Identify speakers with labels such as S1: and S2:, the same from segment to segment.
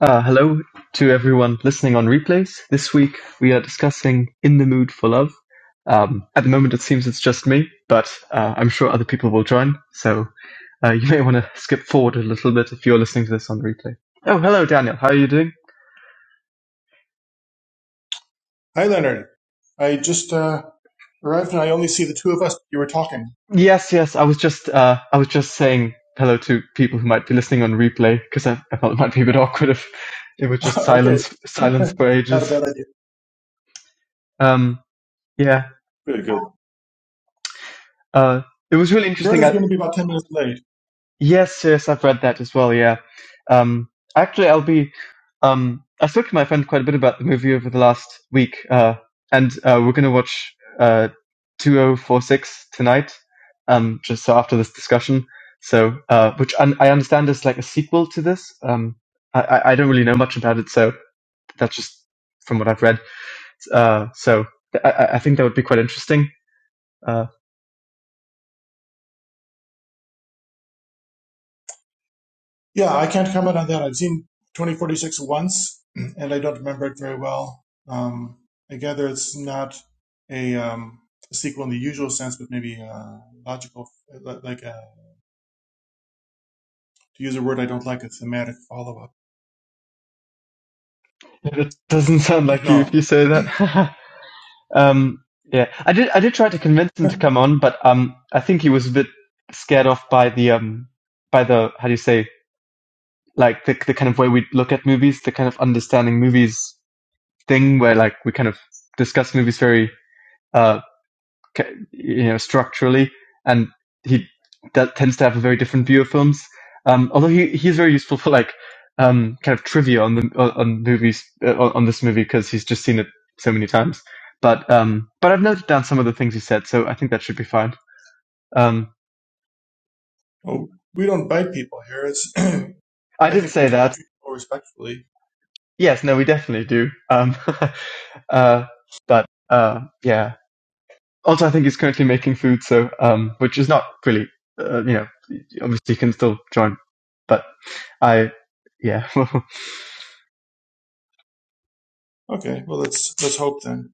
S1: Uh, hello to everyone listening on replays. This week we are discussing In the Mood for Love. Um, at the moment it seems it's just me, but uh, I'm sure other people will join, so uh, you may want to skip forward a little bit if you're listening to this on replay. Oh, hello Daniel, how are you doing?
S2: Hi, Leonard. I just uh, arrived and I only see the two of us. You were talking.
S1: Yes, yes, I was just uh, I was just saying hello to people who might be listening on replay because I, I thought it might be a bit awkward if it was just
S2: okay,
S1: silence silence for
S2: not a
S1: ages.
S2: bad idea.
S1: Um, yeah,
S2: Good, good.
S1: uh, it was really interesting.
S2: Verna's
S1: I,
S2: going to be about 10 minutes late.
S1: Yes, yes, I've read that as well. Yeah, um, actually, I'll be. Um, I spoke to my friend quite a bit about the movie over the last week, uh, and uh, we're going to watch uh, 2046 tonight, um, just so after this discussion. So, uh, which I, I understand is like a sequel to this. Um, I, I I don't really know much about it, so that's just from what I've read. Uh, so I, I I think that would be quite interesting. Uh,
S2: Yeah, I can't comment on that. I've seen 2046 once and I don't remember it very well. Um, I gather it's not a, um, a sequel in the usual sense, but maybe uh logical, like a, to use a word I don't like, a thematic follow up.
S1: it doesn't sound
S2: Don't
S1: like you if
S2: know.
S1: you say that. Um, yeah, I did. I did try to convince him to come on, but um, I think he was a bit scared off by the um, by the how do you say like the the kind of way we look at movies, the kind of understanding movies thing, where like we kind of discuss movies very uh you know structurally, and he that tends to have a very different view of films. Um, although he he's very useful for like um, kind of trivia on the on movies uh, on on this movie because he's just seen it so many times. But um, but I've noted down some of the things he said, so I think that should be fine. Um,
S2: Oh, we don't bite people here. It's
S1: I
S2: I
S1: did
S2: think we
S1: say
S2: tend to
S1: that.
S2: treat people respectfully.
S1: Yes, no, we definitely do. Um, uh, but uh, yeah. Also, I think he's currently making food, so um, which is not really uh, you know obviously can still join. But I, yeah, it's
S2: Okay, well let's let's hope then.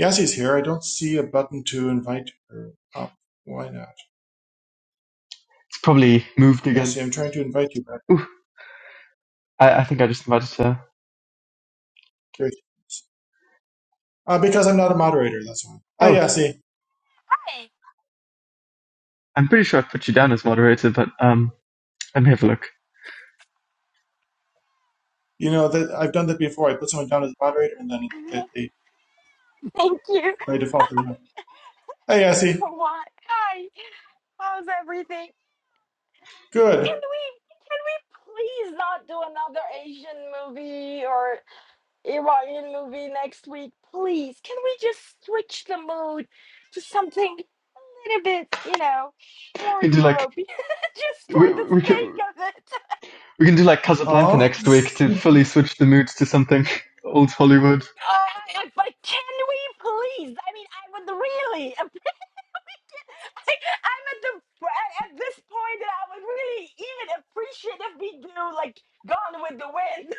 S2: Yassi's here. I don't see a button to invite her up. Why not?
S1: probably moved again.
S2: Yassi, I'm trying to invite you back.
S1: Ooh, I, I think I just invited her.
S2: There she Uh, because I'm not a moderator, that's why. Hi
S1: Oh,
S2: Yassi.
S3: Hey,
S1: I'm pretty sure I put you down as moderator, but um, let me have a look.
S2: You know that I've done that before. I put someone down as a moderator and then it, they,
S3: thank you
S2: by default they're not. Hi Yassi.
S3: what? Hi, how's everything? Can
S2: Good.
S3: we can we please not do another Asian movie or Iranian movie next week? Please, can we just switch the mood to something a little bit, you know,
S1: We
S3: more
S1: can do like
S3: European, just
S1: we,
S3: for the
S1: we
S3: sake
S1: can
S3: of it?
S1: we can do like Casablanca
S2: Aw.
S1: next week to fully switch the moods to something old
S3: Oh
S1: Hollywood.
S3: my God! But can we please? I mean, I would really Like, I'm at the at, at this point that I would really even appreciate if we do like Gone with the Wind,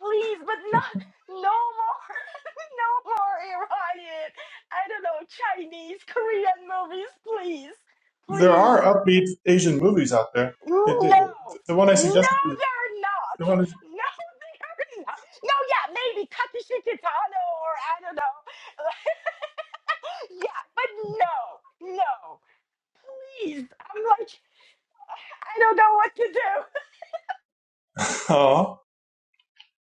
S3: please, but not no more, no more Iranian. I don't know Chinese, Korean movies, please,
S2: There
S3: please,
S2: are upbeat Asian movies out there. It, the,
S3: no.
S2: the one I
S3: No,
S2: suggested was
S3: they're not.
S2: the one is
S3: No, they're not. No, yeah, maybe Takashi Kitano or I don't know. yeah, but no, no. Please, I'm like, I don't know what to do.
S2: Aw.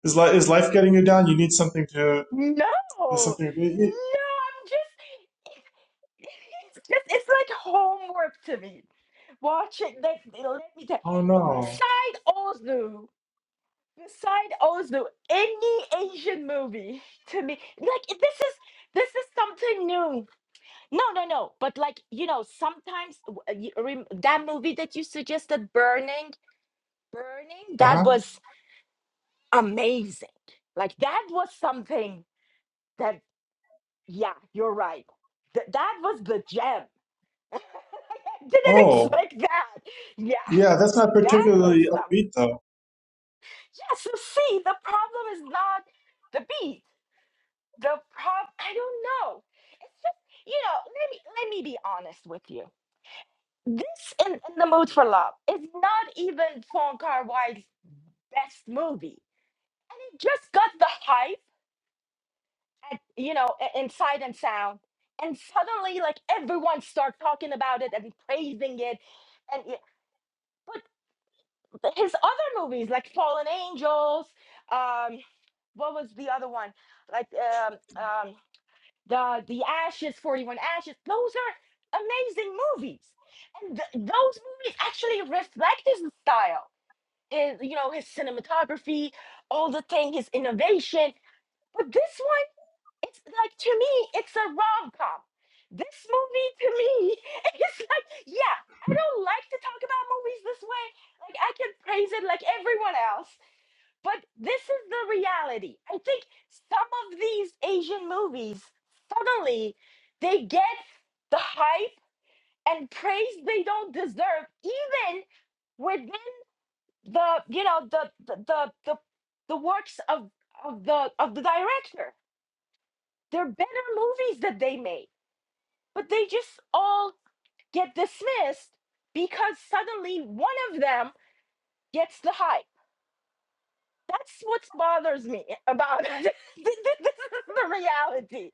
S2: Is, li- is life getting you down? You need something to,
S3: No,
S2: Is
S3: no,
S2: something,
S3: I'm just, it's just, it's like homework to me. Watching, let, let me tell
S2: oh no.
S3: beside Ozu, beside Ozu, any Asian movie to me, like this is, this is something new. No, no, no, but like, you know, sometimes w- uh, you rem- that movie that you suggested, Burning, Burning,
S2: Uh
S3: that
S2: huh.
S3: was amazing. Like, that was something. Yeah, you're right. Th- that was the gem. Didn't
S2: Oh.
S3: expect that. Yeah,
S2: Yeah, that's not
S3: that was
S2: particularly
S3: some.
S2: upbeat though.
S3: Yeah, so see, the problem is not the beat. The prob I don't know. It's just, you know, let me let me be honest with you. This in, in the Mood for Love is not even Fong Kar Wai's best movie, and it just got the hype at you know i- in Sight and Sound, and suddenly like everyone start talking about it and praising it but his other movies like fallen angels um what was the other one like um um the the ashes 41 ashes those are amazing movies and th- those movies actually reflect his style is you know his cinematography all the thing his innovation but this one it's like to me, it's a rom com. This movie to me is like, yeah, I don't like to talk about movies this way. Like I can praise it like everyone else, but this is the reality. I think some of these Asian movies suddenly they get the hype and praise they don't deserve, even within the you know the the the the, the works of of the of the director. They're better movies that they made but they just all get dismissed because suddenly one of them gets the hype. That's what bothers me about it. this is the reality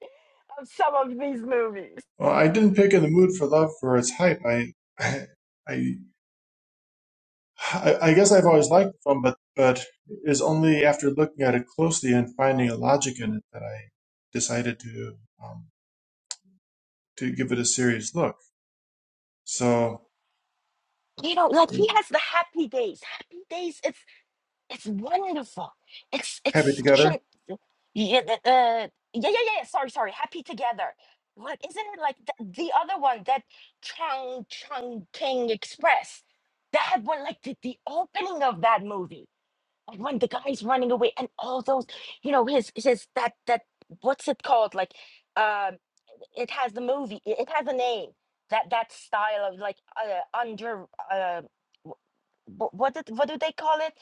S3: of some of these movies.
S2: Well, I didn't pick in the mood for love for its hype. I, I, I, I guess I've always liked the film, but but it is only after looking at it closely and finding a logic in it that I decided to um, to give it a serious look. So
S3: You know, like he has the happy days. Happy days, it's It's wonderful. It's it's
S2: happy
S3: such
S2: together,
S3: an yeah, the- uh, yeah, yeah, yeah. yeah, Sorry, sorry. Happy together. What isn't it like the, the other one that Chang Chang King Express? That one, like the, the opening of that movie, like when the guy's running away and all those, you know, his his that that what's it called? Like, um, it has the movie. It, it has a name. That that style of like uh, under uh, wh- wh- what did, what do they call it?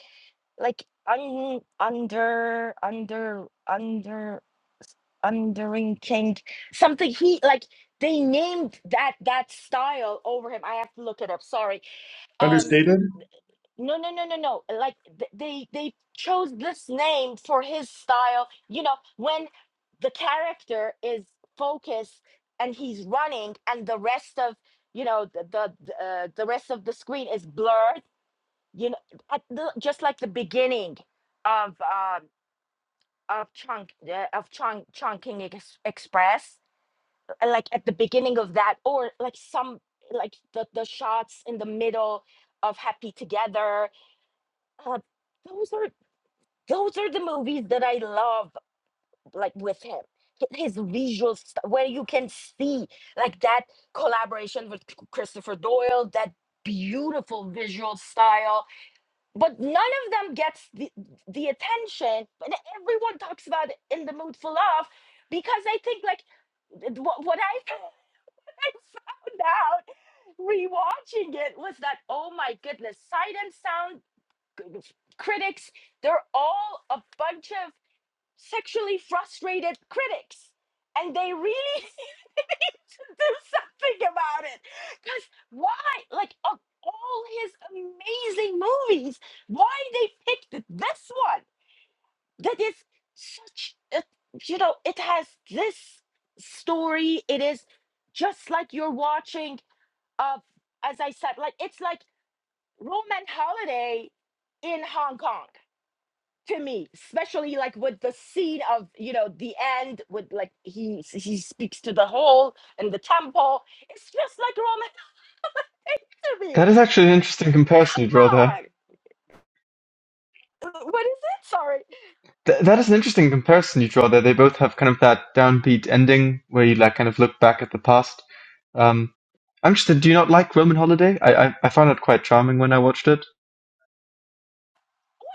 S3: like un under under under s- undering king something he like they named that that style over him i have to look it up sorry um
S2: understated.
S3: no no no no no like th- they they chose this name for his style you know when the character is focused and he's running and the rest of you know the the the, uh, the rest of the screen is blurred you know at the, just like the beginning of um of chunk uh, of chunk chunking ex- express uh, like at the beginning of that or like some like the the shots in the middle of happy together uh, those are those are the movies that i love like with him Hi- his visual stuff where you can see like that collaboration with C- christopher doyle that beautiful visual style but none of them gets the, the attention but everyone talks about it in the mood for love because i think like th- what, what i found out rewatching it was that oh my goodness sight and sound c- c- critics they're all a bunch of sexually frustrated critics and they really to do something about it. Because why? Like, of all his amazing movies, why they picked this one that is such a, you know, it has this story. It is just like you're watching, uh, as I said, like, it's like Roman Holiday in Hong Kong to me, especially like with the scene of you know the end, with like he he speaks to the whole and the temple. It's just like Roman Holiday.
S1: That is actually an interesting comparison you draw
S3: Come
S1: there.
S3: on, Uh, what is it? Sorry,
S1: Th- that is an interesting comparison you draw there. They both have kind of that downbeat ending where you like kind of look back at the past. Um, I'm interested. Do you not like Roman Holiday? I I, I found it quite charming when I watched it.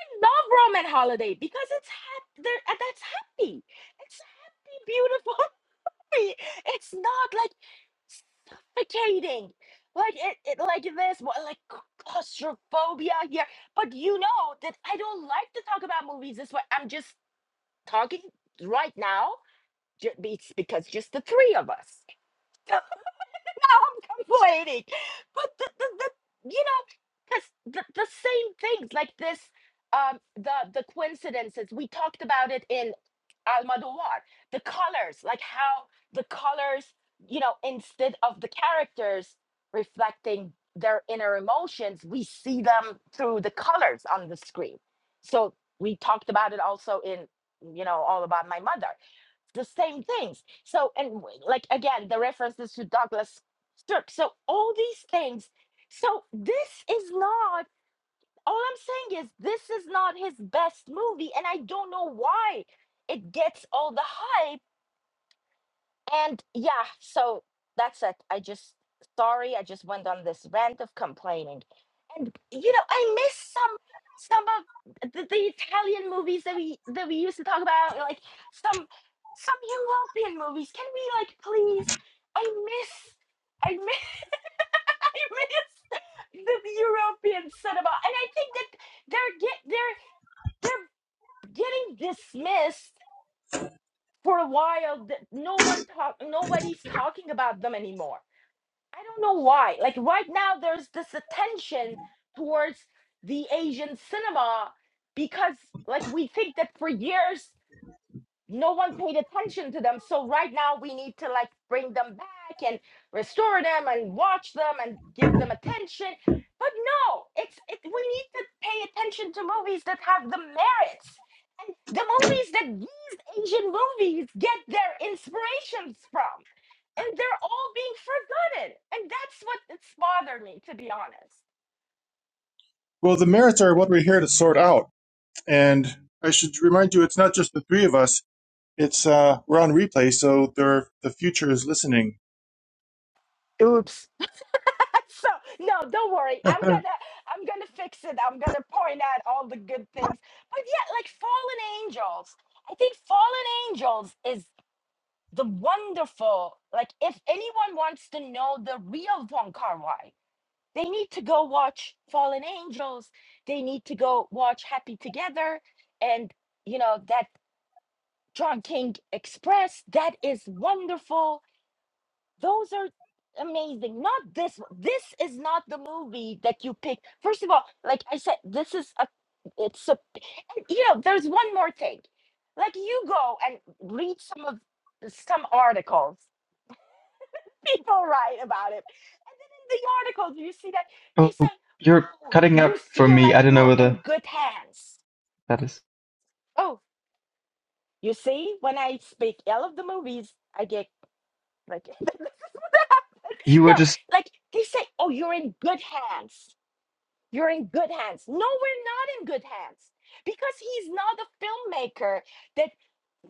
S3: I love Roman Holiday because it's happy. That's happy. It's a happy, beautiful movie. It's not like suffocating. Like it, it like this, what like claustrophobia here. But you know that I don't like to talk about movies this way. I'm just talking right now ju- it's because just the three of us so now i'm complaining but the, the, the you know because the, the same things like this um the the coincidences we talked about it in almodovar the colors like how the colors you know instead of the characters reflecting their inner emotions we see them through the colors on the screen so we talked about it also in you know all about my mother the same things. So, and w- like again, the references to Douglas Sirk. So, all these things. So, this is not, all I'm saying is, this is not his best movie. And I don't know why it gets all the hype and yeah, so that's it. I just, sorry, I just went on this rant of complaining. And you know, I miss some some of the, the Italian movies that we that we used to talk about, like some some European movies. Can we like please? I miss I miss I miss the European cinema. And I think that they're get they're they're getting dismissed for a while that no one talk nobody's talking about them anymore I don't know why. Like right now, there's this attention towards the Asian cinema because, like, we think that for years no one paid attention to them. So right now we need to like bring them back and restore them and watch them and give them attention. But no, it's it, we need to pay attention to movies that have the merits. And the movies that these Asian movies get their inspirations from. And they're all being forgotten. And that's what it's bothered me, to be honest.
S2: Well, the merits are what we're here to sort out, and I should remind you, it's not just the three of us. It's uh, we're on replay, so there, the future is listening.
S3: Oops. so no don't worry i'm gonna i'm gonna fix it i'm gonna point out all the good things but yeah like fallen angels i think fallen angels is the wonderful like if anyone wants to know the real von kar-wai they need to go watch fallen angels they need to go watch happy together and you know that john king express that is wonderful those are amazing. Not this one. This is not the movie that you picked. First of all, like I said, this is a it's a and, you know, there's one more thing. Like you go and read some of some articles. People write about it. And then in the articles you see that they
S1: Oh,
S3: say,
S1: you're
S3: Oh,
S1: cutting
S3: you
S1: out for
S3: feel
S1: me. I
S3: like
S1: don't know
S3: you're in
S1: whether
S3: good hands.
S1: that is.
S3: Oh, you see, when I speak ill of the movies, I get like
S1: You
S3: no,
S1: were just
S3: like they say, Oh, you're in good hands. You're in good hands. No, we're not in good hands because he's not a filmmaker that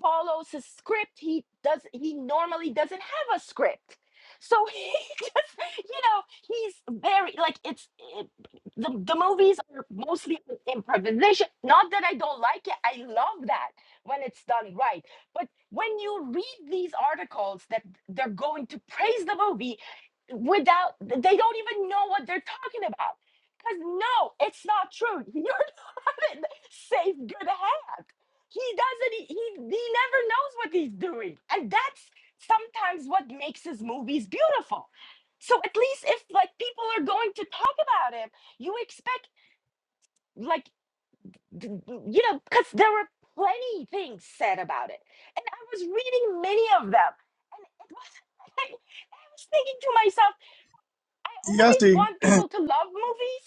S3: follows a script. He does. He normally doesn't have a script. So he just, you know, he's very like it's it, the the movies are mostly improvisation. Not that I don't like it. I love that when it's done right. But when you read these articles that they're going to praise the movie without they don't even know what they're talking about because no, it's not true. You're not in safe, good hand. He doesn't, he, he, he never knows what he's doing. And that's sometimes what makes his movies beautiful. So at least if like people are going to talk about him, you expect like, d- d- you know, because there were plenty things said about it. And I was reading many of them. And it was, I was thinking to myself, I always
S2: Yasti,
S3: want people to love movies,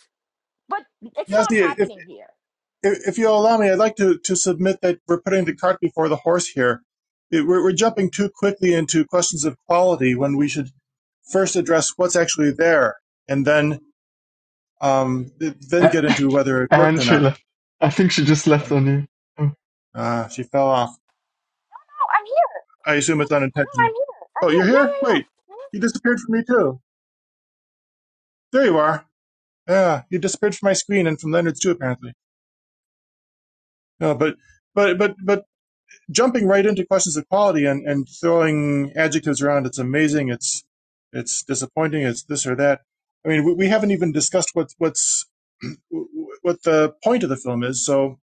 S3: but it's
S2: Yasti,
S3: not
S2: if, if
S3: happening here
S2: if you'll allow me, I'd like to to submit that we're putting the cart before the horse here. It- we're, we're jumping too quickly into questions of quality when we should first address what's actually there, and then um, then get into whether it worked
S1: and
S2: or
S1: she
S2: not.
S1: left. I think she just left on you. Oh.
S2: Uh, she fell off.
S3: I'm here.
S2: I assume it's
S3: No, I'm
S2: unintentional.
S3: here. I'm
S2: Oh,
S3: here.
S2: you're
S3: Yeah,
S2: here?
S3: yeah, yeah.
S2: Wait,
S3: Mhm.
S2: you disappeared from me too. There you are. Yeah, you disappeared from my screen and from Leonard's too, apparently. No, but but but but jumping right into questions of quality and, and throwing adjectives around. It's amazing. It's it's disappointing. It's this or that. I mean, we, we haven't even discussed what what's what the point of the film is. So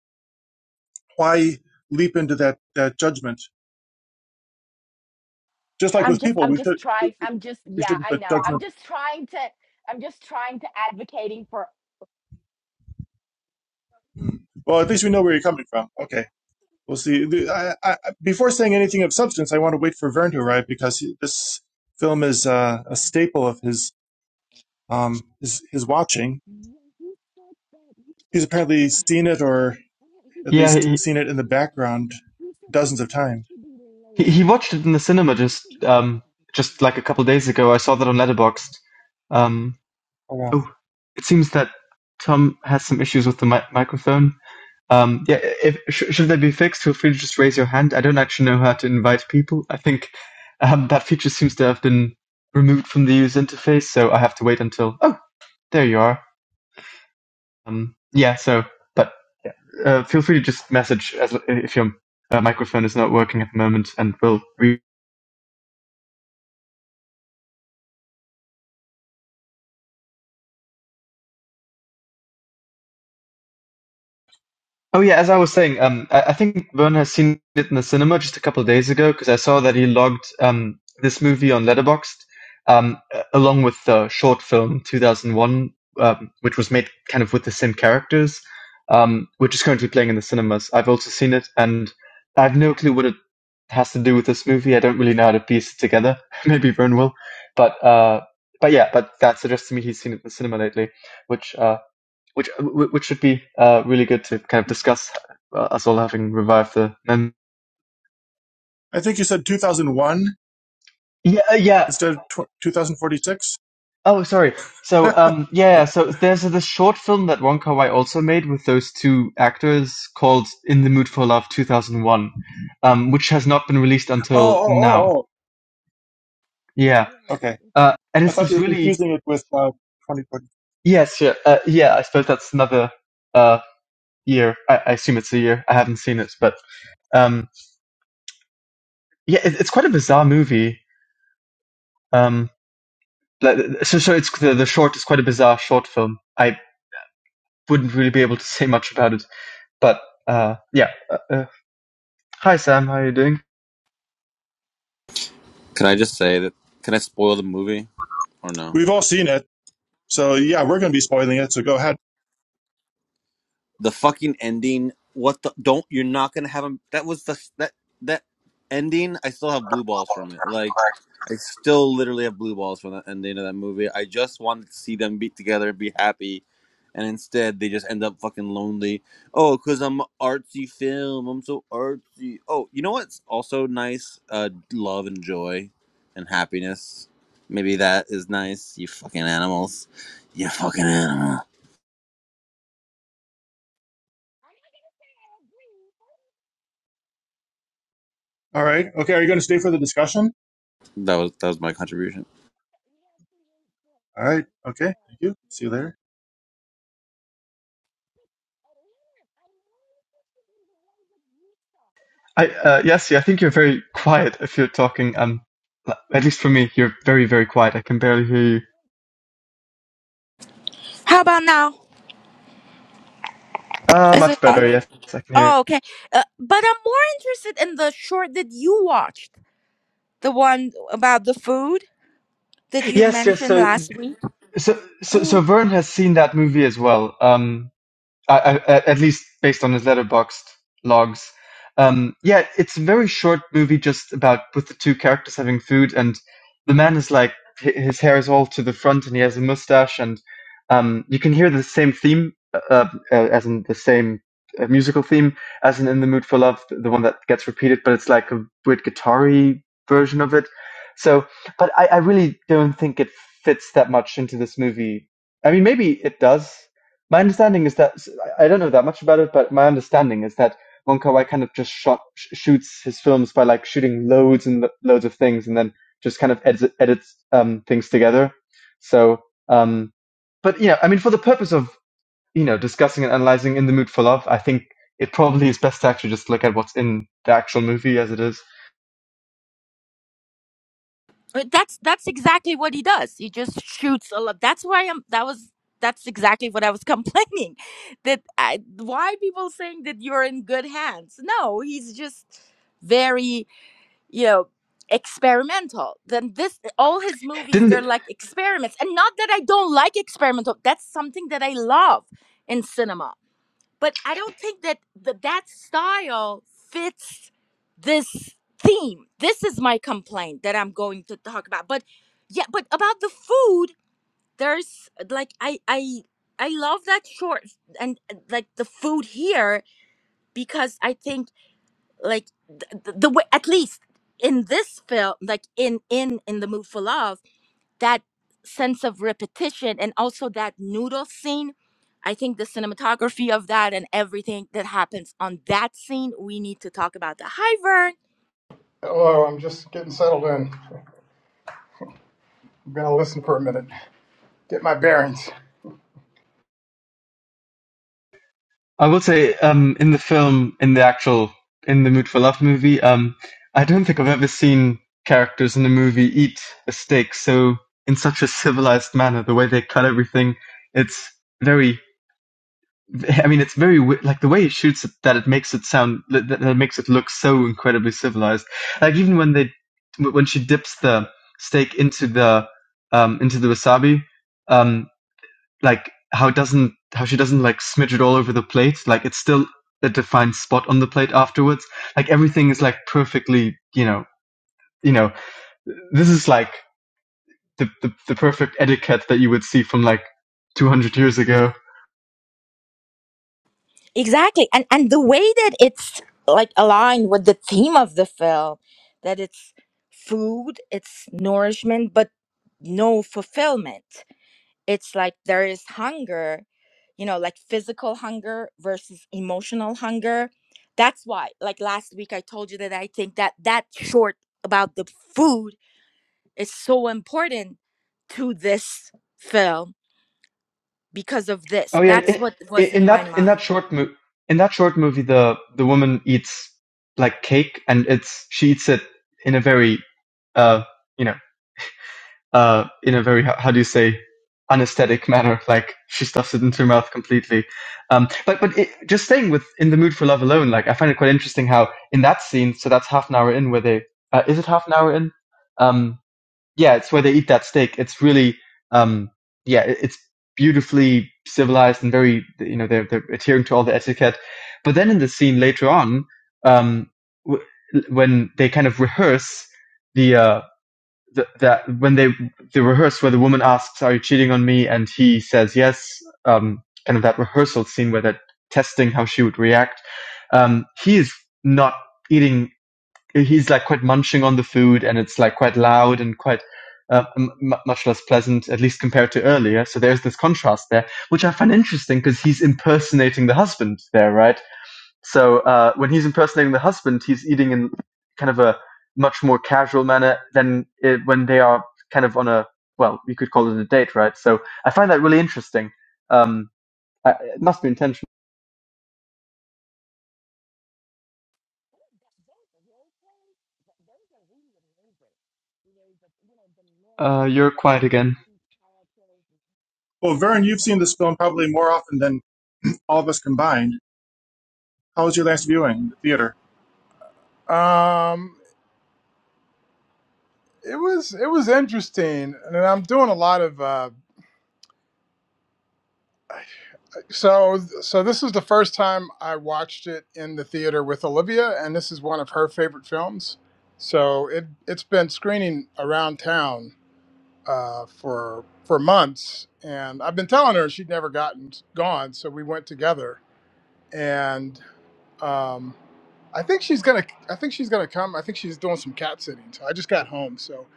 S2: why leap into that that judgment? Just like
S3: I'm
S2: with
S3: just,
S2: people,
S3: I'm
S2: we
S3: just
S2: should
S3: trying. I'm just,
S2: we
S3: yeah,
S2: shouldn't
S3: I
S2: put
S3: know. I'm
S2: judgment.
S3: just trying to, I'm just trying to advocating for.
S2: Well, at least we know where you're coming from. Okay, we'll see. I, I, before saying anything of substance, I want to wait for Verne to arrive because he, this film is uh, a staple of his um, is, is watching.
S3: Yeah, he said that. He
S2: He's
S3: said
S2: apparently
S3: that.
S2: seen it, or at
S1: Yeah,
S2: least
S1: he,
S2: seen it
S3: thing.
S2: in the
S3: Yeah,
S2: background,
S3: he said that he He said his
S2: dozens of
S3: guy
S2: times.
S3: should be
S1: he
S3: late.
S1: he watched it in the cinema
S3: He said
S1: just
S3: the way
S1: um just like a couple days ago. I saw that on Letterboxd. Um,
S2: Oh, wow.
S1: oh, it seems that Tom has some issues with the mi- microphone. Um, yeah, if sh- should they be fixed, feel free to just raise your hand. I don't actually know how to invite people. I think um, that feature seems to have been removed from the user interface, so I have to wait until. Oh, there you are. Um, yeah, so but uh, feel free to just message as if your uh, microphone is not working at the moment, and we'll read. Oh yeah, as I was saying, um, I, I think Vern has seen it in the cinema just a couple of days ago because I saw that he logged um, this movie on Letterboxd, um, a- along with the short film 2001, um, which was made kind of with the same characters, um, which is currently playing in the cinemas. I've also seen it, and I have no clue what it has to do with this movie. I don't really know how to piece it together. Maybe Vern will, but uh, but yeah, but that suggests to me he's seen it in the cinema lately, which uh, which which should be uh, really good to kind of discuss uh, us all having revived the mem-
S2: I think you said 2001
S1: yeah uh, yeah
S2: instead of tw- 2046.
S1: oh sorry
S2: oh,
S1: so um yeah yeah, so there's this short film that Wong Kar Wai also made with those two actors called In the Mood for Love 2001 um which has not been released
S2: oh,
S1: until
S2: oh,
S1: now
S2: oh.
S1: yeah
S3: Yeah,
S2: Okay.
S3: it's-
S1: uh and
S2: I
S1: it's
S3: we
S2: thought you
S1: this
S3: should
S2: were
S3: be
S1: really
S2: confusing it
S3: late.
S2: with uh, 2020.
S1: yes yeah uh, yeah I suppose that's another uh year I, I assume it's a year I haven't seen it but um yeah it, it's quite a bizarre movie um Like, so, so it's the, the short is quite a bizarre short film. I wouldn't really be able to say much about it, but uh, yeah. Uh, uh, hi Sam, how are you doing?
S4: Can I just say that? Can I spoil the movie or no?
S2: We've all seen it. So, yeah, we're going to be spoiling it. So go ahead.
S4: The fucking ending. What the? Don't you're not gonna have him. That was the that that ending. I still have blue balls from it. Like. I still literally have blue balls from the ending of that movie. I just wanted to see them beat together and be happy, and instead they just end up fucking lonely. Oh, cause I'm a artsy film. I'm so artsy. Oh, you know what's also nice? Uh, love and joy, and happiness. Maybe that is nice. You fucking animals. You fucking animal.
S2: All right. Okay. Are you going to stay for the discussion?
S4: That was that was my contribution.
S2: All right. Okay. Thank you. See you later.
S1: I uh, Yassi, I think you're very quiet if you're talking. Um, at least for me, you're very very quiet. I can barely hear you.
S3: How about now?
S1: Ah, Uh
S3: Is
S1: much
S3: it Yeah,
S1: better.
S3: better?
S1: Yes, I can hear.
S3: Oh, okay. Uh, but I'm more interested in the short that you watched. the one about the food that
S1: You.
S3: you
S1: Yes, yes.
S3: mentioned
S1: So,
S3: last week.
S1: so, so, so
S3: Mm.
S1: Vern has seen that movie as well. Um, I, I, at least based on his letterboxed logs. Um, yeah, it's a very short movie, just about with the two characters having food, and the man is like hi- his hair is all to the front, and he has a mustache, and um, you can hear the same theme, uh, uh, as in the same uh, musical theme, as in "In the Mood for Love," the the one that gets repeated, but it's like a weird guitar-y version of it. So, but I, I really don't think it fits that much into this movie. I mean, maybe it does. My understanding is that I don't know that much about it, but my understanding is that Wong Kar Wai kind of just shot sh- shoots his films by like shooting loads and lo- loads of things, and then just kind of edits, edits um, things together. So, um, but you know, I mean, for the purpose of you know discussing and analyzing in the mood for love, I think it probably is best to actually just look at what's in the actual movie as it is.
S3: Uh, That's that's exactly what he does. He just shoots a lot. That's why I'm. That was that's exactly what I was complaining. That I, why people saying that you're in good hands? No, he's just very you know experimental. Then this all his movies
S1: Didn't
S3: they're like experiments, and not that I don't like experimental. That's something that I love in cinema but I don't think that the, that style fits this theme. This is my complaint that I'm going to talk about. But yeah, but about the food, there's like I I I love that short and uh, like the food here because I think like the, the the way at least in this film like in in in the mood for love that sense of repetition and also that noodle scene. I think the cinematography of that and everything that happens on that scene, we need to talk about that. Hi, Vern.
S5: Hello, I'm just getting settled in. I'm gonna listen for a minute, get my bearings.
S1: I will say, um, in the film, in the actual, in the Mood for Love movie, um, I don't think I've ever seen characters in a movie eat a steak so in such a civilized manner. The way they cut everything, it's very, I mean, it's very wi- like the way he shoots it that it makes it sound that, that it makes it look so incredibly civilized. Like even when they, when she dips the steak into the, um, into the wasabi, um, like how doesn't how she doesn't like smidge it all over the plate. Like it's still a defined spot on the plate afterwards. Like everything is like perfectly, you know, you know, this is like the the, the perfect etiquette that you would see from like 200 years ago.
S3: Exactly. And and the way that it's like aligned with the theme of the film, that it's food, it's nourishment, but no fulfillment. it's like there is hunger you know like physical hunger versus emotional hunger that's why like last week i told you that i think that that short about the food is so important to this film because of this
S1: Oh
S3: that's
S1: yeah,
S3: what
S1: in,
S3: was in
S1: in
S3: my
S1: that in
S3: mind
S1: that short mo- in that short movie, the the woman eats like cake, and it's she eats it in a very, uh, you know, uh, in a very, how do you say, anesthetic manner. Like she stuffs it into her mouth completely. Um, but but it, just staying with in the mood for love alone, like I find it quite interesting how in that scene, so that's half an hour in where they, uh, is it half an hour in? Um, yeah, it's where they eat that steak. It's really, um, yeah, it, it's beautifully civilized and very, you know, they're, they're adhering to all the etiquette. But then in the scene later on, um, w- when they kind of rehearse, the uh th- that when they the rehearse where the woman asks, "Are you cheating on me?" and he says yes, um, kind of that rehearsal scene where they're testing how she would react. Um, he is not eating. He's like quite munching on the food, and it's like quite loud and quite. Uh, m- much less pleasant, at least compared to earlier. So there's this contrast there, which I find interesting because he's impersonating the husband there, right? So uh, when he's impersonating the husband, he's eating in kind of a much more casual manner than it, when they are kind of on a well, you could call it a date, right? So I find that really interesting. Um, I, it must be intentional. Uh, you're quiet again.
S2: Well, Vern, you've seen this film probably more often than all of us combined. How was your last viewing, the theater?
S5: Um, it was it was interesting, and I'm doing a lot of uh, so so. This is the first time I watched it in the theater with Olivia, and this is one of her favorite films. So it it's been screening around town uh, for for months, and I've been telling her she'd never gotten gone. So we went together, and. um. I think she's gonna. I think she's gonna come. I think she's doing some cat sitting. So I just got home, so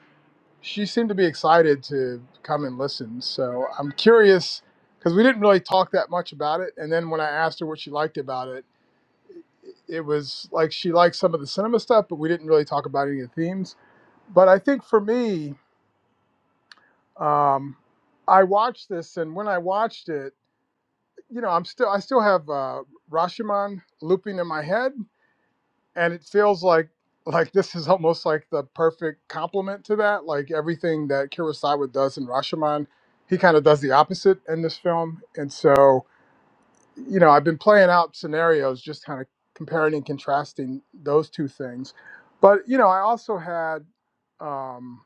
S5: she seemed to be excited to come and listen. So I'm curious because we didn't really talk that much about it. And then when I asked her what she liked about it, it was like she liked some of the cinema stuff, but we didn't really talk about any of the themes. But I think for me, um, I watched this, and when I watched it, you know, I'm still I still have uh, Rashomon looping in my head and it feels like like this is almost like the perfect complement to that. Like everything that Kurosawa does in Rashomon, he kind of does the opposite in this film. And so, you know, I've been playing out scenarios, just kind of comparing and contrasting those two things. But you know, I also had um,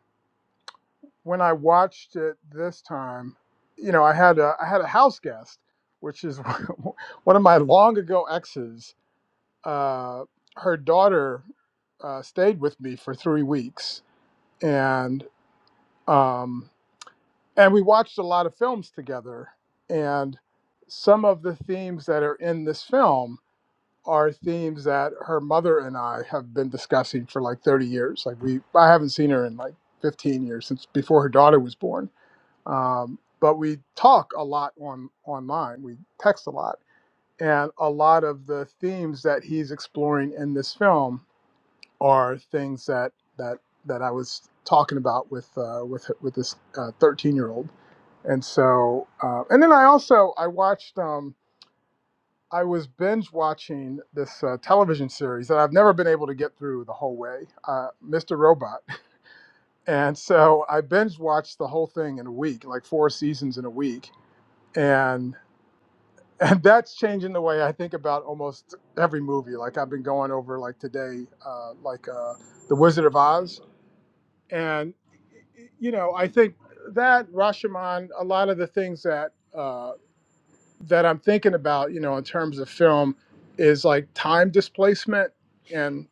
S5: when I watched it this time, you know, I had a I had a house guest, which is one of my long ago exes. Uh, her daughter uh, stayed with me for three weeks, and um, and we watched a lot of films together. And some of the themes that are in this film are themes that her mother and I have been discussing for like 30 years. Like we, I haven't seen her in like 15 years since before her daughter was born. Um, but we talk a lot on online. We text a lot, and a lot of the themes that he's exploring in this film are things that that that I was talking about with uh, with with this uh, thirteen year old, and so uh, and then I also I watched um, I was binge watching this uh, television series that I've never been able to get through the whole way, uh, Mr. Robot, and so I binge watched the whole thing in a week, like four seasons in a week, and and that's changing the way I think about almost every movie. Like I've been going over like today, uh, like uh, the Wizard of Oz. And you know, I think that Rashomon, a lot of the things that uh, that I'm thinking about, you know, in terms of film, is like time displacement and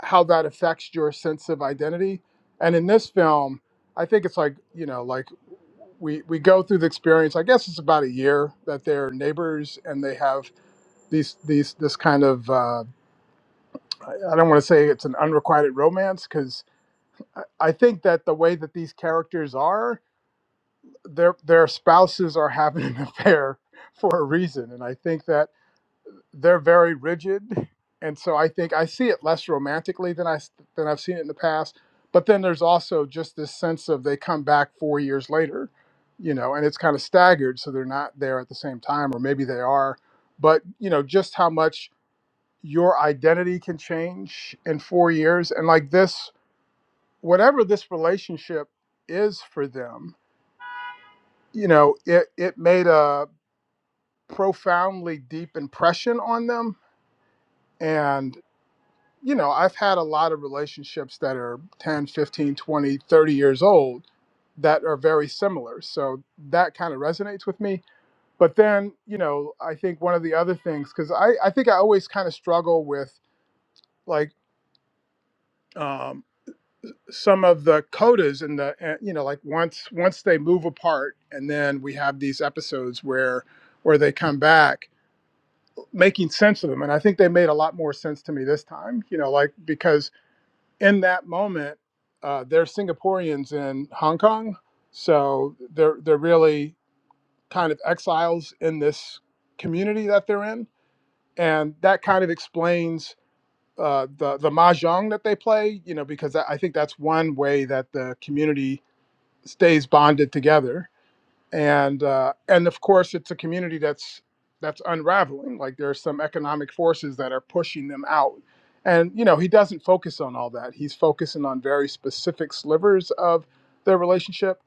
S5: how that affects your sense of identity. And in this film, I think it's like you know, like we we go through the experience. I guess it's about a year that they're neighbors and they have these these this kind of uh, I I don't want to say it's an unrequited romance because I I think that the way that these characters are their their spouses are having an affair for a reason and i think that they're very rigid and so i think i see it less romantically than I than i've seen it in the past but then there's also just this sense of they come back 4 years later you know and it's kind of staggered so they're not there at the same time or maybe they are but you know just how much your identity can change in 4 years and like this whatever this relationship is for them you know it it made a profoundly deep impression on them and you know i've had a lot of relationships that are 10, 15, 20, 30 years old that are very similar so that kind of resonates with me but then you know i think one of the other things because I, I think i always kind of struggle with like um, some of the codas in the eh, you know like once once they move apart and then we have these episodes where where they come back making sense of them. And I think they made a lot more sense to me this time, you know, like because in that moment, uh, they're Singaporeans in Hong Kong. So they're, they're really kind of exiles in this community that they're in. And that kind of explains uh, the, the mahjong that they play, you know, because I I think that's one way that the community stays bonded together and uh, and of course it's a community that's that's unraveling like there are some economic forces that are pushing them out and you know he doesn't focus on all that he's focusing on very specific slivers of their relationship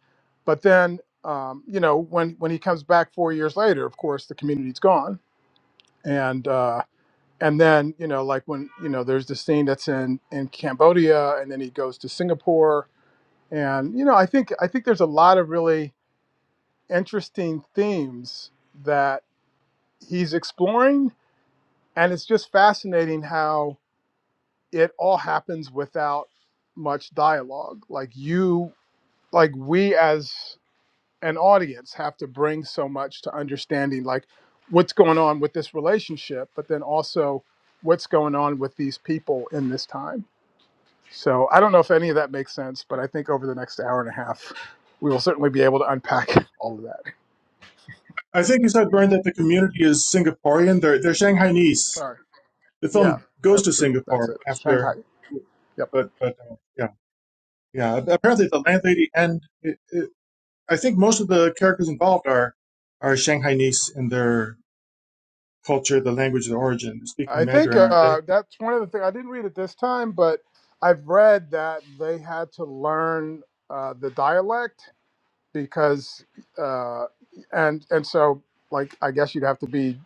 S5: but then um, you know when when he comes back four years later of course the community's gone and uh, and then you know like when you know there's the scene that's in in cambodia and then he goes to singapore and you know i think i think there's a lot of really interesting themes that he's exploring. And it's just fascinating how it all happens without much dialogue. Like, you, like, we as an audience have to bring so much to understanding, like, what's going on with this relationship, but then also what's going on with these people in this time. So, I don't know if any of that makes sense, but I think over the next hour and a half, we will certainly be able to unpack all of that.
S2: I think you said, Bern, that the community is Singaporean. They're, they're Shanghainese.
S5: Sorry.
S2: The
S5: Yeah,
S2: film goes
S5: that's
S2: to
S5: true. That's
S2: Singapore
S5: it. Shanghai.
S2: after,
S5: Yep.
S2: but, but uh, yeah, yeah. Apparently, the landlady and it, it, I think most of the characters involved are are Shanghainese in their culture, the language, the origin, speaking
S5: I think
S2: Mandarin, aren't they?
S5: uh, that's one of the things. I didn't read it this time, but I've read that they had to learn uh, the dialect because, uh, and and so like I guess you'd have to be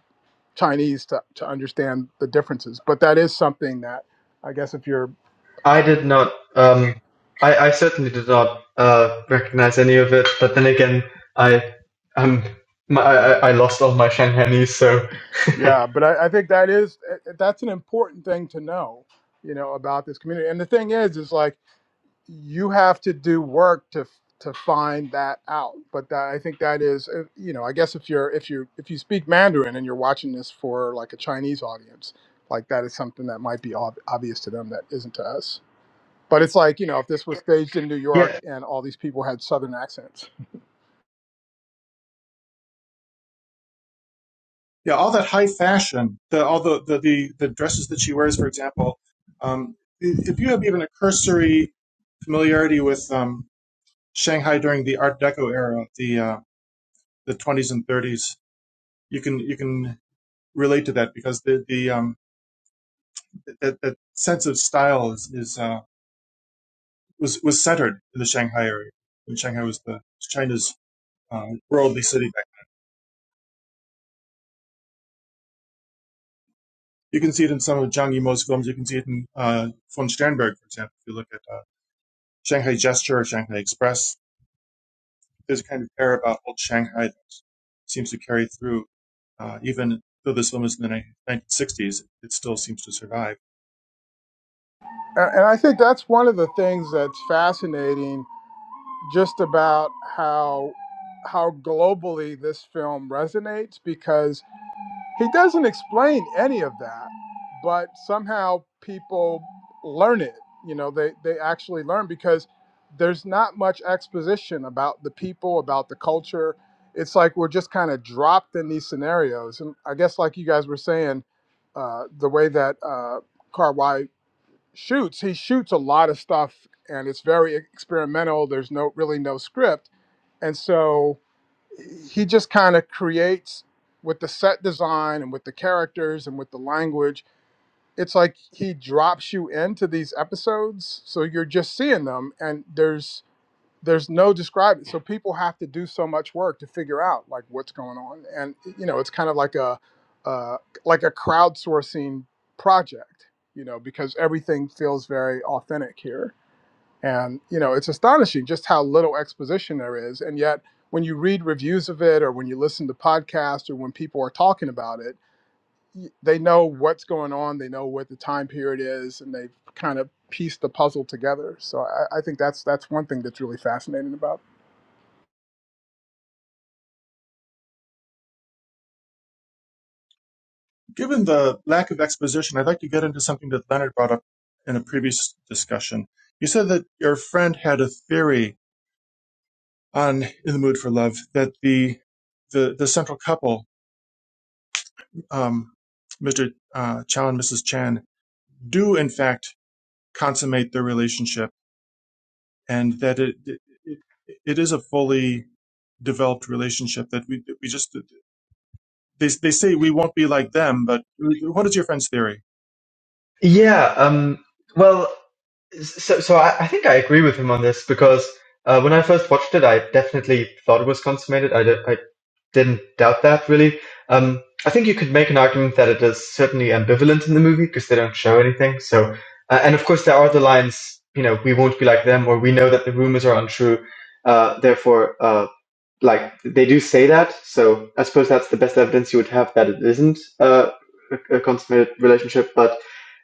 S5: Chinese to to understand the differences. But that is something that I guess if you're
S1: I did not. Um, I, I certainly did not uh, recognize any of it. But then again, I um, my, I, I I lost all my Shanghainese, so
S5: yeah, but I, I think that is eh, that's an important thing to know, you know, about this community. And the thing is, is like you have to do work to to find that out. But that, I think that is, uh, you know, I guess if you're if you if you speak Mandarin and you're watching this for like a Chinese audience, like that is something that might be ob- obvious to them that isn't to us. But it's like you know, if this was staged in New York
S1: yeah,
S5: and all these people had Southern accents,
S2: yeah, all that high fashion, the, all the, the, the, the dresses that she wears, for example, um, if you have even a cursory familiarity with um, Shanghai during the Art Deco era, the uh, the 20s and 30s, you can you can relate to that because the the um, that, that sense of style is, is uh, was was centered in the Shanghai area when Shanghai was the China's uh, worldly city. Back. You can see it in some of Zhang Yimou's films. You can see it in uh, von Sternberg, for example. If you look at uh, Shanghai Gesture, Shanghai Express, there's a kind of air about old Shanghai that seems to carry through. Uh, even though this film is in the 1960s, it still seems to survive.
S5: and, and I think that's one of the things that's fascinating, just about how how globally this film resonates because He doesn't explain any of that, but somehow people learn it. You know, they, they actually learn because there's not much exposition about the people, about the culture. It's like we're just kind of dropped in these scenarios. And I guess, like you guys were saying, uh, the way that uh, Karwai shoots, he shoots a lot of stuff and it's very experimental. There's no really no script. And so he just kind of creates with the set design and with the characters and with the language. It's like he drops you into these episodes, so you're just seeing them, and there's there's no describing. So people have to do so much work to figure out like what's going on, and you know it's kind of like a uh, like a crowdsourcing project, you know, because everything feels very authentic here. And you know, it's astonishing just how little exposition there is. And yet, when you read reviews of it, or when you listen to podcasts, or when people are talking about it, y- they know what's going on. They know what the time period is, and they've kind of pieced the puzzle together. So I, I think that's that's one thing that's really fascinating about.
S2: Given the lack of exposition, I'd like to get into something that Leonard brought up in a previous discussion. You said that your friend had a theory on In the Mood for Love that the the, the central couple, um, Mr. Uh, Chow and Mrs. Chan, do in fact consummate their relationship, and that it, it, it is a fully developed relationship that we we just they they say we won't be like them, but what is your friend's theory?
S1: yeah. Um, well, so so I, I think I agree with him on this because uh, when I first watched it, I definitely thought it was consummated. I, didn't doubt that really. Um, I think you could make an argument that it is certainly ambivalent in the movie because they don't show anything. So, uh, and of course there are the lines, you know, we won't be like them, or we know that the rumors are untrue. Uh, therefore, uh, like they do say that. So I suppose that's the best evidence you would have that it isn't uh, a, a consummated relationship. But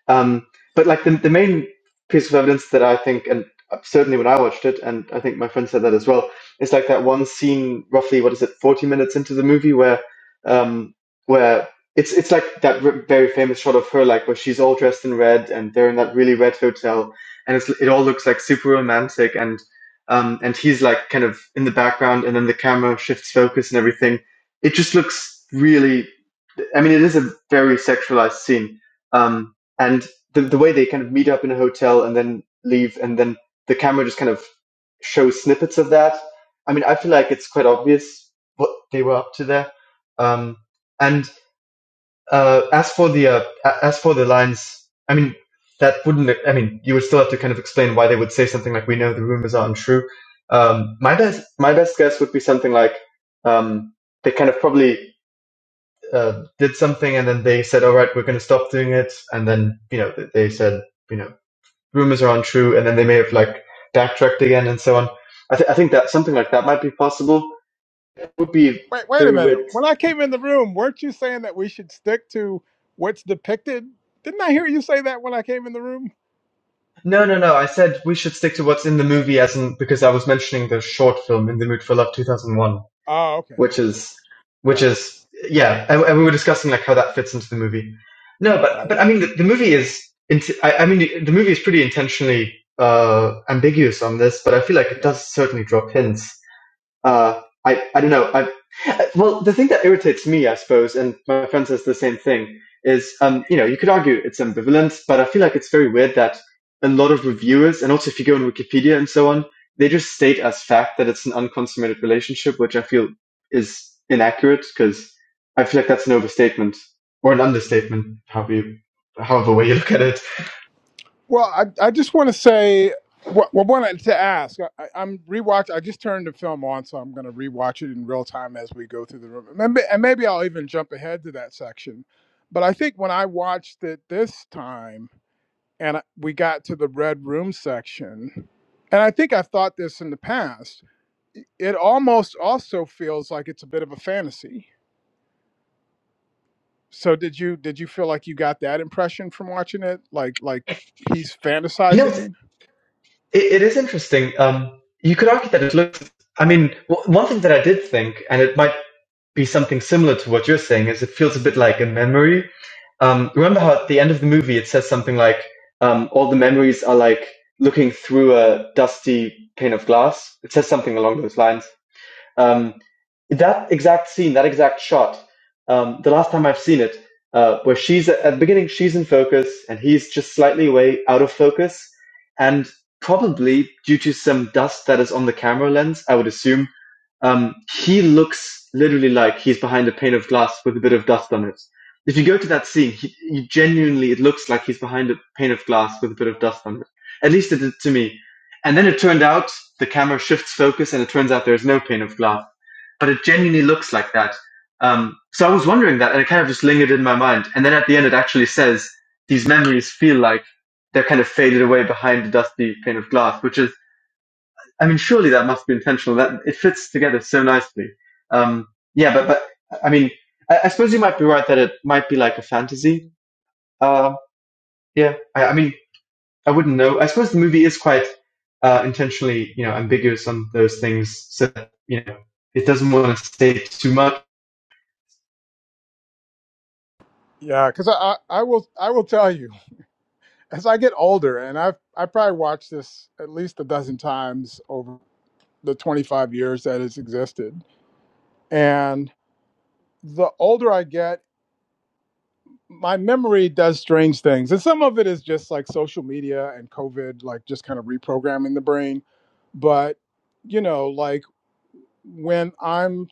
S1: um, but like the, the main piece of evidence that I think, and certainly when I watched it, and I think my friend said that as well, is like that one scene, roughly what is it, forty minutes into the movie, where um, where it's it's like that r- very famous shot of her, like where she's all dressed in red and they're in that really red hotel, and it's it all looks like super romantic and. Um, and he's like kind of in the background, and then the camera shifts focus and everything. It just looks really I mean, it is a very sexualized scene. Um, and the, the way they kind of meet up in a hotel and then leave, and then the camera just kind of shows snippets of that. I mean, I feel like it's quite obvious what they were up to there. Um, and uh, as for the uh, as for the lines, I mean, that wouldn't. I mean, you would still have to kind of explain why they would say something like, "We know the rumors are untrue." Um, my best my best guess would be something like um, they kind of probably uh, did something and then they said, all right, we're going to stop doing it. And then, you know, they said, you know, rumors are untrue. And then they may have like backtracked again and so on. I, th- I think that something like that might be possible. It would be
S5: Wait, wait a
S1: very
S5: minute.
S1: weird.
S5: When I came in the room, weren't you saying that we should stick to what's depicted? Didn't I hear you say that when I came in the room?
S1: No, no, no. I said we should stick to what's in the movie as in, because I was mentioning the short film In the Mood for Love 2001.
S5: Oh, okay,
S1: which
S5: okay,
S1: is which
S5: yeah,
S1: is yeah, and, and we were discussing like how that fits into the movie. No, but
S5: right,
S1: but I mean the, the movie is int- I, I mean the, the movie is pretty intentionally uh ambiguous on this, but I feel like
S5: yeah.
S1: it does certainly drop hints uh, I I don't know. I well, the thing that irritates me, I suppose, and my friend says the same thing, is um, you know, you could argue it's ambivalent, but I feel like it's very weird that a lot of reviewers, and also if you go on Wikipedia and so on, they just state as fact that it's an unconsummated relationship, which I feel is inaccurate because I feel like that's an overstatement or an understatement, however you, however way you look at it.
S5: Well, I, I just want to say, well, well, wanted to ask. I, I- I'm rewatch. I just turned the film on, so I'm going to rewatch it in real time as we go through the room. And maybe, and maybe I'll even jump ahead to that section. But I think when I watched it this time, and I- we got to the red room section, and I think I've thought this in the past, it almost also feels like it's a bit of a fantasy. So did you did you feel like you got that impression from watching it? Like like he's
S1: You know, it's, it,
S5: fantasizing?
S1: it is interesting. Um, you could argue that it looks I mean, w- one thing that I did think, and it might be something similar to what you're saying is it feels a bit like a memory. Um, remember how at the end of the movie it says something like um, all the memories are like looking through a dusty pane of glass. It says something along those lines. Um, that exact scene, that exact shot, um, the last time I've seen it, uh, where she's at the beginning, she's in focus and he's just slightly away out of focus. And probably due to some dust that is on the camera lens, I would assume, um, he looks literally like he's behind a pane of glass with a bit of dust on it. If you go to that scene, he, he genuinely, it looks like he's behind a pane of glass with a bit of dust on it. At least it did to me. And then it turned out the camera shifts focus and it turns out there's no pane of glass but it genuinely looks like that. Um, so I was wondering that, and it kind of just lingered in my mind. And then at the end, it actually says these memories feel like they're kind of faded away behind the dusty pane of glass, which is, I mean, surely that must be intentional. That it fits together so nicely. Um, yeah, but but I mean, I, I suppose you might be right that it might be like a fantasy. Uh, yeah, I, I mean, I wouldn't know. I suppose the movie is quite uh, intentionally, you know, ambiguous on those things, so that, you know, it doesn't want to say too much
S5: Yeah, because I, I I will I will tell you as I get older, and I've I probably watched this at least a dozen times over the 25 years that it's existed. And the older I get. my memory does strange things and some of it is just like social media and covid like just kind of reprogramming the brain but you know like when i'm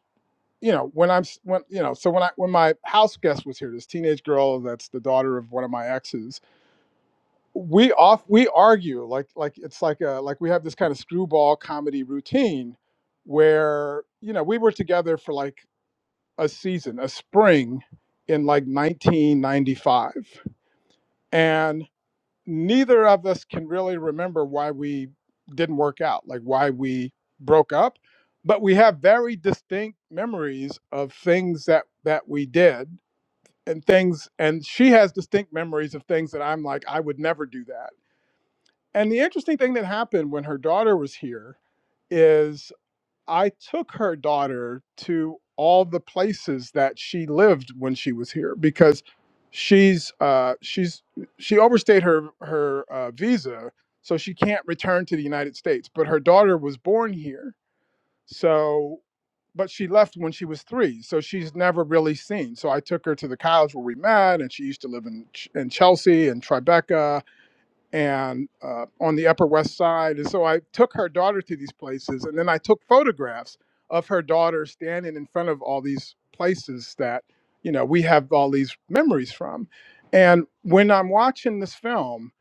S5: you know when i'm when you know so when i when my house guest was here this teenage girl that's the daughter of one of my exes we off we argue like like it's like a like we have this kind of screwball comedy routine where you know we were together for like a season a spring in like 1995 and neither of us can really remember why we didn't work out, like why we broke up, but we have very distinct memories of things that that we did and things and she has distinct memories of things that I'm like I would never do that. And the interesting thing that happened when her daughter was here is I took her daughter to all the places that she lived when she was here because she's uh, she's she overstayed her her uh, visa, so she can't return to the United States. But her daughter was born here, so but she left when she was three, so she's never really seen. So I took her to the college where we met, and she used to live in Ch- in Chelsea and Tribeca and uh, on the Upper West Side. And so I took her daughter to these places, and then I took photographs of her daughter standing in front of all these places that you know we have all these memories from. And when I'm watching this film,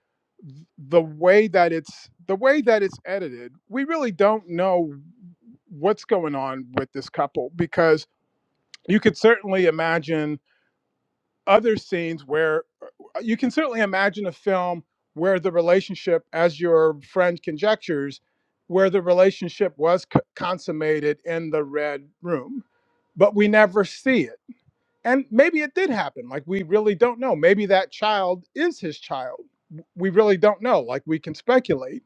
S5: the way that it's the way that it's edited, we really don't know what's going on with this couple because you could certainly imagine other scenes where uh, you can certainly imagine a film where the relationship, as your friend conjectures, where the relationship was c- consummated in the red room, but we never see it. And maybe it did happen. Like, we really don't know. Maybe that child is his child. W- We really don't know. Like, we can speculate.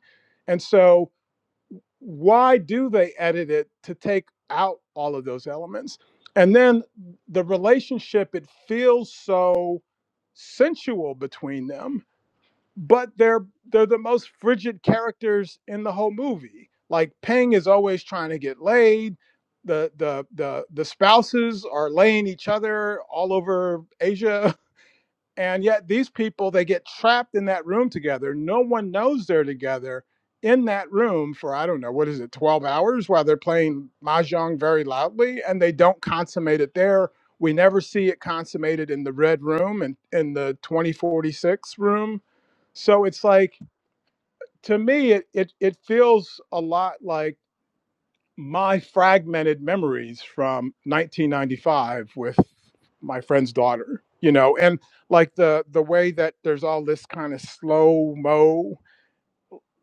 S5: And so, why do they edit it to take out all of those elements? And then the relationship, it feels so sensual between them, but they're they're the most frigid characters in the whole movie. Like Peng is always trying to get laid. The the the the spouses are laying each other all over Asia and yet these people, they get trapped in that room together. No one knows they're together in that room for, I don't know, what is it, 12 hours while they're playing Mahjong very loudly and they don't consummate it there. We never see it consummated in the red room and in the 2046 room. So it's like, to me, it, it, it feels a lot like my fragmented memories from 1995 with my friend's daughter you know and like the the way that there's all this kind of slow mo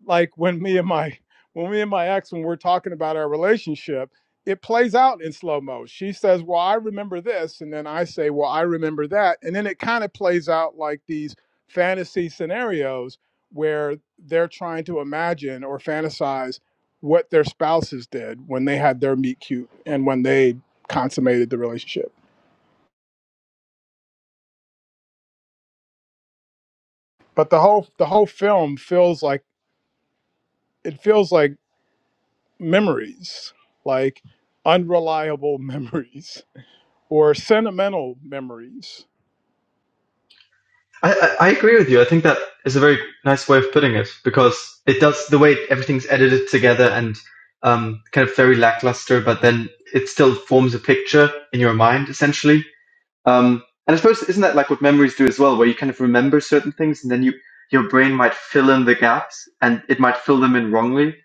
S5: like when me and my when me and my ex when we're talking about our relationship it plays out in slow mo she says well i remember this and then i say well i remember that and then it kind of plays out like these fantasy scenarios where they're trying to imagine or fantasize what their spouses did when they had their meet cute and when they consummated the relationship but the whole the whole film feels like it feels like memories, like unreliable memories or sentimental memories.
S1: I, I, agree with you. I think that is a very nice way of putting it because it does the way everything's edited together and um, kind of very lackluster, but then it still forms a picture in your mind essentially. Um, and I suppose isn't that like what memories do as well, where you kind of remember certain things and then you your brain might fill in the gaps and it might fill them in wrongly.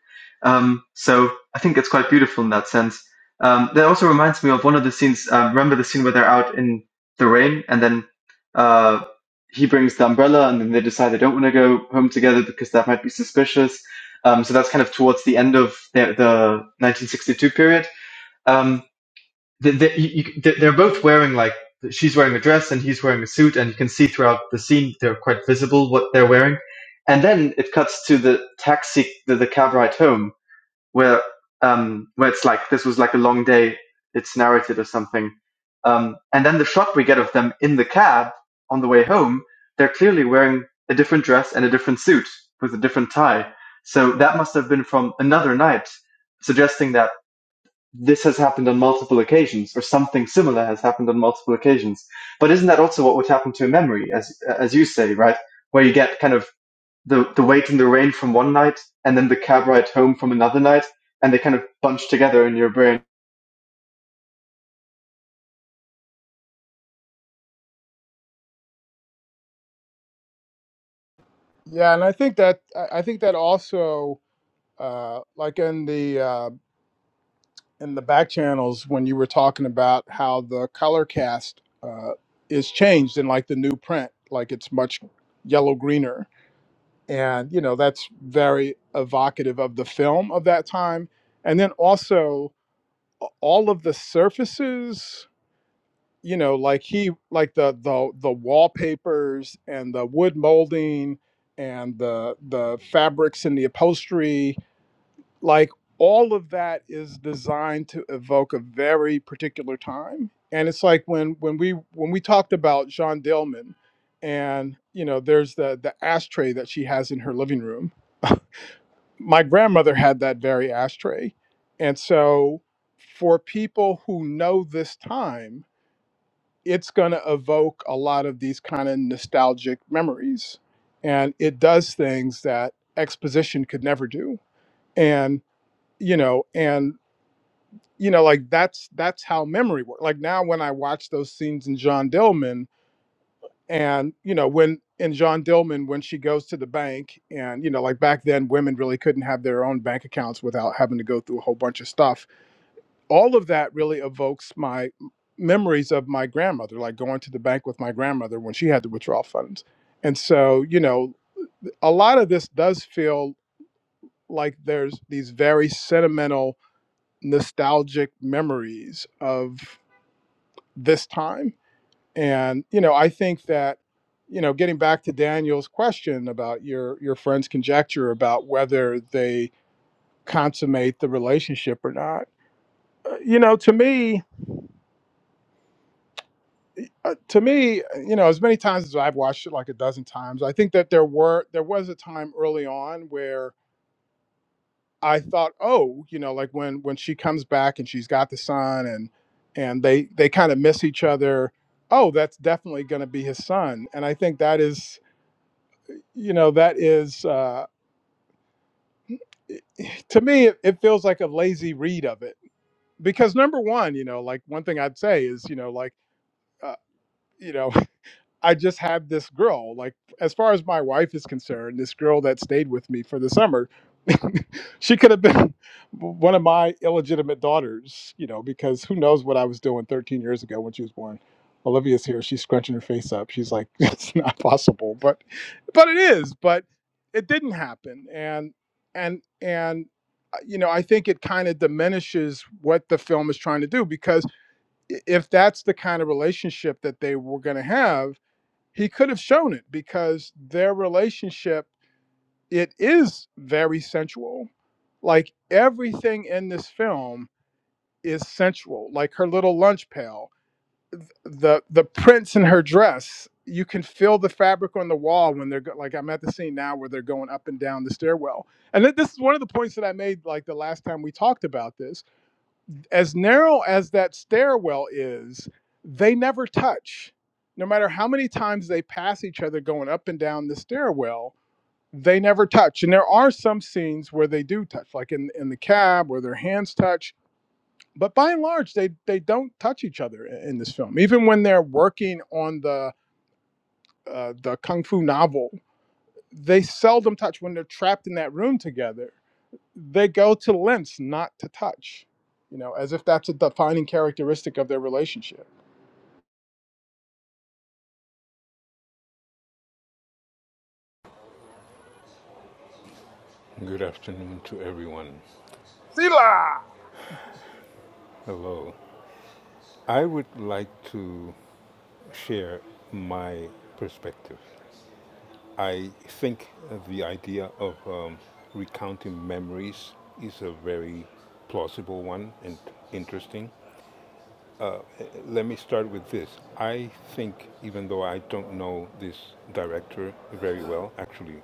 S1: Um, so I think it's quite beautiful in that sense. Um, that also reminds me of one of the scenes. Um, remember the scene where they're out in the rain and then uh, he brings the umbrella and then they decide they don't want to go home together because that might be suspicious. Um, so that's kind of towards the end of the, the 1962 period. Um, the, the, they- they're both wearing like she's wearing a dress and he's wearing a suit, and you can see throughout the scene they're quite visible what they're wearing. And then it cuts to the taxi, the, the cab ride home, where um, where it's like this was like a long day. It's narrated or something. Um, and then the shot we get of them in the cab on the way home, they're clearly wearing a different dress and a different suit with a different tie. So that must have been from another night, suggesting that this has happened on multiple occasions, or something similar has happened on multiple occasions. But isn't that also what would happen to a memory, as as you say, right? Where you get kind of the the wait in the rain from one night, and then the cab ride home from another night, and they kind of bunch together in your brain.
S5: Yeah, and I think that I I think that also, uh, like in the uh, in the back channels when you were talking about how the color cast uh, is changed in like the new print, like it's much yellow greener, and you know that's very evocative of the film of that time, and then also a- all of the surfaces you know like he like the the the wallpapers and the wood molding and the the fabrics and the upholstery like all of that is designed to evoke a very particular time and it's like when when we when we talked about Jean Dillman and you know there's the the ashtray that she has in her living room my grandmother had that very ashtray and so for people who know this time it's going to evoke a lot of these kind of nostalgic memories and it does things that exposition could never do and you know and you know like that's that's how memory works like now when i watch those scenes in john dillman and you know when in john dillman when she goes to the bank and you know like back then women really couldn't have their own bank accounts without having to go through a whole bunch of stuff all of that really evokes my memories of my grandmother, like going to the bank with my grandmother when she had the withdrawal funds. And so, you know, a lot of this does feel like there's these very sentimental, nostalgic memories of this time. And, you know, I think that, you know, getting back to Daniel's question about your your friend's conjecture about whether they consummate the relationship or not, uh, you know, to me, Uh, to me, you know, as many times as I've watched it, like a dozen times, I think that there were there was a time early on where I thought, oh, you know, like when when she comes back and she's got the son and and they they kind of miss each other. Oh, that's definitely going to be his son, and I think that is, you know, that is uh, it- to me it, it feels like a lazy read of it because number one, you know, like one thing I'd say is, you know, like uh, you know. I just have this girl. Like, as far as my wife is concerned, this girl that stayed with me for the summer, she could have been one of my illegitimate daughters, you know, because who knows what I was doing 13 years ago when she was born. Olivia's here. She's scrunching her face up. She's like, it's not possible, but, but it is. But it didn't happen, and and and uh, you know, I think it kind of diminishes what the film is trying to do because i- if that's the kind of relationship that they were going to have he could have shown it because their relationship it is very sensual like everything in this film is sensual like her little lunch pail the the prints in her dress you can feel the fabric on the wall when they're go- like i'm at the scene now where they're going up and down the stairwell and th- this is one of the points that i made like the last time we talked about this as narrow as that stairwell is, they never touch. No matter how many times they pass each other going up and down the stairwell, they never touch. And there are some scenes where they do touch, like in, in the cab where their hands touch. But by and large, they, they don't touch each other in, in this film. Even when they're working on the uh, the kung fu novel, they seldom touch when they're trapped in that room together they go to lengths not to touch, you know, as if that's a defining characteristic of their relationship.
S6: Good afternoon to everyone.
S5: Sila!
S6: Hello. I would like to share my perspective. I think the idea of um, recounting memories is a very plausible one and interesting. Let me start with this. I think, even though I don't know this director very well, actually,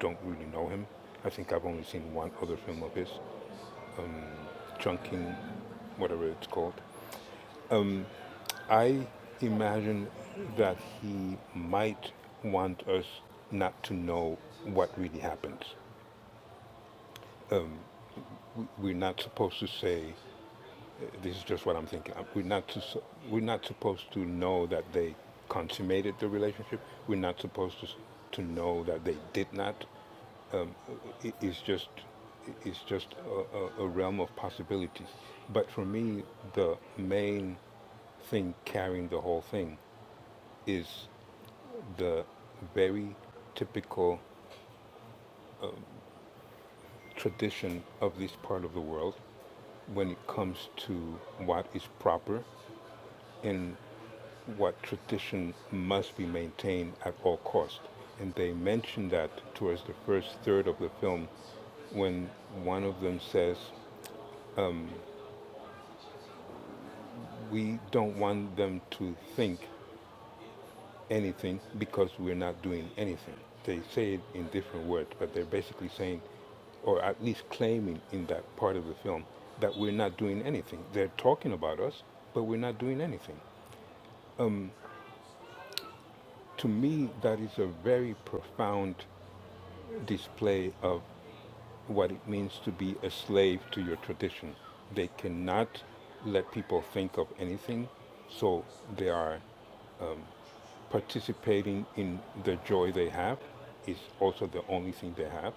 S6: don't really know him. I think I've only seen one other film of his, Chunking, whatever it's called. I imagine that he might want us not to know what really happens. We're not supposed to say, this is just what I'm thinking. We're not, to, we're not supposed to know that they consummated the relationship. We're not supposed to, to know that they did not. It's just, it's just a a realm of possibilities. But for me, the main thing carrying the whole thing is the very typical tradition of this part of the world when it comes to what is proper and what tradition must be maintained at all cost. And they mention that towards the first third of the film when one of them says, We don't want them to think anything because we're not doing anything. They say it in different words, but they're basically saying, or at least claiming in that part of the film, that we're not doing anything. They're talking about us, but we're not doing anything. To me, that is a very profound display of what it means to be a slave to your tradition. They cannot let people think of anything, so they are participating in the joy they have is also the only thing they have.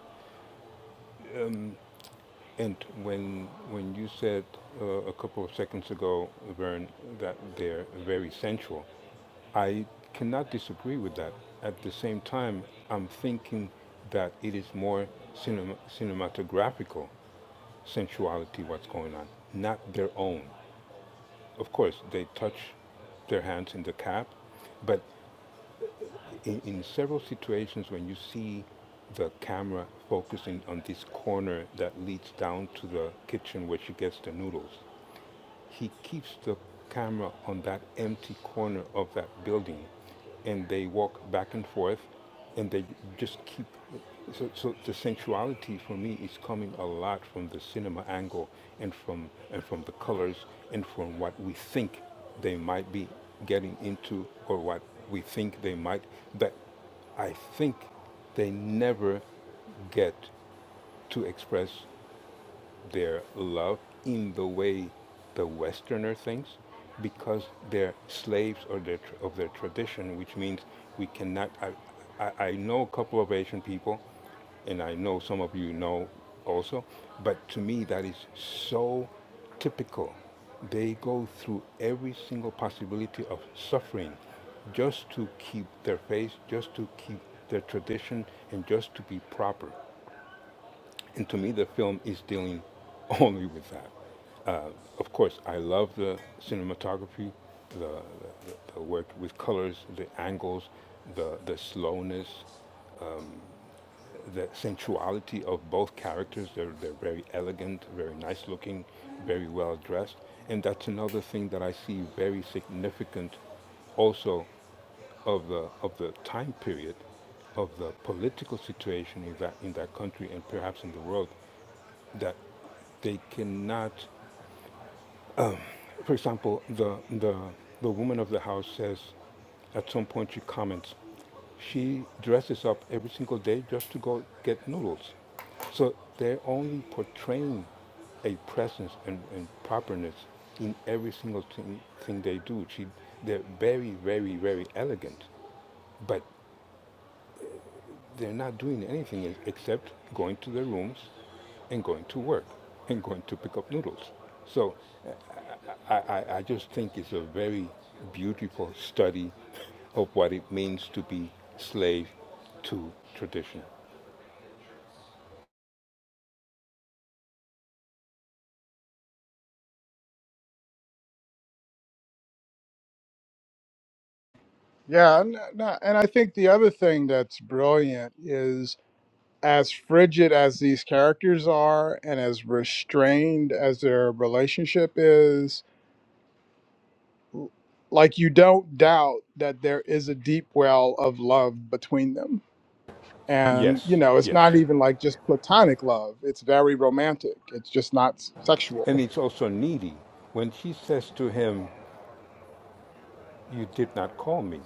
S6: And when when you said uh, a couple of seconds ago, Vern, that they're very sensual, I cannot disagree with that. At the same time, I'm thinking that it is more cinema, cinematographical sensuality what's going on, not their own. Of course, they touch their hands in the cap, but in, in several situations when you see the camera focusing on this corner that leads down to the kitchen where she gets the noodles, he keeps the camera on that empty corner of that building, and they walk back and forth, and they just keep. So, so the sensuality for me is coming a lot from the cinema angle, and from and from the colors, and from what we think they might be getting into, or what we think they might. But I think they never get to express their love in the way the Westerner thinks because they're slaves or their, tr- of their tradition, which means we cannot. I, I, I know a couple of Asian people, and I know some of you know also, but to me, that is so typical. They go through every single possibility of suffering just to keep their faith, just to keep their tradition, and just to be proper. And to me, the film is dealing only with that. Uh, of course, I love the cinematography, the, the, the work with colors, the angles, the, the slowness, the sensuality of both characters. They're, they're very elegant, very nice looking, very well dressed. And that's another thing that I see very significant also of the of the time period of the political situation in that in that country and perhaps in the world that they cannot, for example, the, the, the woman of the house says, at some point she comments, she dresses up every single day just to go get noodles. So they're only portraying a presence and, and properness in every single thing, thing they do. She, they're very, very, very elegant, but they're not doing anything e- except going to their rooms and going to work and going to pick up noodles. So I, I, I just think it's a very beautiful study of what it means to be slave to tradition.
S5: Yeah, and, and I think the other thing that's brilliant is as frigid as these characters are and as restrained as their relationship is, l- like you don't doubt that there is a deep well of love between them. And, you
S6: Yes,
S5: know, it's
S6: yes.
S5: not even like just platonic love, it's very romantic, it's just not s- sexual.
S6: And it's also needy when she says to him, You did not call me.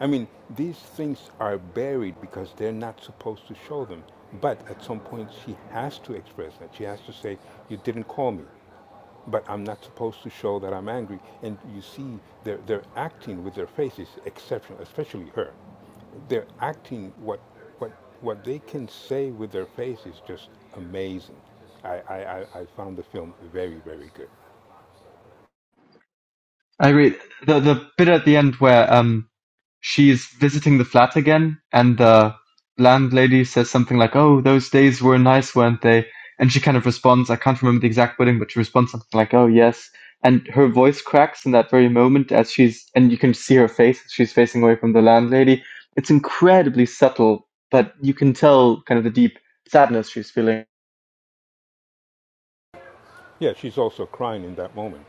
S6: I mean, these things are buried because they're not supposed to show them. But at some point, she has to express that. She has to say, You didn't call me. but I'm not supposed to show that I'm angry. And you see, they're, they're acting with their faces exceptional, especially her. They're acting what, what, what they can say with their face is just amazing. I, I, I I found the film very, very good.
S1: I agree. the the bit at the end where um she is visiting the flat again, and the landlady says something like, "Oh, those days were nice, weren't they?" And she kind of responds, "I can't remember the exact wording, but she responds something like, "Oh, yes." And her voice cracks in that very moment as she's, and you can see her face she's facing away from the landlady. It's incredibly subtle, but you can tell kind of the deep sadness she's feeling.
S6: Yeah, she's also crying in that moment.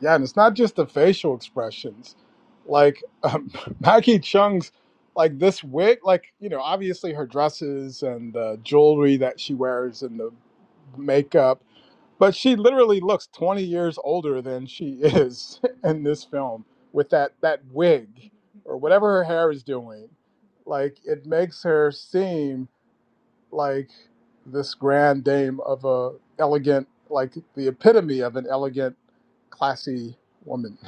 S5: Yeah, and it's not just the facial expressions. Like um, Maggie Chung's, like this wig, like you know, obviously her dresses and the jewelry that she wears and the makeup, but she literally looks twenty years older than she is in this film with that that wig or whatever her hair is doing. Like it makes her seem like this grand dame of a elegant, like the epitome of an elegant, classy woman.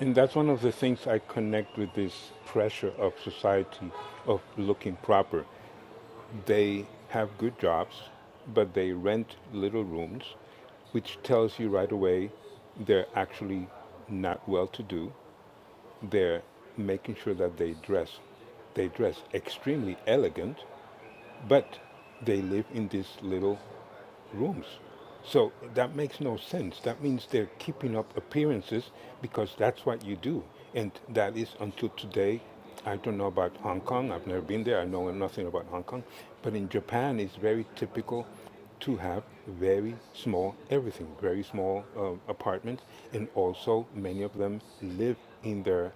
S6: And that's one of the things I connect with this pressure of society of looking proper. They have good jobs, but they rent little rooms, which tells you right away they're actually not well to do. They're making sure that they dress. They dress extremely elegant, but they live in these little rooms. So that makes no sense. That means they're keeping up appearances because that's what you do. And that is until today. I don't know about Hong Kong. I've never been there. I know nothing about Hong Kong. But in Japan, it's very typical to have very small everything, very small um, apartments. And also, many of them live in their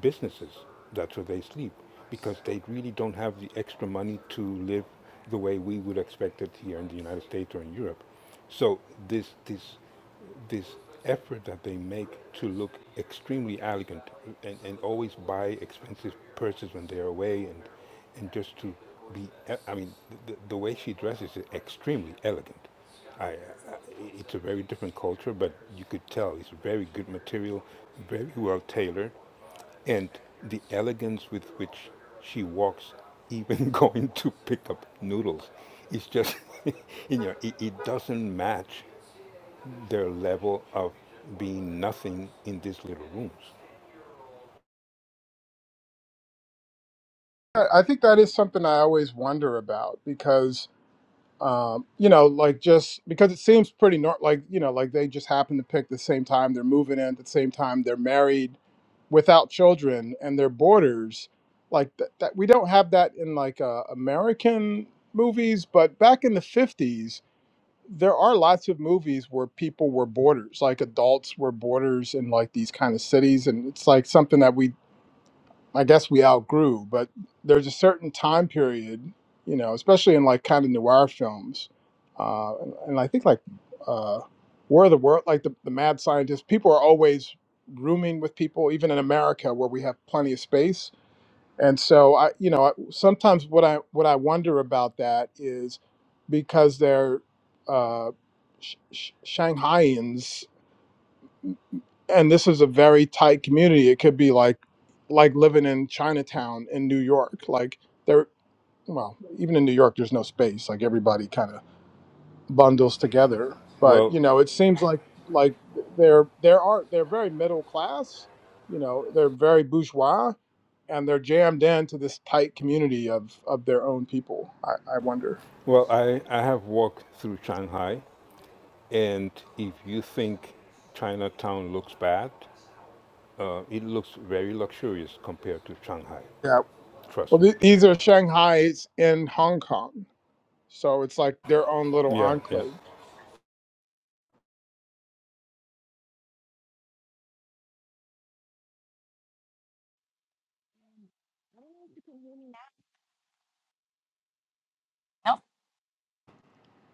S6: businesses. That's where they sleep because they really don't have the extra money to live the way we would expect it here in the United States or in Europe. So this this this effort that they make to look extremely elegant and, and always buy expensive purses when they're away and and just to be I mean the, the way she dresses is extremely elegant. I, I it's a very different culture, but you could tell it's very good material, very well tailored and the elegance with which she walks, even going to pick up noodles, it's just, you know, it, it doesn't match their level of being nothing in these little rooms.
S5: I I think that is something I always wonder about because, um, you know, like just because it seems pretty normal, like, you know, like they just happen to pick the same time they're moving in at the same time they're married without children and they're boarders. Like that, that we don't have that in like uh, American movies, but back in the 50s, there are lots of movies where people were boarders, like adults were boarders in like these kind of cities. And it's like something that we I guess we outgrew, but there's a certain time period, you know, especially in like kind of noir films, uh, and, and I think like uh, War of the World, like the, the Mad Scientist, people are always rooming with people, even in America where we have plenty of space. And so I, you know, I, sometimes what I what I wonder about that is because they're uh, sh- sh- Shanghaians and this is a very tight community. It could be like like living in Chinatown in New York. Like there well, even in New York there's no space. Like everybody kind of bundles together. But, you
S6: Well,
S5: know, it seems like like they're there are they're very middle class, you know, they're very bourgeois and they're jammed into this tight community of of their own people. I, I wonder.
S6: well, I, I have walked through Shanghai, and if you think Chinatown looks bad, uh, it looks very luxurious compared to Shanghai.
S5: Yeah.
S6: Trust
S5: Well,
S6: me.
S5: th- these are Shanghai's in Hong Kong. So it's like their own little
S6: Yeah, yeah.
S5: enclave.
S3: Nope.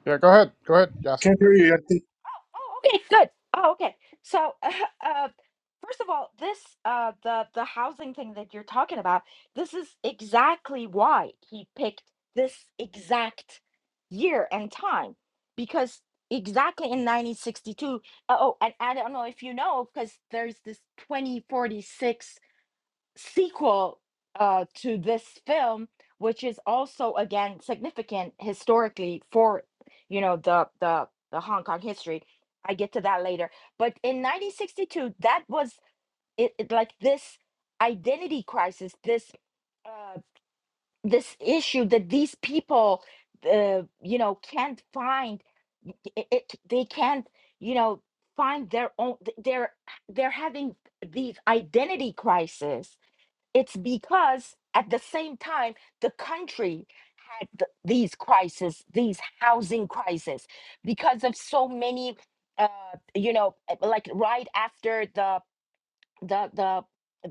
S5: Yeah, go ahead. Go ahead, Yassi.
S2: Can't hear you. I think,
S3: Oh, okay, good. Oh, okay. So, uh, first of all, this uh, the the housing thing that you're talking about, this is exactly why he picked this exact year and time, because exactly in 1962. Oh, and I don't know if you know, because there's this 2046 sequel uh, to this film, which is also again significant historically for you know the the the Hong Kong history. I get to that later. But in 1962, that was it, it like this identity crisis, this uh, this issue that these people, uh, you know, can't find. It, it, they can't, you know, find their own. th- They're they're having these identity crises it's because at the same time, the country had th- these crises, these housing crises, because of so many, uh, you know, uh, like right after the the the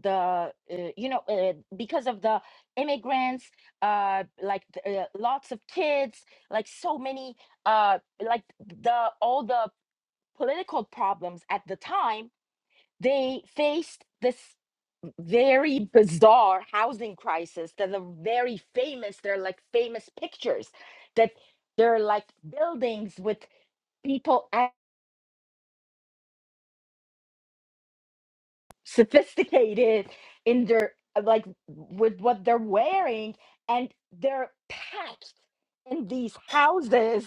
S3: the uh, you know uh, because of the immigrants uh like th- uh, lots of kids like so many uh like the all the political problems at the time they faced this very bizarre housing crisis that are very famous. They're like famous pictures that they're like buildings with people sophisticated in their like with what they're wearing and they're packed in these houses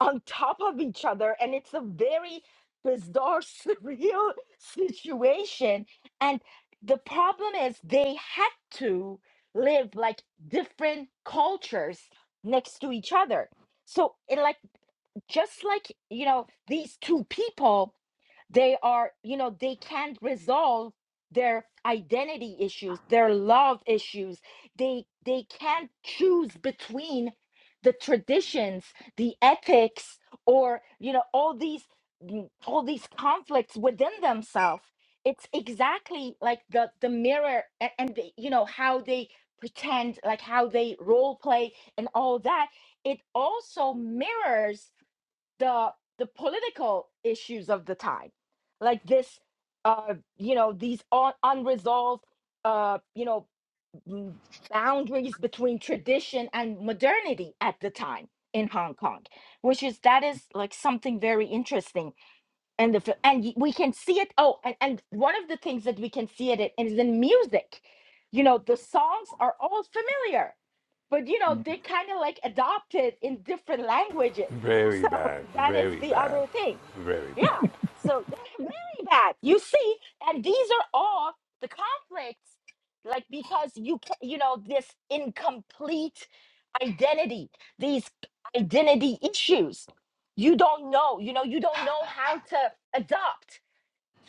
S3: on top of each other and it's a very bizarre surreal situation and the problem is they had to live like different cultures next to each other so it like just like you know these two people they are you know they can't resolve their identity issues their love issues they they can't choose between the traditions the ethics or you know all these mm, all these conflicts within themselves it's exactly like the the mirror and, and the, you know how they pretend like how they role play and all that it also mirrors the the political issues of the time like this uh you know these un- unresolved uh you know m- boundaries between tradition and modernity at the time in hong kong which is that is like something very interesting and the fi- and y- we can see it oh and, and one of the things that we can see it in is in music you know the songs are all familiar but you know they kind of like adopted in different languages
S6: Very
S3: so
S6: bad,
S3: that is
S6: very
S3: the
S6: bad,
S3: other thing
S6: very
S3: yeah
S6: bad.
S3: so very bad you see and these are all the conflicts like because you ca- you know this incomplete identity these identity issues you don't know you know you don't know how to adapt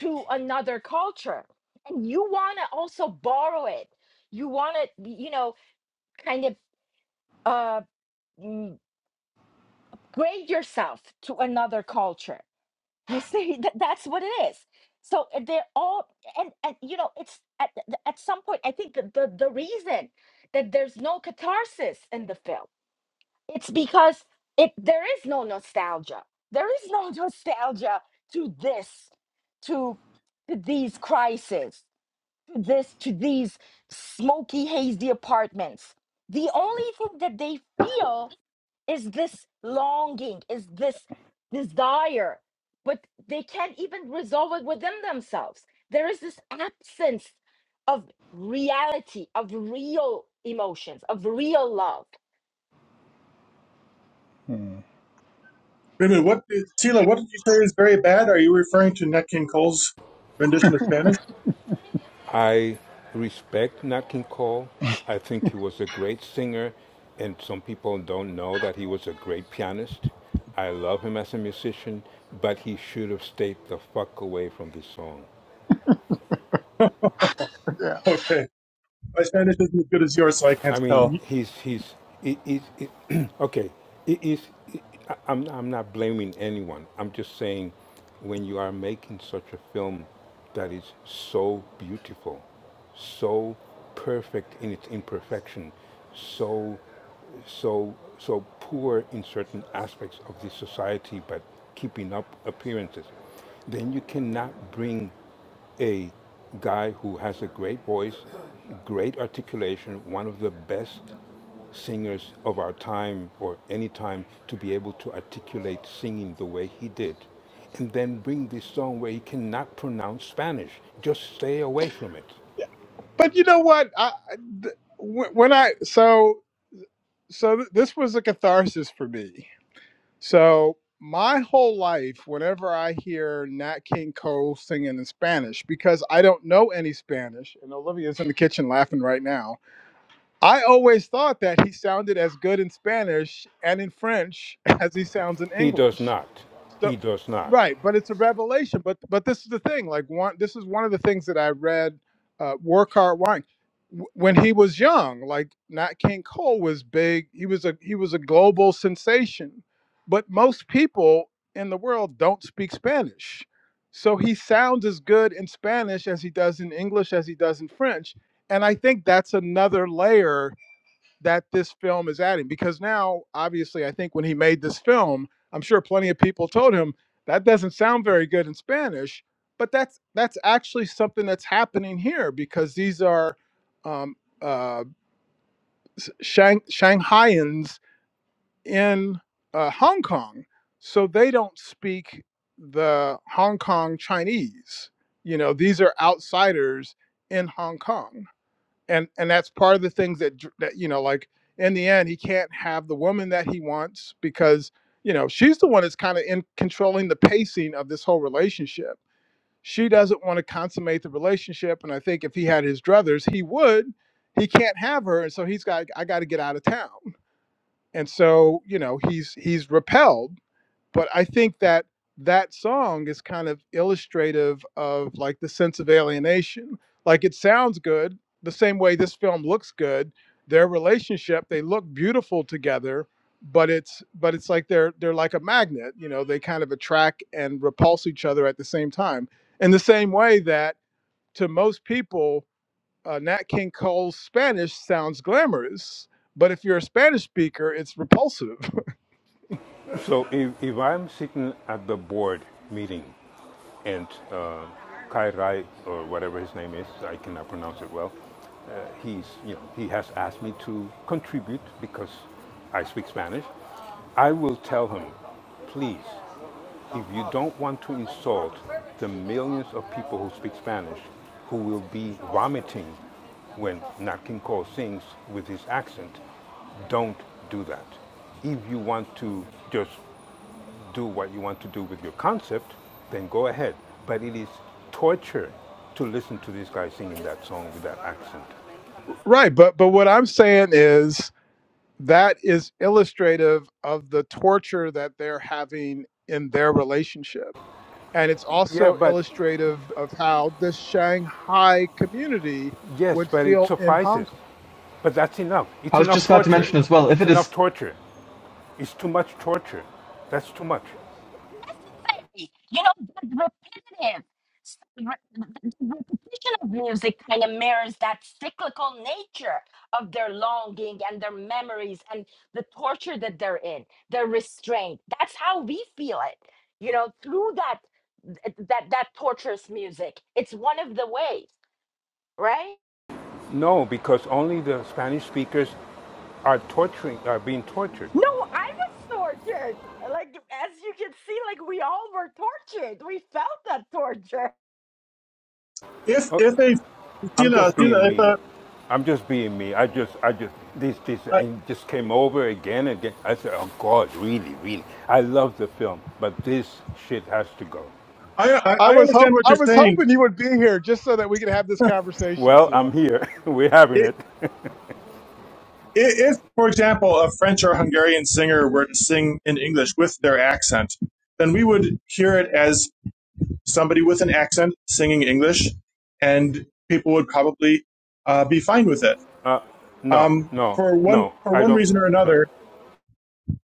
S3: to another culture and you want to also borrow it you want to you know kind of uh mm, grade yourself to another culture you see that that's what it is so uh, they're all and and you know it's at, at some point i think that the the reason that there's no catharsis in the film It's because it there is no nostalgia. There is no nostalgia to this, to, to these crises, to this, to these smoky, hazy apartments. The only thing that they feel is this longing, is this desire, but they can't even resolve it within themselves. There is this absence of reality, of real emotions, of real love.
S5: hmm
S2: wait a minute. What, Sila? What did you say is very bad? Are you referring to Nat King Cole's rendition of Spanish?
S6: I respect Nat King Cole. I think he was a great singer, and some people don't know that he was a great pianist. I love him as a musician, but he should have stayed the fuck away from this song.
S5: Yeah.
S2: okay, my Spanish isn't as good as yours, so I
S6: I
S2: can't
S6: mean,
S2: tell.
S6: he's he's he, he's he- okay. He, he's he- I- I'm I'm not blaming anyone. I'm just saying, when you are making such a film that is so beautiful, so perfect in its imperfection, so so so poor in certain aspects of the society, but keeping up appearances, then you cannot bring a guy who has a great voice, great articulation, one of the best singers of our time or any time to be able to articulate singing the way he did. And then bring this song where he cannot pronounce Spanish. Just stay away from it.
S5: But you know what? I I- th- when when I so so th- this was a catharsis for me. So my whole life, whenever I hear Nat King Cole singing in Spanish, because I don't know any Spanish, and Olivia's in the kitchen laughing right now. I always thought that he sounded as good in Spanish and in French as he sounds in
S6: He does
S5: English.
S6: not.
S5: So
S6: He does not.
S5: right, but it's a revelation. But but this is the thing. Like one, this is one of the things that I read. Uh, Workhart Wine, W- when he was young, like Nat King Cole was big. He was a he was a global sensation, but most people in the world don't speak Spanish. So he sounds as good in Spanish as he does in English as he does in French and I think that's another layer that this film is adding because now, obviously, I think when he made this film, I'm sure plenty of people told him that doesn't sound very good in Spanish, but that's that's actually something that's happening here because these are um, uh, Shang- Shanghaians in uh, Hong Kong, so they don't speak the Hong Kong Chinese. You know, these are outsiders in Hong Kong and and that's part of the things that dr- that you know like in the end he can't have the woman that he wants because you know she's the one that's kind of in controlling the pacing of this whole relationship she doesn't want to consummate the relationship and i think if he had his druthers he would he can't have her and so he's got i got to get out of town and so you know he's he's repelled but I think that that song is kind of illustrative of like the sense of alienation. Like it sounds good, the same way this film looks good. Their relationship, they look beautiful together, but it's but it's like they're they're like a magnet, you know, they kind of attract and repulse each other at the same time. In the same way that to most people, uh, Nat King Cole's Spanish sounds glamorous, but if you're a Spanish speaker, it's repulsive.
S6: So if, if I'm sitting at the board meeting and uh, Kai Rai or whatever his name is, I cannot pronounce it well, uh, he's you know he has asked me to contribute because I speak Spanish. I will tell him, please. If you don't want to insult the millions of people who speak Spanish, who will be vomiting when Nat King Cole sings with his accent, don't do that. If you want to just do what you want to do with your concept, then go ahead. But it is torture to listen to this guy singing that song with that accent.
S5: Right, but but what I'm saying is that is illustrative of the torture that they're having in their relationship. And it's
S6: Yeah,
S5: also
S6: but
S5: illustrative of how the Shanghai community
S6: yes,
S5: would
S6: but it
S5: feel in Hong
S6: suffices.
S5: Kong.
S6: But that's enough. It's
S1: I was
S6: enough
S1: just about to
S6: torture.
S1: mention as well, if
S6: It's
S1: it
S6: enough
S1: is
S6: torture. It's too much torture. That's too much.
S3: necessary. You know, the repetitive, s- re- the the repetition of music kind of mirrors that cyclical nature of their longing and their memories and the torture that they're in, their restraint. That's how we feel it. You know, through that th- that that torturous music. It's one of the ways, right?
S6: No, because only the Spanish speakers are torturing, are being tortured.
S3: No, I was tortured. Like as you can see, like we all were tortured. We felt that torture.
S2: If
S6: Oh,
S2: if a
S6: I'm
S2: Sila
S6: just being
S2: Sila if
S6: me.
S2: a,
S6: I'm just being me. I just, I just, this, this, and just came over again and again. I said, oh God, really, really. I love the film, but this shit has to go.
S2: I, I
S5: I
S2: I
S5: was
S2: understand
S5: hope
S2: what
S5: I
S2: you're
S5: was
S2: saying.
S5: hoping you would be here just so that we could have this
S2: I-
S5: conversation,
S6: Well, I'm
S5: Sila.
S6: here. We're having it.
S2: if, for example, a French or Hungarian singer were to sing in English with their accent, then we would hear it as somebody with an accent singing English, and people would probably uh, be fine with it.
S6: No,
S2: Um,
S6: no,
S2: for one
S6: no.
S2: for
S6: I
S2: one
S6: don't.
S2: reason or
S6: No,
S2: another,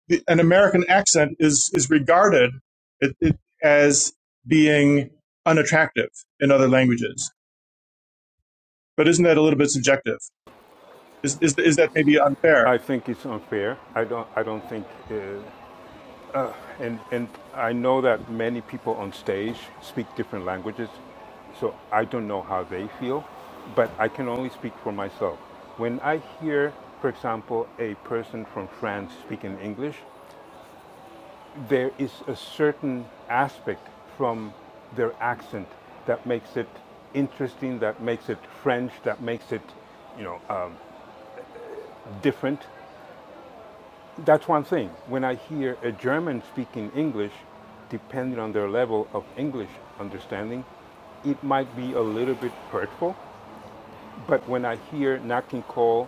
S2: the, an American accent is is regarded it, it, as being unattractive in other languages. But isn't that a little bit subjective? Is is, is that maybe unfair?
S6: I think it's unfair. I don't. I don't think. uh, And, and I know that many people on stage speak different languages, so I don't know how they feel, but I can only speak for myself. When I hear, for example, a person from France speaking English, there is a certain aspect from their accent that makes it interesting, that makes it French, that makes it, you know, um, different. That's one thing. When I hear a German speaking English, depending on their level of English understanding, it might be a little bit hurtful. But when I hear Nakin Cole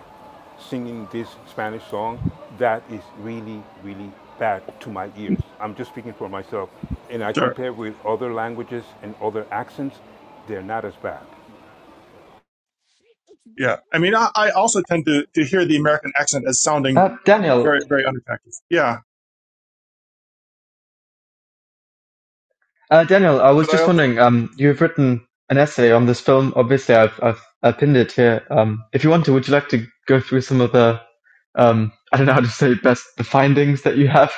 S6: singing this Spanish song, that is really, really bad to my ears. I'm just speaking for myself. And I
S2: Sure.
S6: compare with other languages and other accents, they're not as bad.
S2: Yeah. I mean, I, I also tend to, to hear the American accent as sounding
S1: uh, Daniel,
S2: very very unattractive. Yeah.
S1: Uh, Daniel, I was
S2: But I
S1: just
S2: also
S1: wondering, um, you've written an essay on this film. Obviously, I've, I've, I've pinned it here. Um, if you want to, would you like to go through some of the, um, I don't know how to say it best, the findings that you have?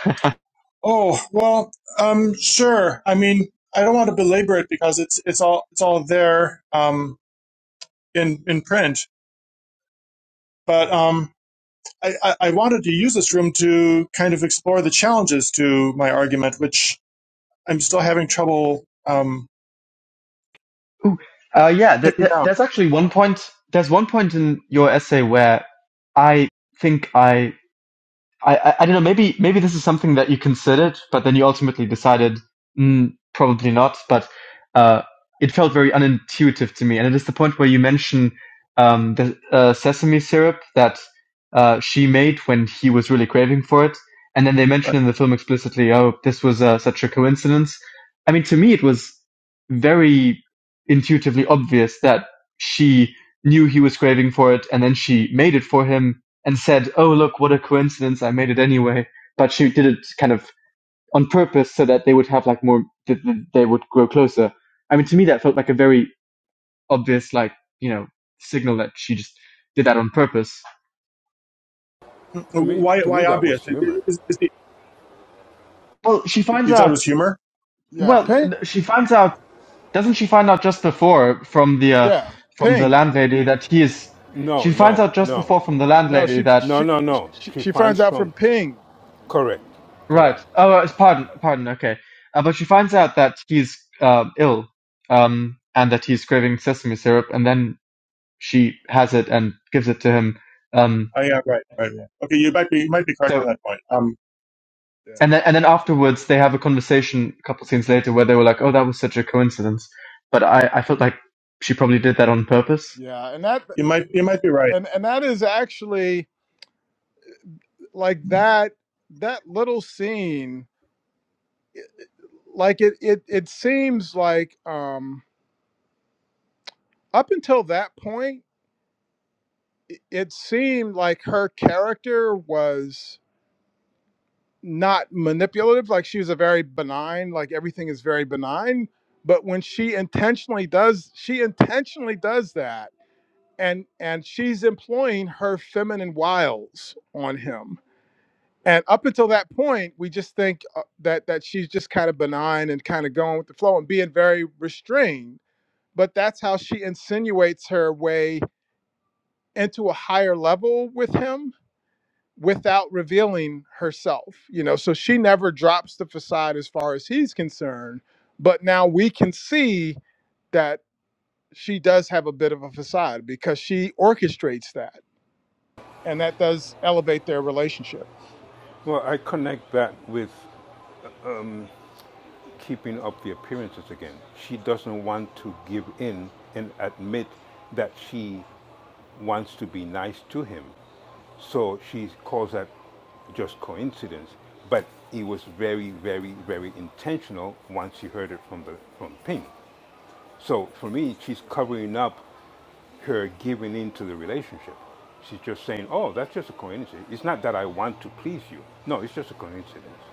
S2: Oh, well, um, sure. I mean, I don't want to belabor it because it's it's all it's all there um, in in print. But um, I, I I wanted to use this room to kind of explore the challenges to my argument, which I'm still having trouble um,
S1: Ooh, uh, yeah, th-
S2: picking
S1: th-
S2: out.
S1: there's actually one point, there's one point in your essay where I think I I, I I don't know. Maybe maybe this is something that you considered, but then you ultimately decided mm, probably not. But uh, it felt very unintuitive to me, and it is the point where you mention um, the uh, sesame syrup that uh, she made when he was really craving for it, and then they
S2: Right.
S1: mention in the film explicitly, "Oh, this was uh, such a coincidence." I mean, to me, it was very intuitively obvious that she knew he was craving for it, and then she made it for him and said, "Oh, look, what a coincidence! I made it anyway." But she did it kind of on purpose so that they would have like more, they would grow closer. I mean, to me, that felt like a very obvious, like you know, signal that she just did that on purpose.
S6: To me,
S2: Why
S6: to me,
S2: why
S6: that was
S2: obvious? Is-
S6: humor.
S2: is- the-
S1: Well, she finds
S2: you thought it
S1: out.
S2: was humor?
S5: Yeah,
S1: Well,
S5: Ping.
S1: she finds out. Doesn't she find out just before from the uh,
S5: Yeah,
S1: from the
S5: Ping.
S1: landlady that he is?
S6: No,
S1: She finds
S6: no,
S1: out just
S6: no,
S1: before from the
S5: No,
S1: landlady
S5: she
S1: that
S6: no,
S5: she
S6: no, no.
S5: she,
S6: She
S5: she
S6: finds
S5: finds out
S6: from
S5: from Ping.
S6: correct,
S1: Right.
S6: correct.
S1: Oh, uh, pardon, pardon. Okay. Uh, but she finds out that he's uh, ill, um, and that he's craving sesame syrup, and then she has it and gives it to him. Um,
S2: Oh yeah, right, right, right. Okay, you might be you might be correct on
S1: so,
S2: that point. Um,
S5: Yeah,
S1: and then and then afterwards they have a conversation a couple scenes later where they were like, "Oh, that was such a coincidence," but I I felt like she probably did that on purpose.
S5: yeah, and that
S2: you might you might be right.
S5: and and that is actually like that that little scene like it it it seems like um up until that point it, it seemed like her character was not manipulative like she was a very benign like everything is very benign but when she intentionally does she intentionally does that and and she's employing her feminine wiles on him And up until that point, we just think uh, that that she's just kind of benign and kind of going with the flow and being very restrained. But that's how she insinuates her way into a higher level with him without revealing herself. You know, so she never drops the facade as far as he's concerned. But now we can see that she does have a bit of a facade because she orchestrates that and that does elevate their relationship.
S6: Well, I connect that with keeping up the appearances again. She doesn't want to give in and admit that she wants to be nice to him. So she calls that just coincidence. But it was very, very, very intentional once she heard it from the from Ping. So for me, she's covering up her giving into the relationship. She's just saying, "Oh, that's just a coincidence. It's not that I want to please you. No, it's just a coincidence."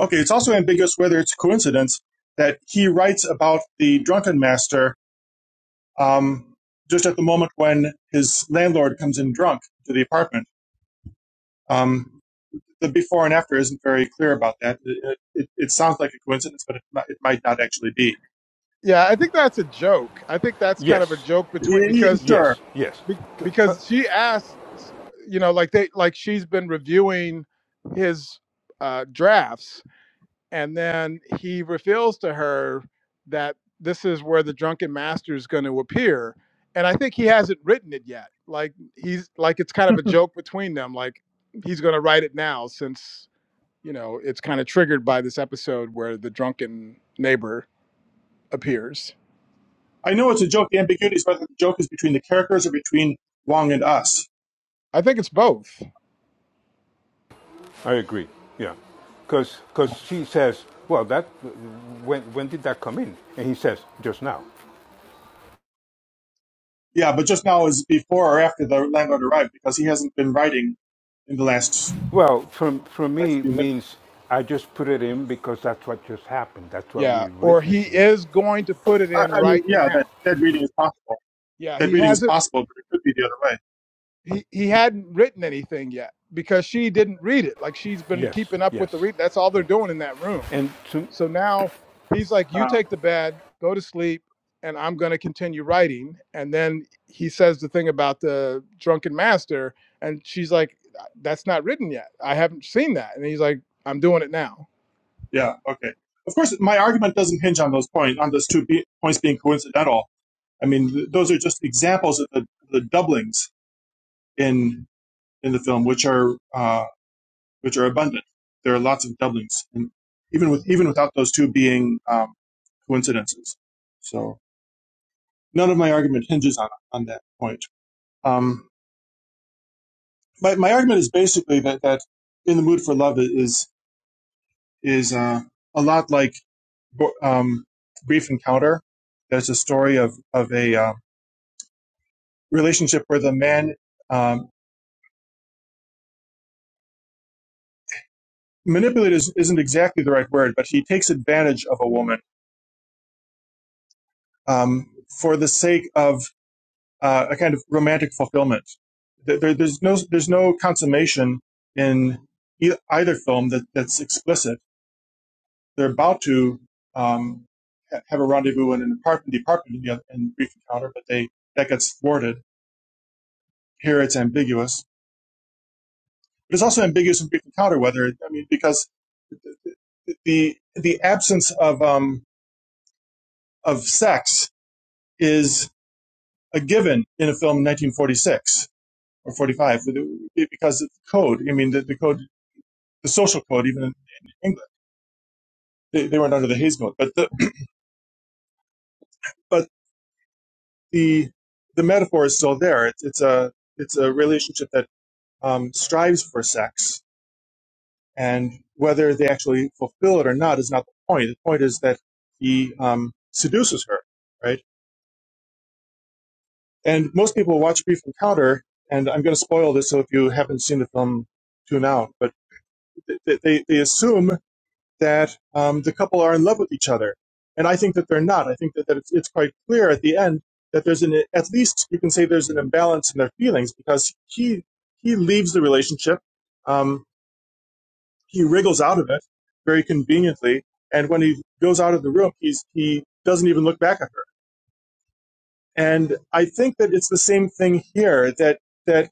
S2: Okay, it's also ambiguous whether it's coincidence that he writes about the drunken master um, just at the moment when his landlord comes in drunk to the apartment. Um, the before and after isn't very clear about that. It, it, it sounds like a coincidence, but it, mi- it might not actually be.
S5: Yeah, I think that's a joke. I think that's kind of a
S6: Yes.
S5: joke between
S2: Yeah, yeah,
S5: because
S2: Sure.
S6: Yes, yes.
S5: be-
S6: Her-
S5: because she asks, you know, like they like she's been reviewing his uh drafts and then he reveals to her that this is where the drunken master is going to appear and i think he hasn't written it yet like he's like it's kind of a joke between them like he's going to write it now since you know it's kind of triggered by this episode where the drunken neighbor appears
S2: I know it's a joke. The ambiguity is whether the joke is between the characters or between Wong and us.
S5: i think it's both
S6: I agree. Yeah. Because she says, well, that when, when did that come in? And he says, just now.
S2: Yeah, but just now is before or after the landlord arrived because he hasn't been writing in the last
S6: Well, from, from
S2: last
S6: me
S2: few minutes.
S6: means I just put it in because that's what just happened. That's what
S5: yeah
S6: we're
S5: or he
S6: witnessing.
S5: is going to put it
S2: I,
S5: in
S2: I mean,
S5: right
S2: yeah, that,
S5: now
S2: that reading is possible.
S5: yeah
S2: That
S5: he
S2: reading is
S5: hasn't
S2: possible, but it could be the other way.
S5: he he hadn't written anything yet because she didn't read it. Like she's been
S6: Yes,
S5: keeping up
S6: yes.
S5: with the read. That's all
S6: Yeah.
S5: they're doing in that room.
S6: And to,
S5: So now he's like, "You
S2: Uh,
S5: take the bed, go to sleep, and I'm going to continue writing." And then he says the thing about the drunken master, and she's like, "Uh, "That's not written yet. I haven't seen that." And he's like, "I'm doing it now."
S2: yeah, okay. Of course, my argument doesn't hinge on those points, on those two be- points being coincidental. I mean, those are just examples of the, the doublings in in the film, which are uh, which are abundant. There are lots of doublings, and even with even without those two being um, coincidences. So none of my argument hinges on on that point. Um, my my argument is basically that that in the mood for love is is uh, a lot like um, brief encounter. There's a story of of a uh, relationship where the man um, manipulate is, isn't exactly the right word, but he takes advantage of a woman um, for the sake of uh, a kind of romantic fulfillment. There, there's no there's no consummation in e- either film that, that's explicit. They're about to um, have a rendezvous in an apartment, department, apartment in the other- in brief encounter, but they that gets thwarted. Here it's ambiguous. But it's also ambiguous in brief encounter whether I mean because the the absence of um, of sex is. a given in a film in 1946 or 45 because of the code. I mean, the, the code, the social code, even in England, they, they weren't under the Hayes Mode. But the but the the metaphor is still there. It's it's a it's a relationship that um, strives for sex, and whether they actually fulfill it or not is not the point. The point is that he um, seduces her, right? And most people watch Brief Encounter, and I'm going to spoil this. So if you haven't seen the film, tune out. But they, they, they assume that um, the couple are in love with each other. And I think that they're not. I think that, that it's, it's quite clear at the end that there's an, at least you can say there's an imbalance in their feelings because he, he leaves the relationship. Um, he wriggles out of it very conveniently. And when he goes out of the room, he's, he doesn't even look back at her. And I think that it's the same thing here that, that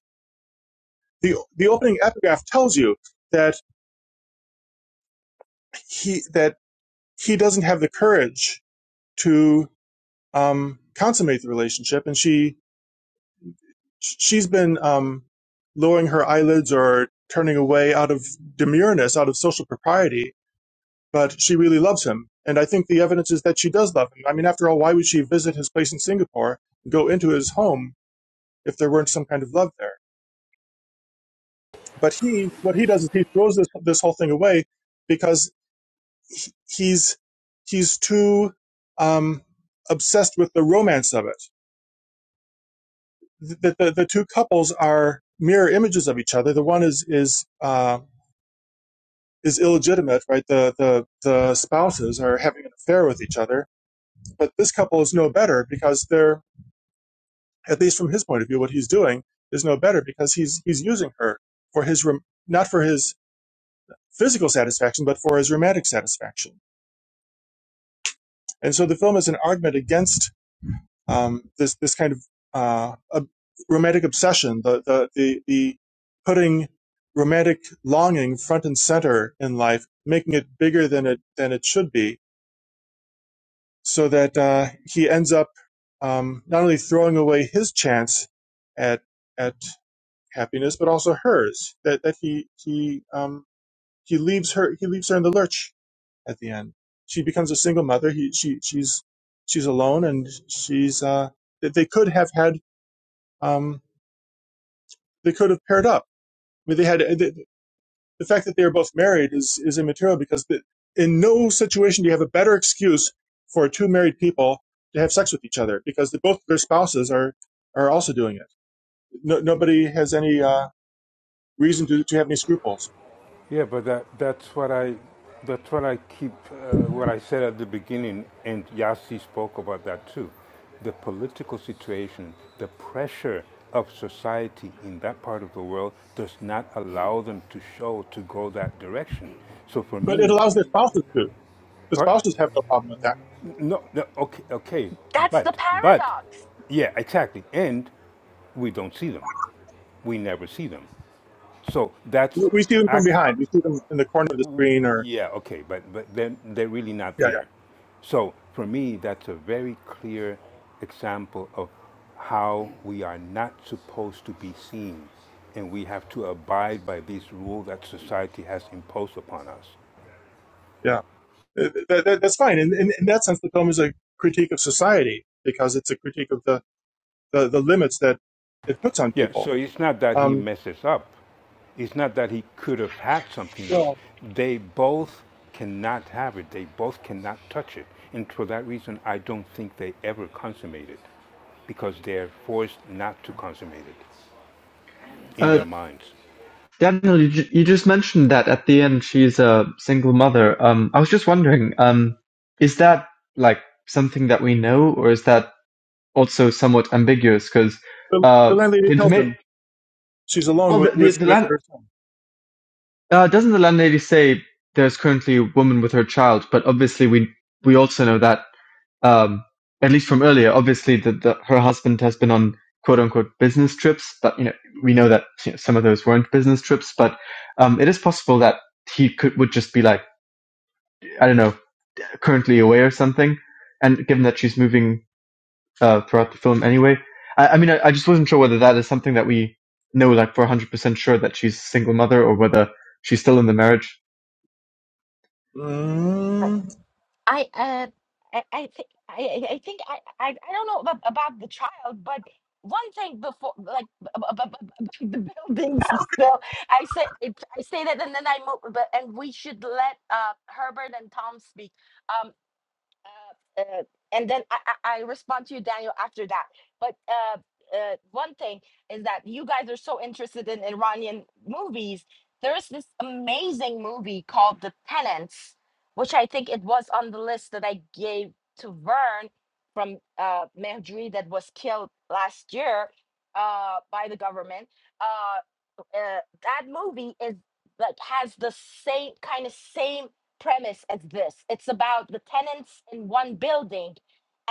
S2: the, the opening epigraph tells you that he, that he doesn't have the courage to um, consummate the relationship, and she she's been um, lowering her eyelids or turning away out of demureness, out of social propriety. But she really loves him, and I think the evidence is that she does love him. I mean, after all, why would she visit his place in Singapore, and go into his home if there weren't some kind of love there? But he, what he does is he throws this this whole thing away because he's he's too um, obsessed with the romance of it th- that the, the two couples are mirror images of each other. The one is is uh, is illegitimate, right? The the the spouses are having an affair with each other, but this couple is no better because they're at least from his point of view, what he's doing is no better because he's he's using her for his not for his physical satisfaction, but for his romantic satisfaction. And so the film is an argument against um, this this kind of uh, ob- romantic obsession, the the the, the putting romantic longing front and center in life, making it bigger than it than it should be, so that uh, he ends up um, not only throwing away his chance at at happiness, but also hers. That that he he um, he leaves her he leaves her in the lurch at the end. She becomes a single mother. He she she's she's alone, and she's uh, they could have had. Um, they could have paired up. I mean, they had the, the fact that they are both married is is immaterial because the, in no situation do you have a better excuse for two married people to have sex with each other because the, both their spouses are are also doing it. No, nobody has any uh, reason to, to have any scruples,
S6: Yeah, but that, that's what I that's what I keep uh, what I said at the beginning, and Yasi spoke about that too. The political situation, the pressure of society in that part of the world does not allow them to show to go that direction. So for
S2: but it
S6: me,
S2: allows their spouses to. The
S6: per,
S2: spouses have no problem with that.
S6: no, no, okay, okay,
S3: That's the
S6: but but
S3: paradox.
S6: yeah, exactly, and we don't see them. We never see them. So that's
S2: We see them from
S6: actually.
S2: behind. We see them in the corner of the screen, or
S6: Yeah, okay, but but then they're they're really not
S2: yeah,
S6: there. So for me, that's a very clear example of how we are not supposed to be seen, and we have to abide by these rules that society has imposed upon us.
S2: yeah, yeah. Uh, That, that, that's fine. In, in, in that sense, the film is a critique of society because it's a critique of the the, the limits that it puts on
S6: Yeah,
S2: people.
S6: so it's not that he
S2: Um,
S6: messes up. It's not that he could have had something else.
S2: well,
S6: They both cannot have it. They both cannot touch it. And for that reason, I don't think they ever consummated. because they're forced not to consummate it in
S1: Uh,
S6: their minds.
S1: Daniel, you, ju- you just mentioned that at the end she's a single mother. Um, I was just wondering, um, is that like something that we know, or is that also somewhat ambiguous? Because
S2: the,
S1: uh,
S2: the landlady
S1: the
S2: tells
S1: information,
S2: him she's alone
S1: well, the,
S2: with,
S1: the,
S2: with,
S1: the
S2: with
S1: land
S2: her son.
S1: uh, doesn't the landlady say there's currently a woman with her child, but obviously we we also know that um, at least from earlier. Obviously, the, the, her husband has been on quote unquote business trips, but you know we know that you know, some of those weren't business trips. But um, it is possible that he could would just be like I don't know, currently away or something. And given that she's moving uh, throughout the film anyway, I, I mean, I, I just wasn't sure whether that is something that we know like for 100% sure that she's a single mother or whether she's still in the marriage.
S2: Mm.
S3: I uh I, I think I I I think I, I I don't know about, about the child, but one thing before like b- b- b- b- b- b- the buildings. So I say it, I say that, and then I move. But and we should let uh Herbert and Tom speak. Um, uh, uh, and then I, I, I respond to you, Daniel, after that. But uh, uh, one thing is that you guys are so interested in Iranian movies. There is this amazing movie called The Penance, which I think it was on the list that I gave to Vern from uh, Mehdi that was killed last year uh, by the government. Uh, uh, that movie is like has the same kind of same premise as this. It's about the tenants in one building,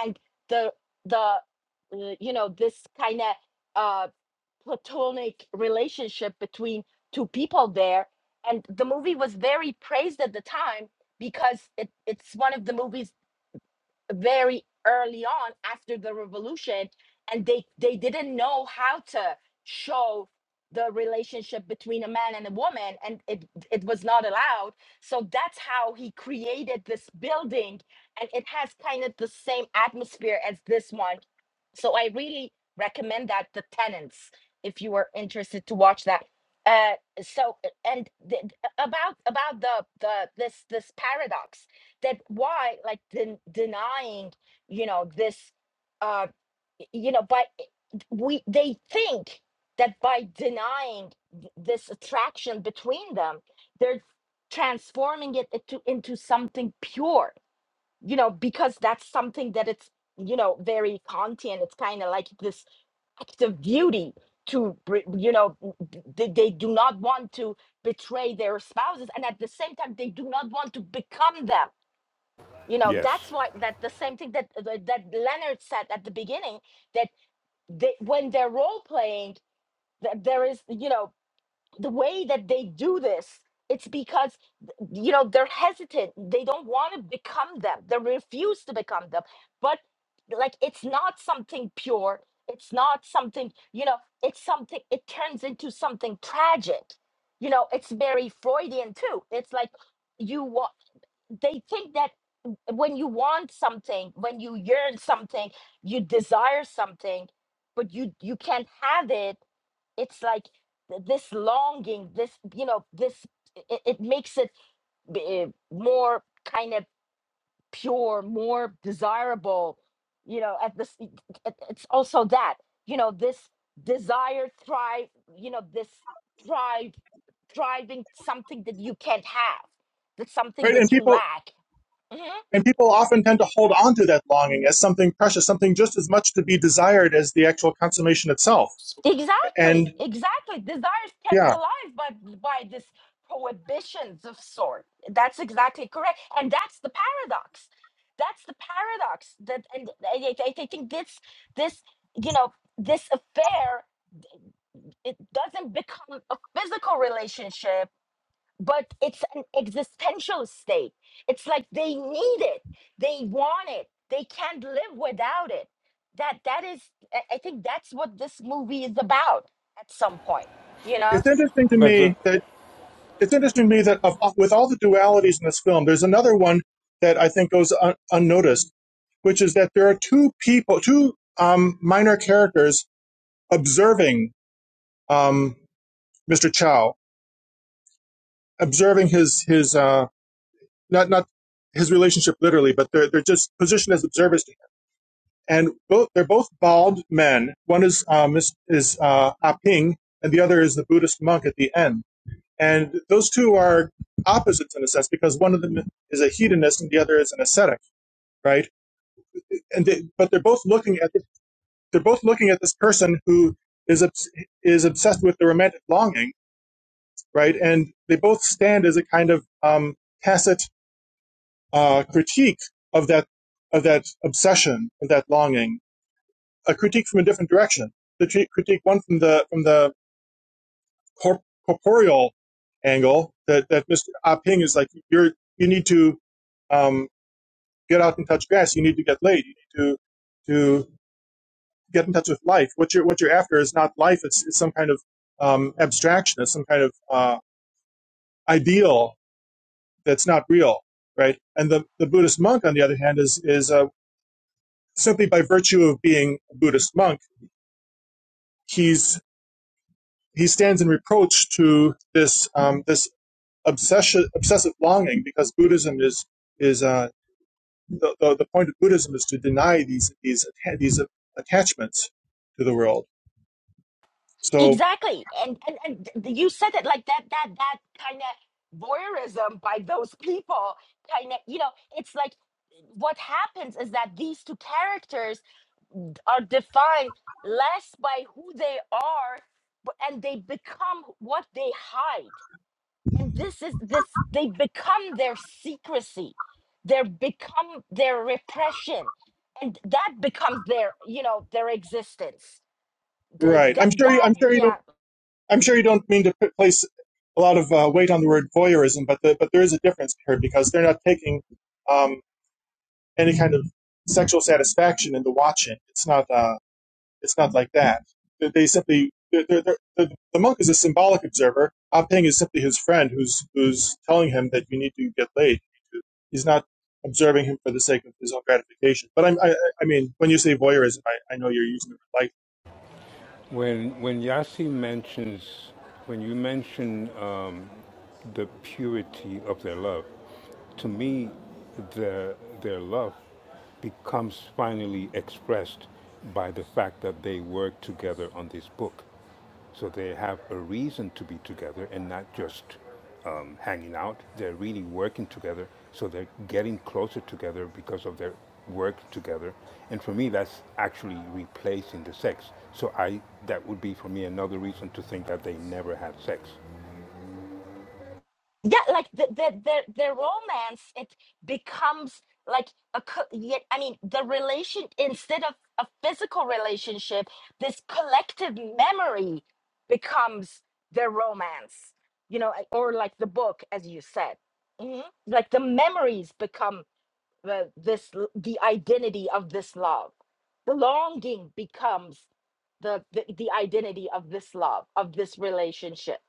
S3: and the the uh, you know this kind of uh, platonic relationship between two people there. And the movie was very praised at the time because it, it's one of the movies very early on after the revolution and they they didn't know how to show the relationship between a man and a woman and it it was not allowed so that's how he created this building and it has kind of the same atmosphere as this one so i really recommend that the tenants if you are interested to watch that uh so and th- about about the the this this paradox that why like den- denying you know this uh you know by eh, we they think that by denying th- this attraction between them they're transforming it into into something pure you know because that's something that it's you know very kantian it's kind of like this act of beauty to br- you know b- they, they do not want to betray their spouses and at the same time they do not want to become them you know that's
S6: Yes.
S3: why that the same thing that uh, that that leonard said at the beginning that they, when they're role playing that there is you know the way that they do this it's because you know they're hesitant they don't want to become them they refuse to become them but like it's not something pure it's not something you know it's something it turns into something tragic you know it's very freudian too it's like you wa- they think that when you want something when you yearn something you desire something but you you can't have it it's like th- this longing this you know this it, it makes it b- eh, more kind of pure more desirable you know at this it- it- it's also that you know this desire thrive you know this thrive thriving something that you can't have that's something
S2: Right, and
S3: that you
S2: people
S3: lack Mm-hmm.
S2: and people often tend to hold on to that longing as something precious, something just as much to be desired as the actual consummation itself.
S3: Exactly,
S2: And
S3: exactly. Desire is kept
S2: yeah,
S3: alive by by this prohibitions of sort. That's exactly correct, and that's the paradox. That's the paradox. That and I, I, I think this this you know this affair it doesn't become a physical relationship but it's an existential state. It's like they need it, they want it, they can't live without it. That that is, I I think that's what this movie is about. At some point, you know
S2: it's interesting to
S6: But the,
S2: me that it's interesting to me that of, with all the dualities in this film, there's another one that I think goes un- unnoticed, which is that there are two people, two um, minor characters observing um, Mr. Chow, observing his his uh, not not his relationship literally, but they're they're just positioned as observers, to him. and both they're both bald men. One is um, is, is uh, Ah Ping, and the other is the Buddhist monk at the end. And those two are opposites in a sense because one of them is a hedonist and the other is an ascetic, right? And they, but they're both looking at the, they're both looking at this person who is is obsessed with the romantic longing right? And they both stand as a kind of um, tacit uh, critique of that of that obsession, of that longing, a critique from a different direction. The critique one from the from the corp- corporeal angle that that Mr. Ah Ping is like you're you need to um, get out and touch grass. You need to get laid. You need to to get in touch with life. What you're what you're after is not life. It's, it's some kind of um, abstraction. It's some kind of uh, ideal that's not real, right? And the, the Buddhist monk, on the other hand, is is uh, simply by virtue of being a Buddhist monk, he's he stands in reproach to this um, this obsession obsessive longing because Buddhism is is uh, the, the the point of Buddhism is to deny these these these attachments to the world. So
S3: exactly. And and and th- th- you said it like that. That that kind of voyeurism by those people, kind of you know, it's like what happens is that these two characters are defined less by who they are but- and they become what they hide and this is this they become their secrecy they become their repression and that becomes their you know their existence the,
S2: right,
S3: that
S2: I'm sure you,
S3: that
S2: I'm sure you
S3: yeah
S2: don't I'm sure you don't mean to place a lot of uh, weight on the word voyeurism, but the, but there is a difference here because they're not taking um, any kind of sexual satisfaction in the watching. It's not uh, it's not like that. They, simply they're, they're, they're, the monk is a symbolic observer. Ah Ping is simply his friend who's who's telling him that you need to get laid. He's not observing him for the sake of his own gratification. But i I, I mean, when you say voyeurism, I, I know you're using it like.
S6: when, when Yasi mentions, when you mention um, the purity of their love. To me, their, their love becomes finally expressed by the fact that they work together on this book. So they have a reason to be together and not just um, hanging out. They're really working together. So they're getting closer together because of their work together. And for me, that's actually replacing the sex. So I that would be for me another reason to think that they never had sex.
S3: yeah like the the the, the romance it becomes like a co- yet i mean the relation instead of a physical relationship this collective memory becomes the romance you know like- or like the book as you said Mhm. like the memories become the this l- the identity of this love the longing becomes the, the the identity of this love of this relationship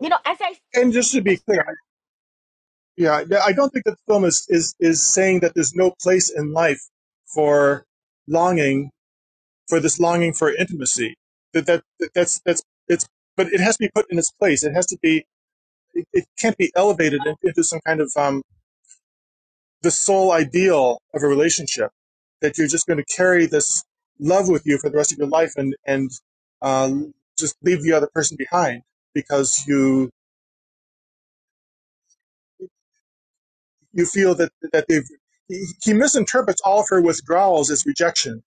S3: you know as i
S2: And just to
S3: oh,
S2: be clear, yeah, yeah, I don't think that the film is, is is saying that there's no place in life for longing for this longing for intimacy. That, that, that's that's it's but it has to be put in its place. It has to be it, it can't be elevated into some kind of um, the sole ideal of a relationship that you're just going to carry this love with you for the rest of your life and and um, just leave the other person behind because you you feel that that they've he, misinterprets all of her withdrawals as rejections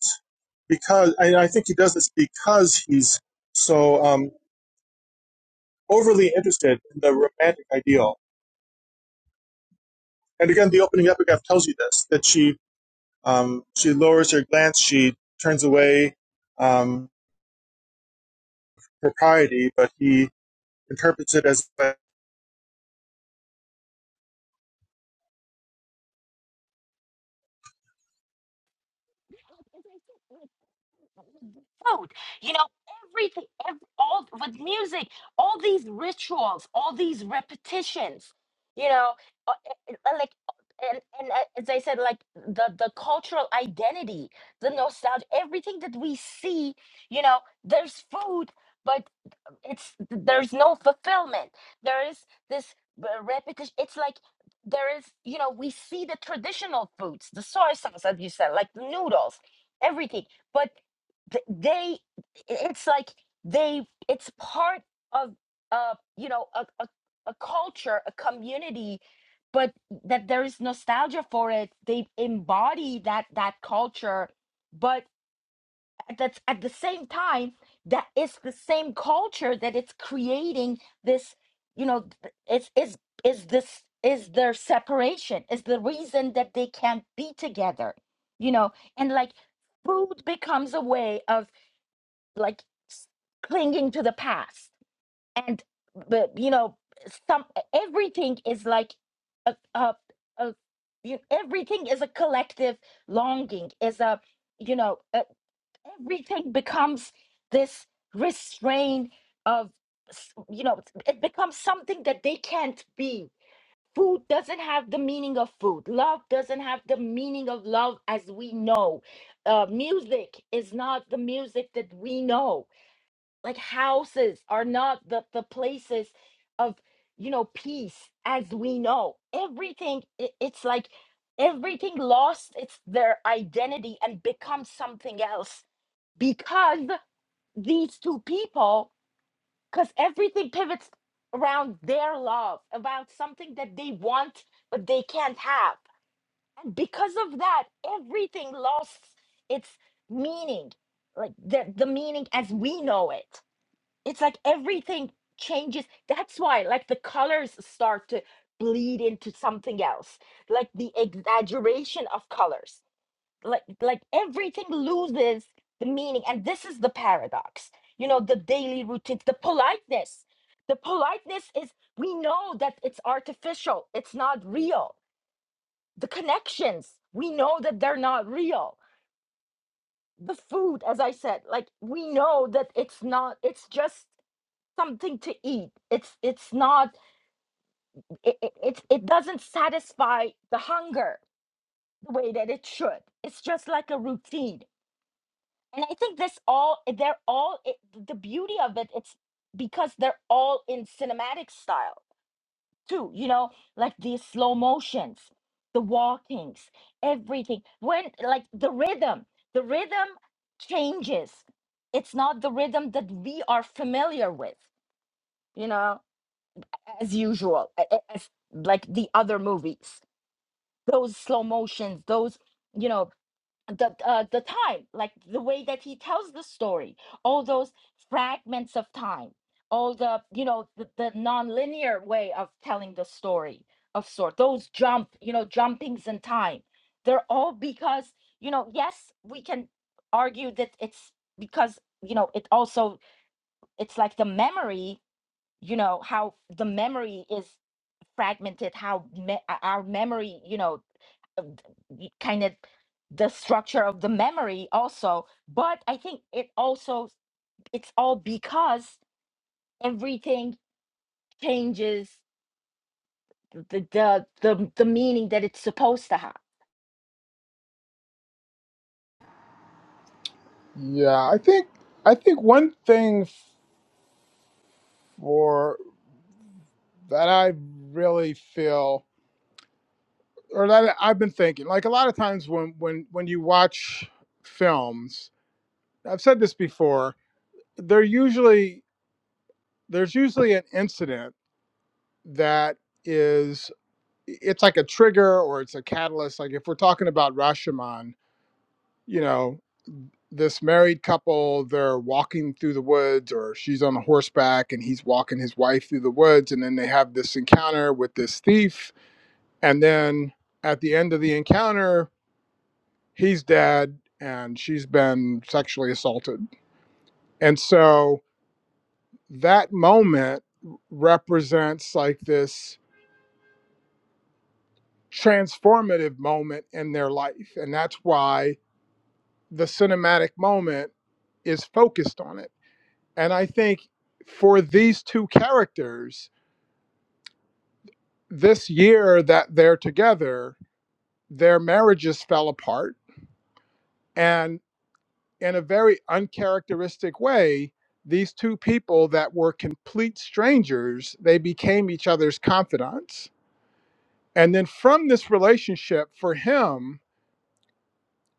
S2: because I think he does this because he's so um, overly interested in the romantic ideal. And again, the opening epigraph tells you this: that she um, she lowers her glance, she turns away um, propriety, but he interprets it as are
S3: Food, You know, everything, ev all with music, all these rituals, all these repetitions. You know, uh, uh, uh, like uh, and and uh, as I said, like the the cultural identity, the nostalgia, everything that we see. You know, there's food. But it's there's no fulfillment there is this uh, repetition it's like there is you know we see the traditional foods the soy sauce as you said like the noodles everything but th- they it's like they it's part of uh you know a, a, a culture a community but that there is nostalgia for it they embody that that culture but and that's at the same time that it's the same culture that it's creating this you know th- it's is is this is their separation is the reason that they can't be together you know and like food becomes a way of like s- clinging to the past and but you know some everything is like a, a, a you everything is a collective longing is a you know everything becomes this restraint of s- you know it becomes something that they can't be food doesn't have the meaning of food love doesn't have the meaning of love as we know uh, music is not the music that we know like houses are not the, the places of you know peace as we know everything i- it's like everything lost its their identity and becomes something else because these two people, because everything pivots around their love, about something that they want but they can't have. And because of that, everything lost its meaning, like the, the meaning as we know it. It's like everything changes. That's why, like, the colors start to bleed into something else, like the exaggeration of colors like like everything loses the meaning and this is the paradox you know the daily routines the politeness the politeness is we know that it's artificial it's not real the connections we know that they're not real the food as i said like we know that it's not it's just something to eat it's it's not it it, it it doesn't satisfy the hunger the way that it should it's just like a routine and i think this all eh, they're all it, the beauty of it it's because they're all in cinematic style too you know like the slow motions the walkings everything when like the rhythm the rhythm changes it's not the rhythm that we are familiar with you know as usual a- a- as like the other movies those slow motions those you know the uh, the time like the way that he tells the story all those fragments of time all the you know the, the non-linear way of telling the story of sort those jump you know jumpings in time they're all because you know yes we can argue that it's because you know it also it's like the memory you know how the memory is fragmented how me- our memory you know of the- kind of the structure of the memory also but i think it also it's all because everything changes the the the, the meaning that it's supposed to have
S5: Yeah, I think I think one thing for that I really feel. or that I've been thinking. Like a lot of times when when when you watch films, I've said this before. They're usually there's usually an incident that is it's like a trigger or it's a catalyst. Like if we're talking about Rashomon, you know, this married couple they're walking through the woods or she's on a horseback and he's walking his wife through the woods and then they have this encounter with this thief and then at the end of the encounter he's dead and she's been sexually assaulted. And so that moment represents like this transformative moment in their life. And that's why the cinematic moment is focused on it. And I think for these two characters, this year that they're together, their marriages fell apart. and. in a very uncharacteristic way, these two people that were complete strangers, they became each other's confidants. And then from this relationship, for him,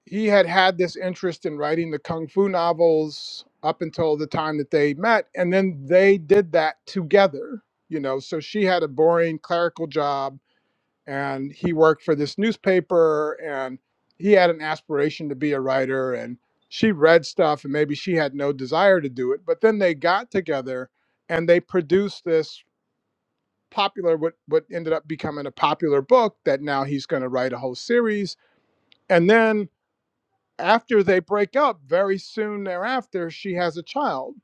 S5: he had had this interest in writing the kung fu novels up until the time that they met. And then they did that together, you know. So she had a boring clerical job and he worked for this newspaper and he had an aspiration to be a writer and she read stuff and maybe she had no desire to do it but then they got together and they produced this popular what what ended up becoming a popular book that now he's going to write a whole series and then after they break up very soon thereafter she has a child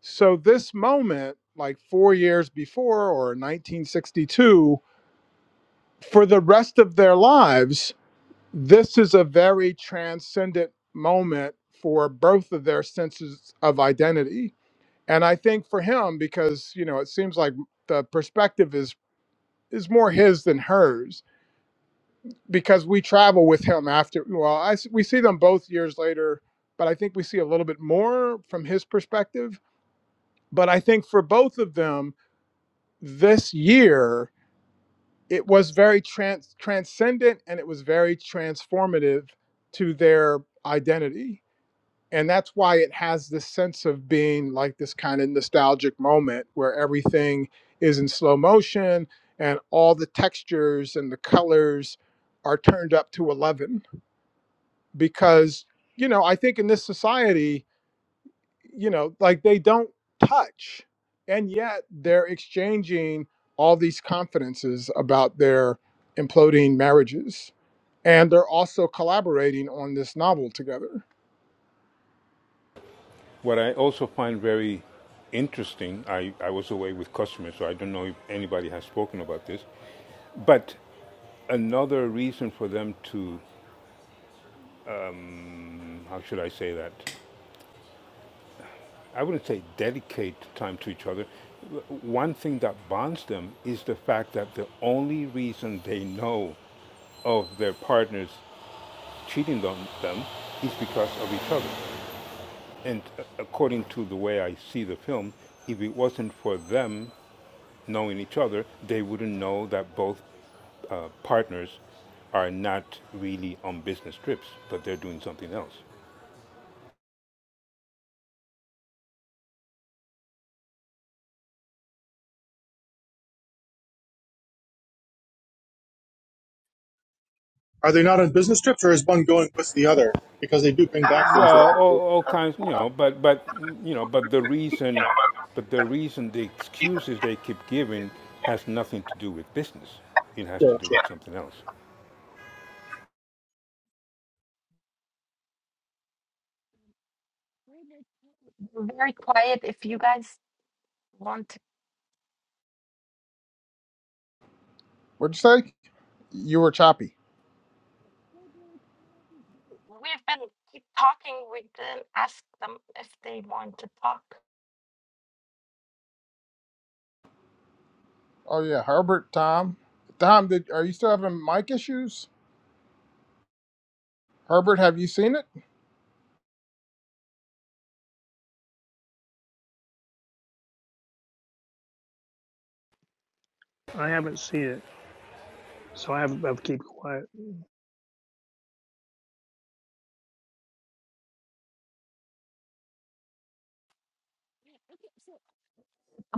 S5: so this moment like 4 years before or 1962 for the rest of their lives This is a very transcendent moment for both of their senses of identity. And I think for him, because, you know, it seems like the perspective is is more his than hers because we travel with him after well I, s- we see them both years later but i think we see a little bit more from his perspective but i think for both of them this year it was very trans- transcendent and it was very transformative to their identity and that's why it has this sense of being like this kind of nostalgic moment where everything is in slow motion and all the textures and the colors are turned up to 11 because you know i think in this society you know like they don't touch and yet they're exchanging all these confidences about their imploding marriages and they're also collaborating on this novel together.
S6: What I also find very interesting, I, I was away with customers, so I don't know if anybody has spoken about this, but another reason for them to, how should I say that? I wouldn't say dedicate time to each other. One thing that bonds them is the fact that the only reason they know of their partners cheating on them is because of each other. And according to the way I see the film, if it wasn't for them knowing each other, they wouldn't know that both uh, partners are not really on business trips, but they're doing something else.
S2: they not on business trips, or is one going with the other? Because they do bring back things that
S6: Well,
S2: are
S6: all, all kinds, you know, but but you know, but the reason, but the reason the excuses they keep giving has nothing to do with business. It has to
S2: sure,
S6: do
S2: sure.
S6: with something else.
S3: We're very quiet. If you guys want to,
S5: What'd you say? You were choppy.
S3: we've been keep talking with them. Ask them if they want to talk.
S5: Oh yeah, Herbert, Tom, Tom, did, are you still having mic issues? Herbert, have you seen it?
S7: I haven't seen it, so I have, I've keep quiet.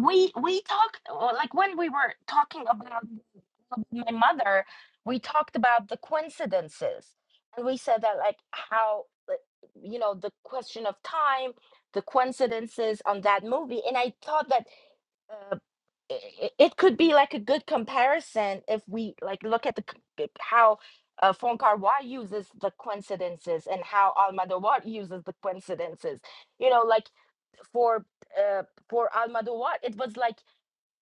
S3: we we talked well, like when we were talking about my mother we talked about the coincidences and we said that like how like, you know the question of time the coincidences on that movie and i thought that uh, it, it could be like a good comparison if we like look at the c- it- how uh, Fonkar Wai uses the coincidences and how Almodovar uses the coincidences. You know, like for uh, for Almodovar, it was like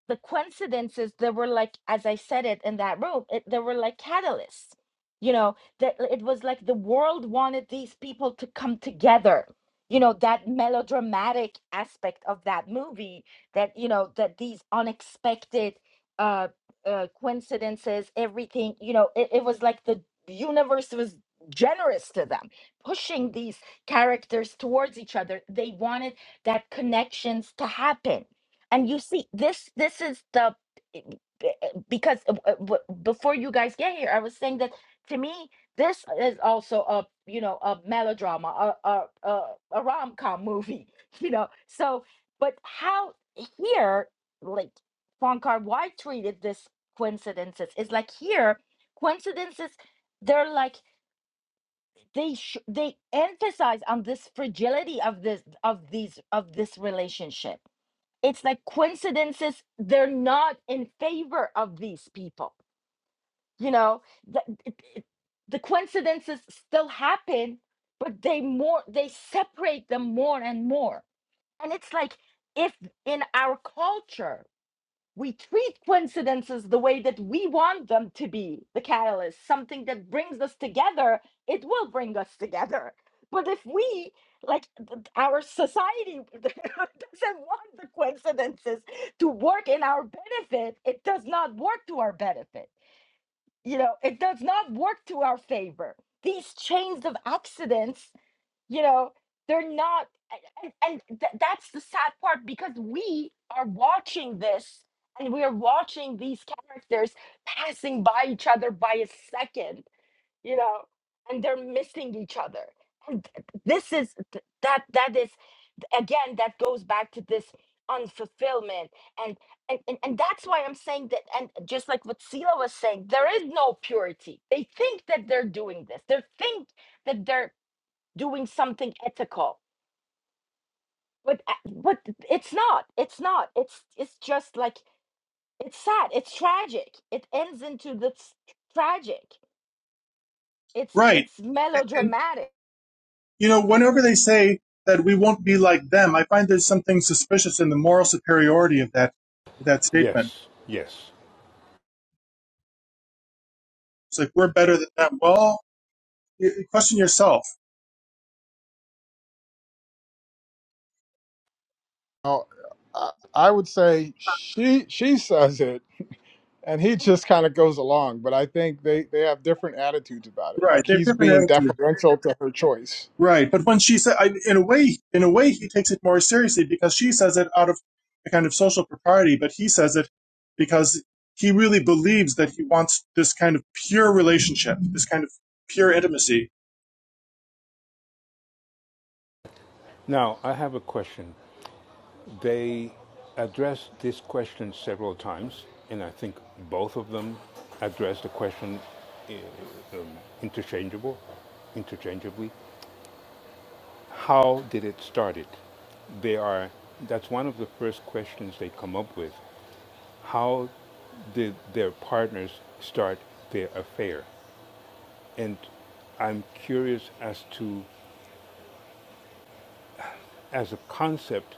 S3: the coincidences there were like as i said it in that room it, there were like catalysts you know that uh, it was like the world wanted these people to come together you know that melodramatic aspect of that movie that you know that these unexpected uh, uh coincidences everything you know it, it was like the universe was generous to them pushing these characters towards each other they wanted that connections to happen and you see this this is the eh, b- eh, because uh, uh, w- before you guys get here i was saying that to me this is also a you know a melodrama a a a, a rom-com movie you know so but how here like Fonkar why treated this coincidences It's like here coincidences they're like they sh- they emphasize on this fragility of this of these of this relationship it's like coincidences they're not in favor of these people you know the, it- it- the coincidences still happen but they more they separate them more and more and it's like if in our culture we treat coincidences the way that we want them to be the catalyst, something that brings us together, it will bring us together. But if we, like our society, doesn't want the coincidences to work in our benefit, it does not work to our benefit. You know, it does not work to our favor. These chains of accidents you know they're not and, and th- that's the sad part because we are watching this and we are watching these characters passing by each other by a second you know and they're missing each other and th- this is th- that that is again that goes back to this unfulfillment and and, and and that's why i'm saying that and just like what sila was saying there is no purity they think that they're doing this they think that they're doing something ethical but a- but it's not it's not it's it's just like it's sad it's tragic it ends into this tragic it's
S2: right.
S3: it's
S2: And
S3: melodramatic
S2: you know, whenever they say that we won't be like them, I find there's something suspicious in the moral superiority of that of that statement.
S6: Yes, yes.
S2: It's like we're better than them. Well, question yourself
S5: Oh, I, I would say she she says it. and he just kind of goes along but i think they they have different attitudes about it
S2: Right,
S5: like
S2: they have
S5: he's
S2: different
S5: being
S2: attitudes.
S5: deferential to her choice
S2: Right, but when she said, I, in a way, in a way, he takes it more seriously because she says it out of a kind of social propriety, but he says it because he really believes that he wants this kind of pure relationship, this kind of pure intimacy.
S6: Now I have a question. They addressed this question several times, and I think both of them addressed the question uh, um, interchangeable, interchangeably. How did it start? It. They are. That's one of the first questions they come up with. How did their partners start their affair? And I'm curious as to as a concept,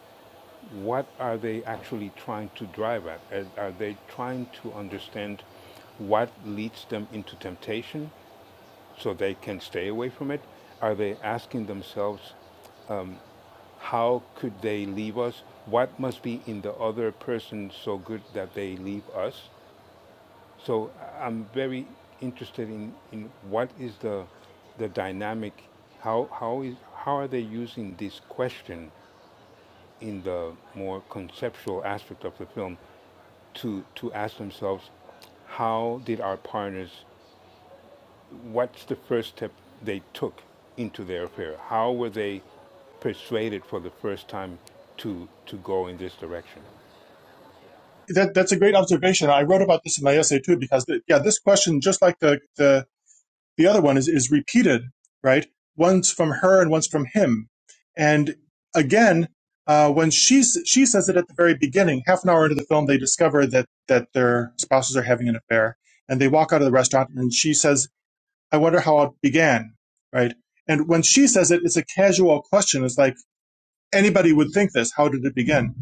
S6: what are they actually trying to drive at? Are- they trying to understand what leads them into temptation so they can stay away from it? Are they asking themselves, how could they leave us? What must be in the other person so good that they leave us? So I'm very interested in, in what is the, the dynamic, how, how, is, how are they using this question in the more conceptual aspect of the film to, to ask themselves how did our partners, what's the first step they took into their affair? How were they persuaded for the first time to, to go in this direction?
S2: That that's a great observation. I wrote about this in my essay too because the, yeah, this question, just like the the The other one is, is repeated, right? Once from her and once from him. And again, uh, when she's, she says it at the very beginning, half an hour into the film, they discover that, that their spouses are having an affair and they walk out of the restaurant and she says, I wonder how it began, right? And when she says it, it's a casual question. It's like anybody would think this. How did it begin?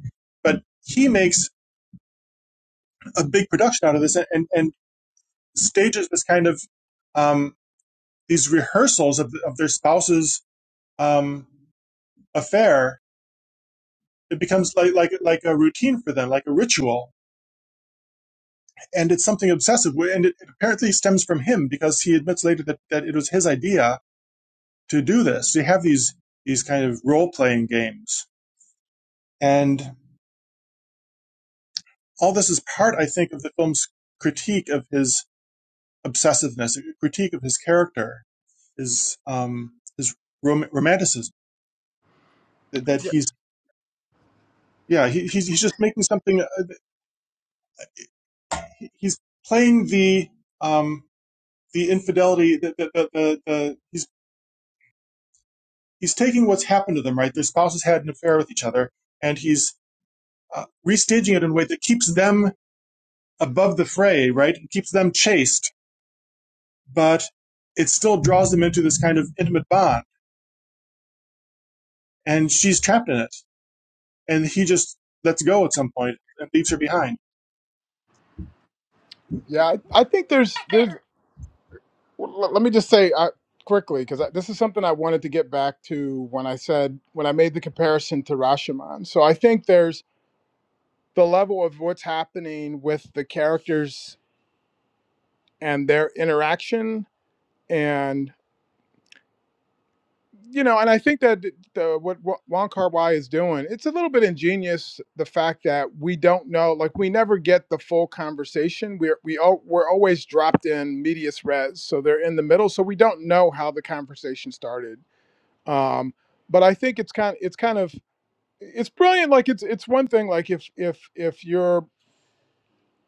S2: But he makes a big production out of this and, and, stages this kind of um, these rehearsals of, of their spouses um, affair, it becomes like like like a routine for them, like a ritual, and it's something obsessive. And it, apparently stems from him because he admits later that, that it was his idea to do this. So you have these these kind of role playing games, and all this is part, I think, of the film's critique of his obsessiveness, a critique of his character, his um his rom- romanticism. That, that
S5: yeah
S2: he's yeah he, he's he's just making something. uh, he- He's playing the um the infidelity the, the, the, the, the he's he's taking what's happened to them right their spouses had an affair with each other and he's uh, restaging it in a way that keeps them above the fray right it keeps them chaste but it still draws them into this kind of intimate bond and she's trapped in it and he just lets go at some point and leaves her behind
S5: yeah i, I think there's there's well, let me just say I, quickly because this is something i wanted to get back to when i said when i made the comparison to rashomon so i think there's the level of what's happening with the characters and their interaction and you know and i think that the what, what wong kar-wai is doing it's a little bit ingenious the fact that we don't know like we never get the full conversation we're we we're always dropped in medias res so they're in the middle so we don't know how the conversation started um but i think it's kind of, it's kind of it's brilliant like it's it's one thing like if if if you're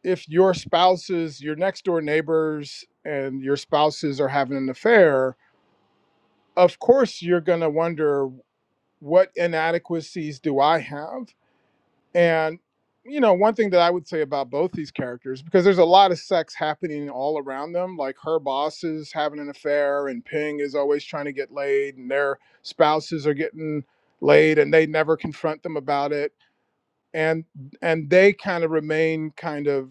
S5: if your spouses, your next door neighbors, and your spouses are having an affair, of course you're going to wonder what inadequacies do I have? And, you know, one thing that I would say about both these characters, because there's a lot of sex happening all around them, like her boss is having an affair, and Ping is always trying to get laid, and their spouses are getting laid and they never confront them about it and and they kind of remain kind of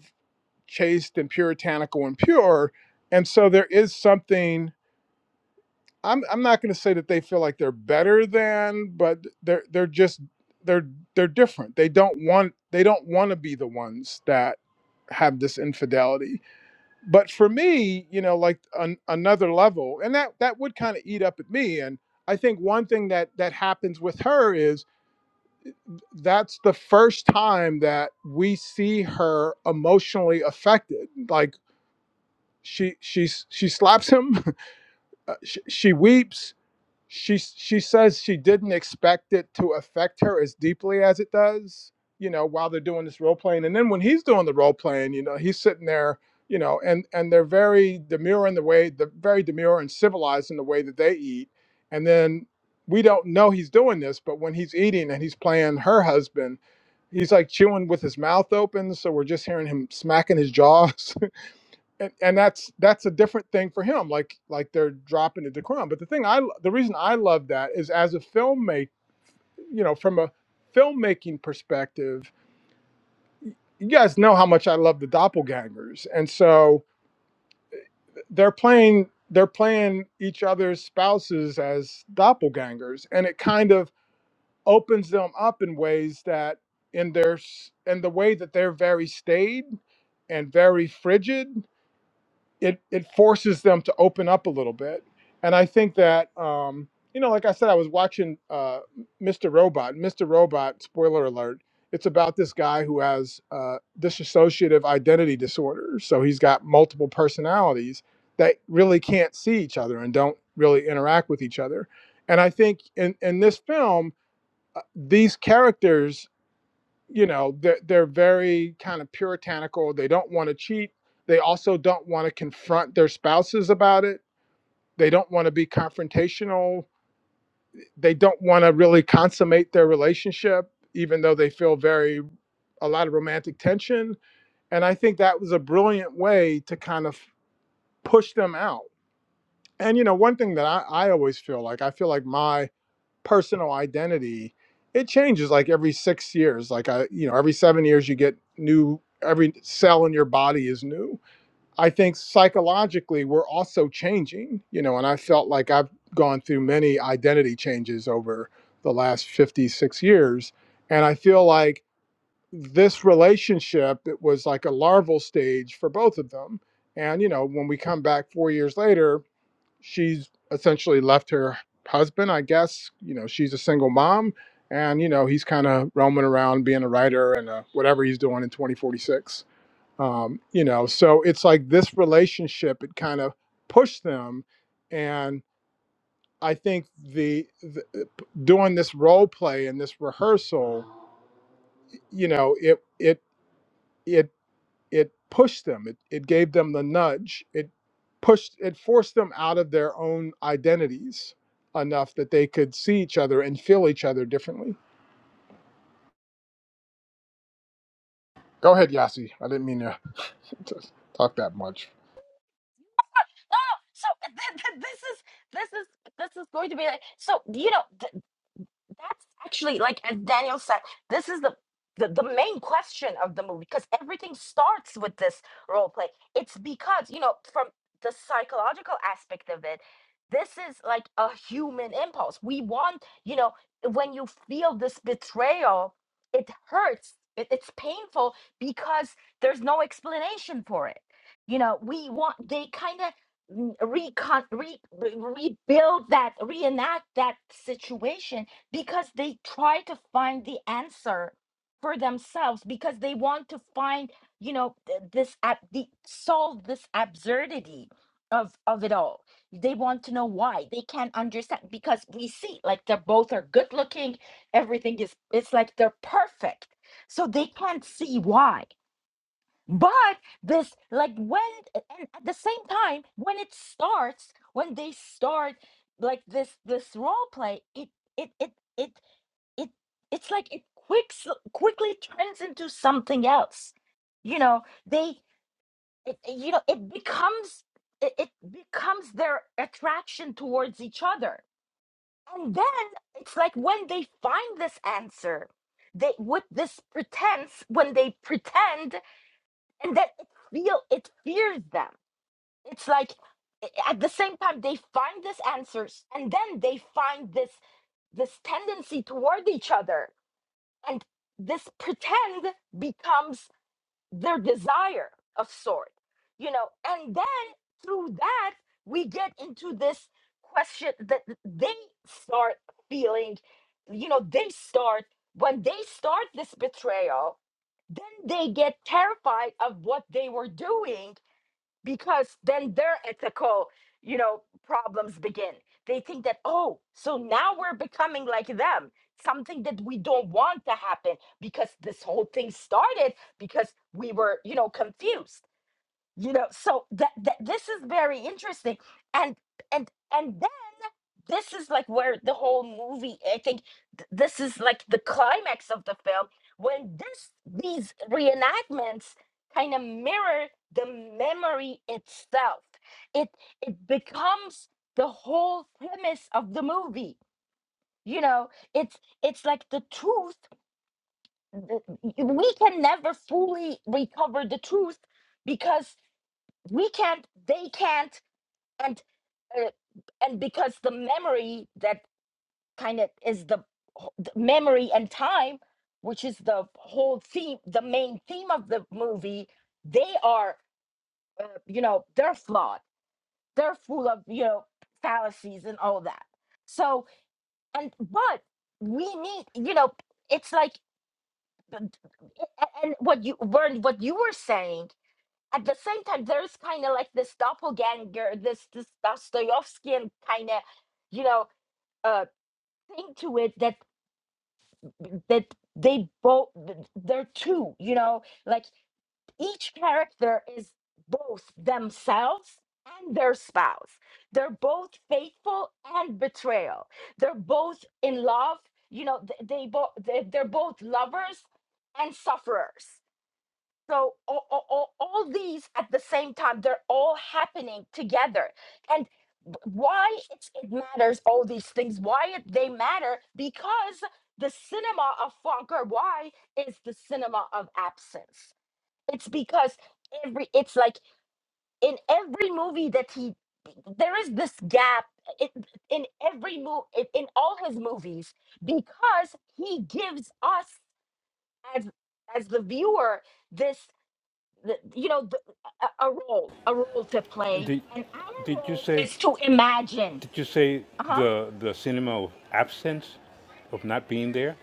S5: chaste and puritanical and pure. And so there is something I'm I'm not going to say that they feel like they're better than, but they're they're just they're they're different. They don't want they don't want to be the ones that have this infidelity. But for me, you know, like an, another level, and that that would kind of eat up at me. And I think one thing that that happens with her is that's the first time that we see her emotionally affected. Like she she she slaps him she, she weeps she she says she didn't expect it to affect her as deeply as it does you know while they're doing this role playing and then when he's doing the role playing you know he's sitting there you know and and they're very demure in the way the very demure and civilized in the way that they eat and then we don't know he's doing this but when he's eating and he's playing her husband he's like chewing with his mouth open so we're just hearing him smacking his jaws and, and that's that's a different thing for him like like they're dropping the crime. but the thing i the reason i love that is as a filmmaker you know from a filmmaking perspective you guys know how much i love the doppelgangers and so they're playing they're playing each other's spouses as doppelgangers and it kind of opens them up in ways that in their s- in the way that they're very staid and very frigid it it forces them to open up a little bit. And I think that um, you know, like I said, I was watching uh, Mr. Robot. Mr. Robot, spoiler alert, it's about this guy who has uh, dissociative identity disorder. So he's got multiple personalities that really can't see each other and don't really interact with each other. And I think in in this film, uh, these characters you know they're, they're very kind of puritanical they don't want to cheat they also don't want to confront their spouses about it they don't want to be confrontational they don't want to really consummate their relationship even though they feel very a lot of romantic tension and i think that was a brilliant way to kind of push them out and you know one thing that i, I always feel like i feel like my personal identity it changes like every six years like i you know every seven years you get new every cell in your body is new i think psychologically we're also changing you know and i felt like i've gone through many identity changes over the last 56 years and i feel like this relationship it was like a larval stage for both of them and you know when we come back four years later she's essentially left her husband, I guess. You know, she's a single mom, and you know he's kind of roaming around being a writer and uh, whatever he's doing in 2046. Um, you know, so it's like this relationship it kind of pushed them, and I think the, the doing this role play and this rehearsal, you know, it it it it pushed them it, it gave them the nudge it pushed it forced them out of their own identities enough that they could see each other and feel each other differently go ahead yasi i didn't mean to to talk that much
S3: so th- th- this is this is this is going to be like so you know th- that's actually like as Daniel said, this is the the, the main question of the movie because everything starts with this role play. It's because, you know, from the psychological aspect of it, this is like a human impulse. We want, you know, when you feel this betrayal, it hurts. It, it's painful because there's no explanation for it. You know, we want they kind of recon re, re- rebuild that reenact that situation because they try to find the answer for themselves because they want to find you know th- this ab- the solve this absurdity of of it all they want to know why they can't understand because we see like they're both are good looking everything is it's like they're perfect so they can't see why but this like when a- and at the same time when it starts when they start like this this role play it it it it it it's like it quicks quickly turns into something else you know they it, it- you know it becomes it, it becomes their attraction towards each other and then it's like when they find this answer they with this pretense when they pretend and then it feel it fears them it's like a- at the same time they find this answers and then they find this this tendency toward each other and this pretend becomes their desire of sort you know and then through that we get into this question that they start feeling you know they start when they start this betrayal then they get terrified of what they were doing because then their ethical you know problems begin they think that oh so now we're becoming like them something that we don't want to happen because this whole thing started because we were you know confused you know so that, that this is very interesting and and and this is like where the whole movie i think th- this is like the climax of the film when this these reenactments kind of mirror the memory itself it it becomes the whole premise of the movie you know it's it's like the truth th- we can never fully recover the truth because we can't they can't and uh, and because the memory that kind of is the, the memory and time, which is the whole theme, the main theme of the movie. They are, uh, you know, they're flawed. They're full of, you know, fallacies and all that. So, and but we need, you know, it's like, the- and what you were, what you were saying. At the same time, there's kind of like this doppelganger, this this Dostoevskian kind of, you know, uh, thing to it that that they both they're two you know like each character is both themselves and their spouse they're both faithful and betrayal they're both in love you know th- they both they're both lovers and sufferers so all, all, all, all these at the same time they're all happening together and b- why it's, it matters all these things why it, they matter because the cinema of Foucault, why is the cinema of absence it's because every it's like in every movie that he there is this gap in, in every movie in, in all his movies because he gives us as as the viewer this the- you know the, a a role a role to play
S6: Did,
S3: and our
S6: did you
S3: role
S6: say,
S3: is to imagine
S6: did you say
S3: uh-huh,
S6: the, the cinema of absence, of not being there?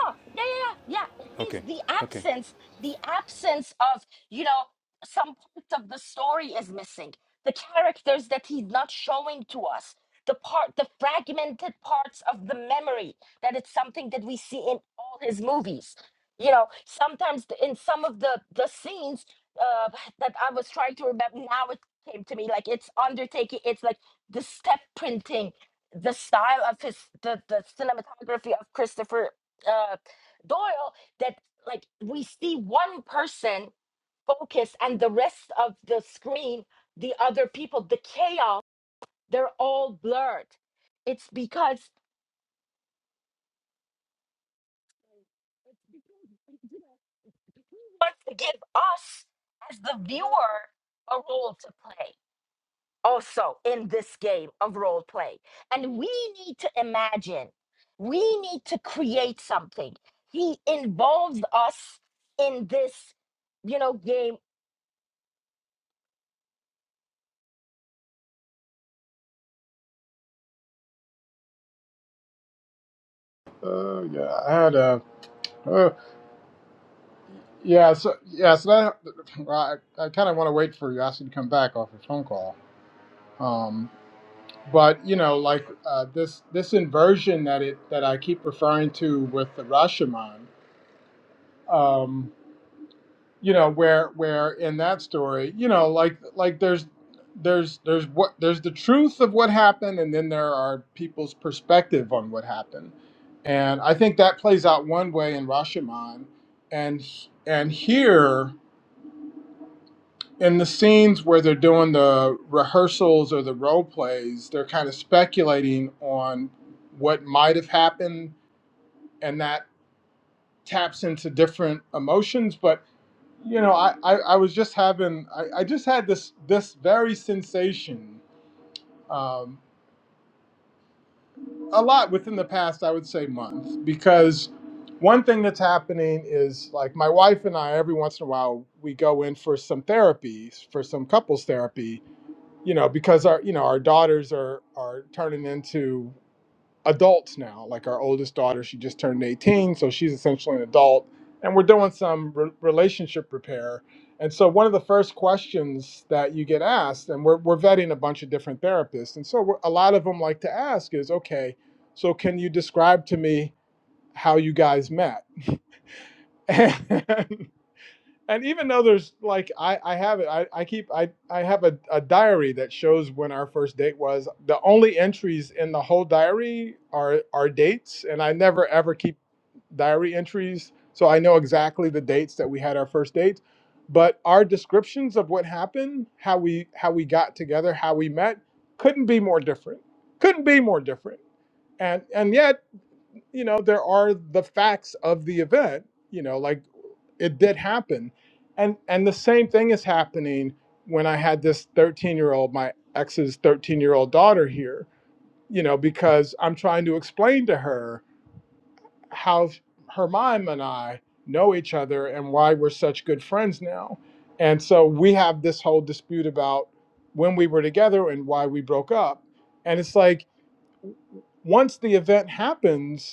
S3: Oh, yeah, yeah, yeah. yeah. It means
S6: Okay,
S3: the
S6: okay.
S3: absence, the absence of, you know, some part of the story is missing. The characters that he's not showing to us, the part, the fragmented parts of the memory, that it's something that we see in all his movies. You know, sometimes the- in some of the the scenes uh, that I was trying to remember, now it came to me like it's undertaking. It's like the step printing, the style of his, the the cinematography of Christopher uh, Doyle that like we see one person focus and the rest of the screen, the other people, the chaos, they're all blurred. It's because he wants to give us as the viewer a role to play. also in this game of role play. And we need to imagine, we need to create something. He involves us in this, you know, game
S5: uh yeah i had a uh, yeah so yeah so that, well, i, I kind of want to wait for yasi to come back off his phone call um but you know like uh, this this inversion that it that i keep referring to with the rashomon um. you know where where in that story you know like like there's there's there's what there's the truth of what happened and then there are people's perspective on what happened and i think that plays out one way in rashomon and and here in the scenes where they're doing the rehearsals or the role plays they're kind of speculating on what might have happened and that taps into different emotions but You know, I, I, I was just having I, I just had this this very sensation um, a lot within the past I would say month because one thing that's happening is like my wife and I every once in a while we go in for some therapies for some couples therapy you know because our you know our daughters are are turning into adults now. Like our oldest daughter, she just turned 18, so she's essentially an adult. And we're doing some re- relationship repair. And so, one of the first questions that you get asked, and we're, we're vetting a bunch of different therapists. And so, we're, a lot of them like to ask is, okay, so can you describe to me how you guys met? and even though there's like I, I have it I, I keep I, I have a, a diary that shows when our first date was the only entries in the whole diary are are dates and I never ever keep diary entries so I know exactly the dates that we had our first date but our descriptions of what happened how we how we got together how we met couldn't be more different couldn't be more different and and yet you know there are the facts of the event you know like it did happen and and the same thing is happening when i had this 13 year old my ex's 13 year old daughter here you know because i'm trying to explain to her how her mom and i know each other and why we're such good friends now and so we have this whole dispute about when we were together and why we broke up and it's like once the event happens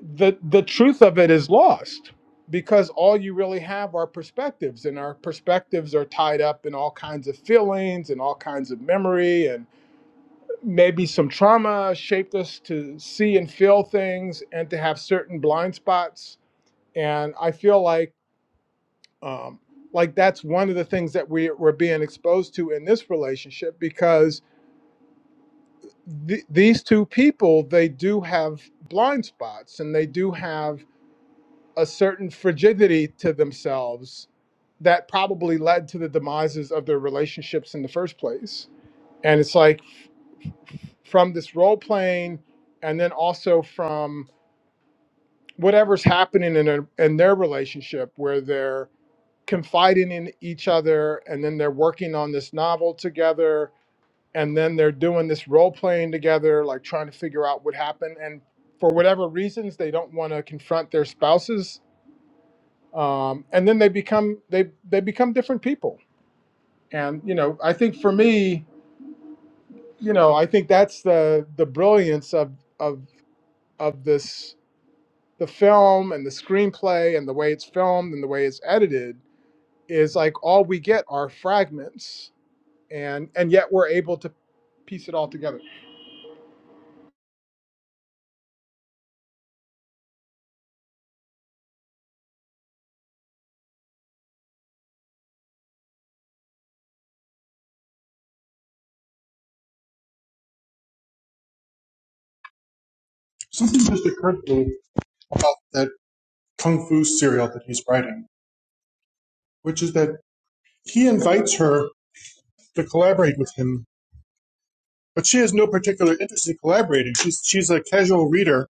S5: the the truth of it is lost because all you really have are perspectives and our perspectives are tied up in all kinds of feelings and all kinds of memory and maybe some trauma shaped us to see and feel things and to have certain blind spots and i feel like um like that's one of the things that we we're being exposed to in this relationship because th- these two people they do have blind spots and they do have a certain frigidity to themselves that probably led to the demises of their relationships in the first place. And it's like from this role playing and then also from whatever's happening in, a, in their relationship where they're confiding in each other and then they're working on this novel together and then they're doing this role playing together, like trying to figure out what happened. And for whatever reasons, they don't want to confront their spouses um, and then they become they they become different people and you know i think for me you know i think that's the the brilliance of of of this the film and the screenplay and the way it's filmed and the way it's edited is like all we get are fragments and and yet we're able to piece it all together
S2: something just occurred to me about that kung fu serial that he's writing which is that he invites her to collaborate with him But she has no particular interest in collaborating. She's she's a casual reader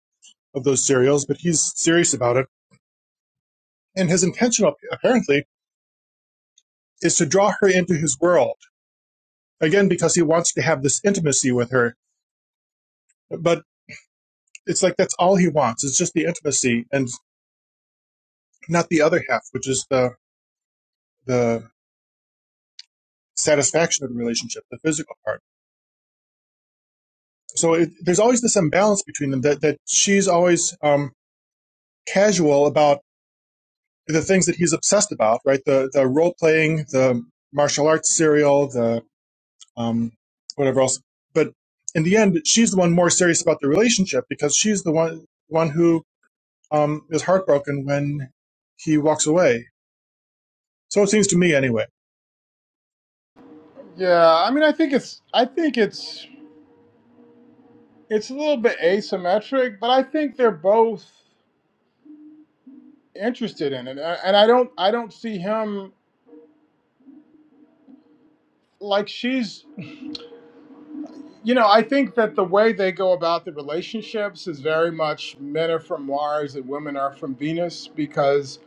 S2: of those serials, but he's serious about it. And his intention apparently is to draw her into his world again because he wants to have this intimacy with her. But it's like that's all he wants. It's just the intimacy and not the other half, which is the the satisfaction of the relationship, the physical part. So it, there's always this imbalance between them that that she's always um, casual about the things that he's obsessed about, right? The the role playing, the martial arts serial, the um, whatever else. But in the end, she's the one more serious about the relationship because she's the one one who um, is heartbroken when he walks away. So it seems to me, anyway.
S5: yeah i mean i think it's i think it's it's a little bit asymmetric but i think they're both interested in it and i don't i don't see him like she's you know, I think that the way they go about the relationships is very much men are from Mars and women are from Venus because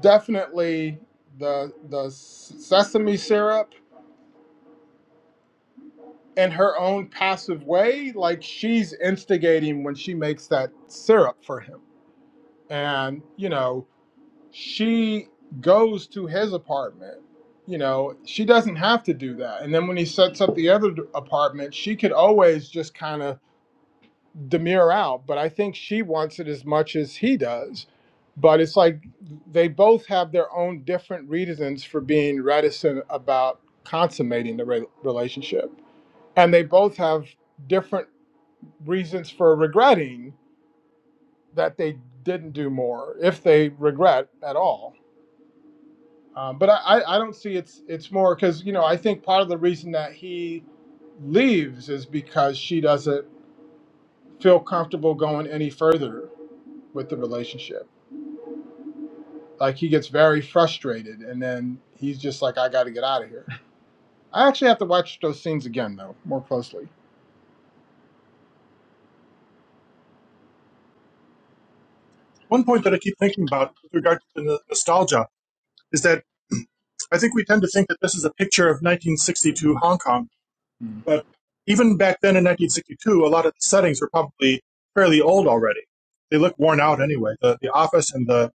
S5: definitely the the sesame syrup in her own passive way, like she's instigating when she makes that syrup for him. And, you know, she goes to his apartment. You know, she doesn't have to do that. And then when he sets up the other apartment, she could always just kind of Demure out, but I think she wants it as much as he does. But it's like they both have their own different reasons for being reticent about consummating the re- relationship. And they both have different reasons for regretting that they didn't do more, if they regret at all. Um, but I, I I don't see it's it's more because you know I think part of the reason that he leaves is because she doesn't feel comfortable going any further with the relationship Like he gets very frustrated, and then he's just like, "I got to get out of here." I actually have to watch those scenes again though, more closely.
S2: One point that I keep thinking about with regard to the nostalgia is that I think we tend to think that this is a picture of 1962 Hong Kong
S5: Mm.
S2: But even back then in 1962, a lot of the settings were probably fairly old already. They look worn out anyway, the, the office and the,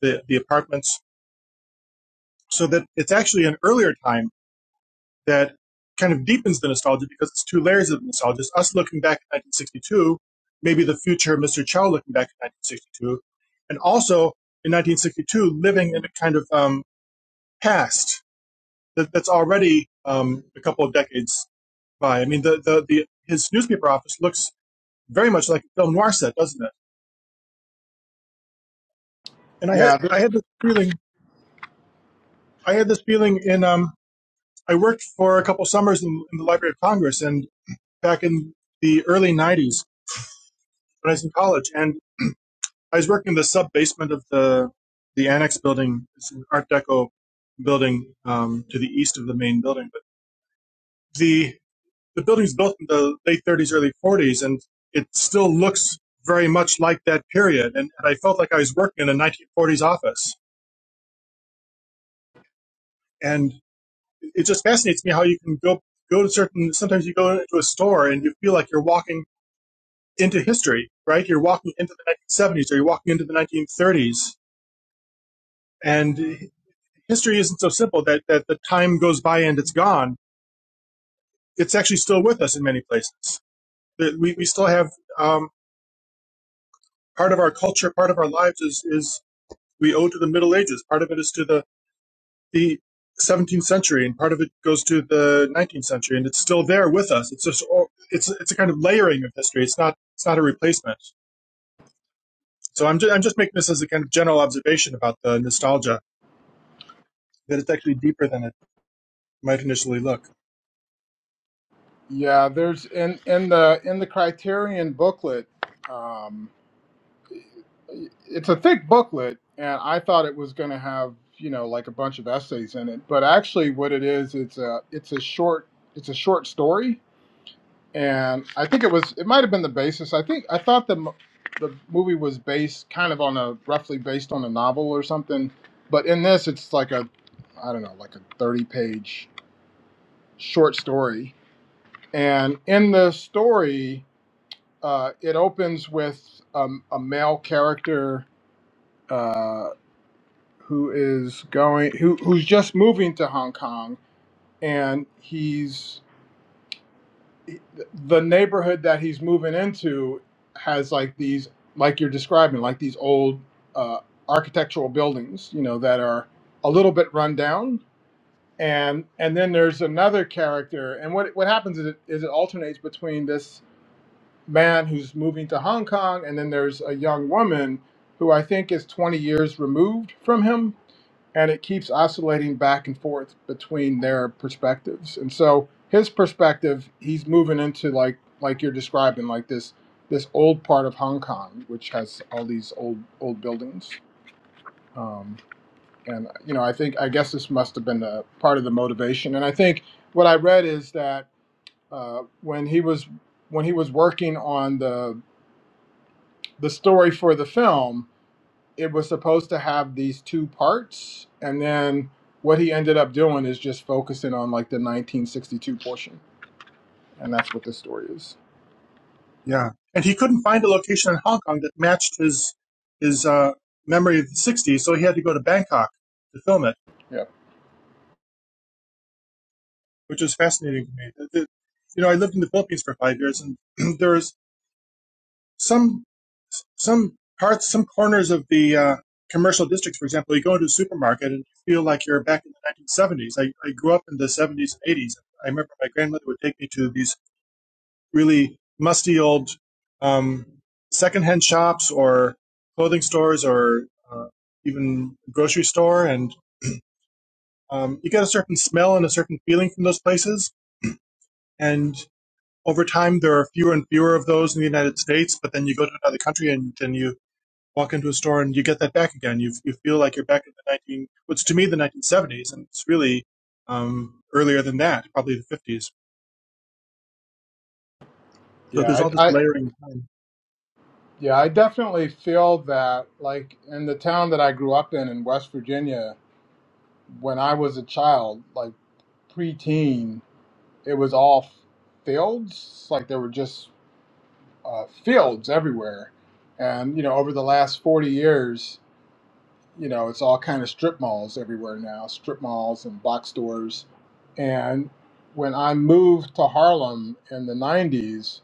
S2: the, the apartments. So that it's actually an earlier time that kind of deepens the nostalgia because it's two layers of nostalgia. It's us looking back at 1962, maybe the future Mr. Chow looking back at 1962, and also in 1962 living in a kind of um, past that, that's already um, a couple of decades by. I mean, the, the, the his newspaper office looks very much like a film noir set, doesn't it? And I had
S5: Yeah, th-
S2: I had this feeling I had this feeling in um I worked for a couple summers in, in the Library of Congress and back in the early '90s when I was in college, and I was working in the sub basement of the the annex building, it's an Art Deco building um, to the east of the main building. But the the building's built in the late 30s, early 40s, and it still looks very much like that period. And, and I felt like I was working in a 1940s office. and it just fascinates me how you can go go to certain sometimes you go into a store and you feel like you're walking into history right you're walking into the 1970s or you're walking into the 1930s and history isn't so simple that, that the time goes by and it's gone it's actually still with us in many places we, we still have um, part of our culture part of our lives is, is we owe to the middle ages part of it is to the the 17th century, and part of it goes to the 19th century, and it's still there with us. It's just it's it's a kind of layering of history. It's not it's not a replacement. So I'm just, I'm just making this as a kind of general observation about the nostalgia that it's actually deeper than it might initially look.
S5: yeah. There's in in the in the Criterion booklet. Um, it's a thick booklet, and I thought it was going to have you know like a bunch of essays in it, but actually, what it is, it's a it's a short it's a short story and I think it was it might have been the basis. I think I thought the mo- the movie was based kind of on a roughly based on a novel or something, but in this it's like a I don't know like a thirty page short story, and in the story uh, it opens with um, a male character uh, who is going who who's just moving to Hong Kong and he's the neighborhood that he's moving into has like these like you're describing like these old uh, architectural buildings you know that are a little bit run down and and then there's another character and what what happens is it, is it alternates between this man who's moving to Hong Kong and then there's a young woman who I think is 20 years removed from him and it keeps oscillating back and forth between their perspectives. And so his perspective, he's moving into like like you're describing, like this this old part of Hong Kong, which has all these old old buildings. Um, and you know, I think I guess this must have been the part of the motivation. And I think what I read is that uh, when he was when he was working on the the story for the film, it was supposed to have these two parts and then what he ended up doing is just focusing on like the 1962 portion and that's what the story is
S2: Yeah, and he couldn't find a location in Hong Kong that matched his his uh, memory of the 60s, so he had to go to Bangkok to film it,
S5: Yeah,
S2: which was fascinating to me. The- the- you know, I lived in the Philippines for five years, and there was some some parts, some corners of the uh, commercial districts, for example, you go into a supermarket and you feel like you're back in the 1970s. I, I grew up in the 70s and 80s. I remember my grandmother would take me to these really musty old um, secondhand shops or clothing stores or uh, even a grocery store, and um, you get a certain smell and a certain feeling from those places. And over time, there are fewer and fewer of those in the United States. But then you go to another country and, then you walk into a store and you get that back again. You you feel like you're back in the nineteen, which to me the nineteen seventies, and it's really um, earlier than that, probably the fifties. So there's
S5: yeah
S2: all this
S5: i, I
S2: layering time,
S5: yeah i definitely feel that like in the town that i grew up in in west virginia when i was a child like preteen it was all fields like there were just uh, fields everywhere and you know over the last 40 years you know, it's all kind of strip malls everywhere now, strip malls and box stores. And when I moved to Harlem in the 90s,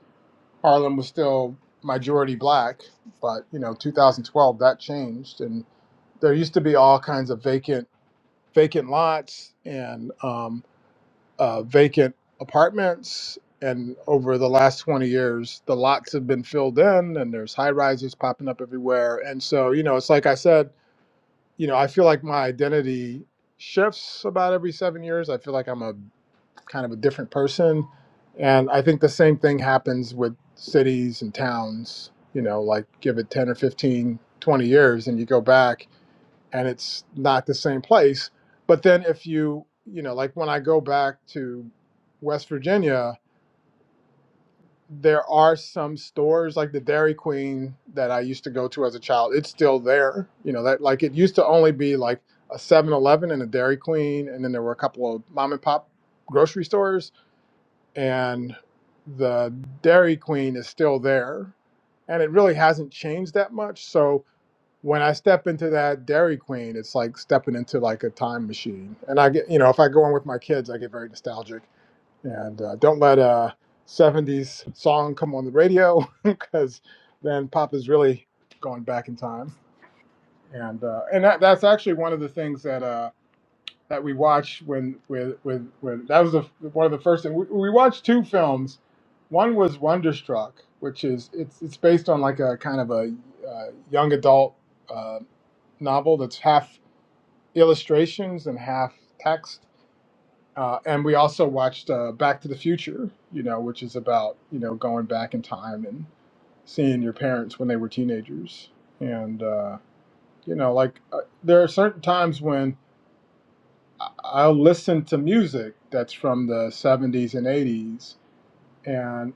S5: Harlem was still majority black, but you know, 2012 that changed and there used to be all kinds of vacant vacant lots and um, uh, vacant apartments and over the last 20 years the lots have been filled in and there's high rises popping up everywhere and so you know it's like i said you know, I feel like my identity shifts about every seven years. I feel like I'm a kind of a different person. And I think the same thing happens with cities and towns, you know, like give it 10 or 15, 20 years and you go back and it's not the same place. But then if you, you know, like when I go back to West Virginia, there are some stores like the Dairy Queen that I used to go to as a child. It's still there. You know, that like it used to only be like a 7-Eleven and a Dairy Queen and then there were a couple of mom and pop grocery stores and the Dairy Queen is still there and it really hasn't changed that much. So when I step into that Dairy Queen, it's like stepping into like a time machine. And I get, you know, if I go in with my kids, I get very nostalgic and uh, don't let a 70s song come on the radio because then pop is really going back in time and uh, and that, that's actually one of the things that uh, that we watch when with with when that was the, one of the first things we, we watched two films one was wonderstruck which is it's it's based on like a kind of a uh, young adult uh, novel that's half illustrations and half text uh, and we also watched uh, Back to the Future, you know, which is about you know going back in time and seeing your parents when they were teenagers. And uh, you know, like uh, there are certain times when I- I'll listen to music that's from the '70s and '80s, and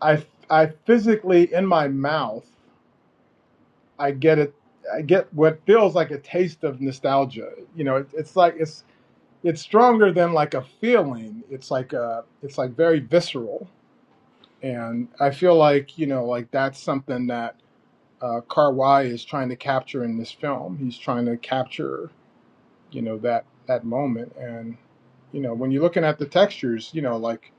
S5: I I physically in my mouth I get it. I get what feels like a taste of nostalgia. You know, it, it's like it's it's stronger than like a feeling. It's like a it's like very visceral And I feel like, you know, like that's something that uh, Karwai is trying to capture in this film. He's trying to capture, you know, that that moment. And, you know, when you're looking at the textures, you know, like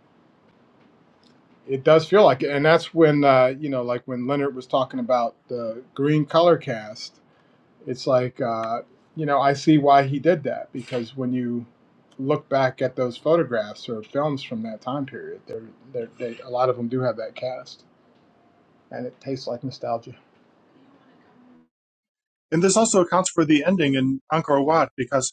S5: it does feel like it. And that's when, uh, you know, like when Leonard was talking about the green color cast, it's like, uh, you know, I see why he did that because when you look back at those photographs or films from that time period, they're, they're, they, a lot of them do have that cast and it tastes like nostalgia.
S2: and this also accounts for the ending in Angkor Wat because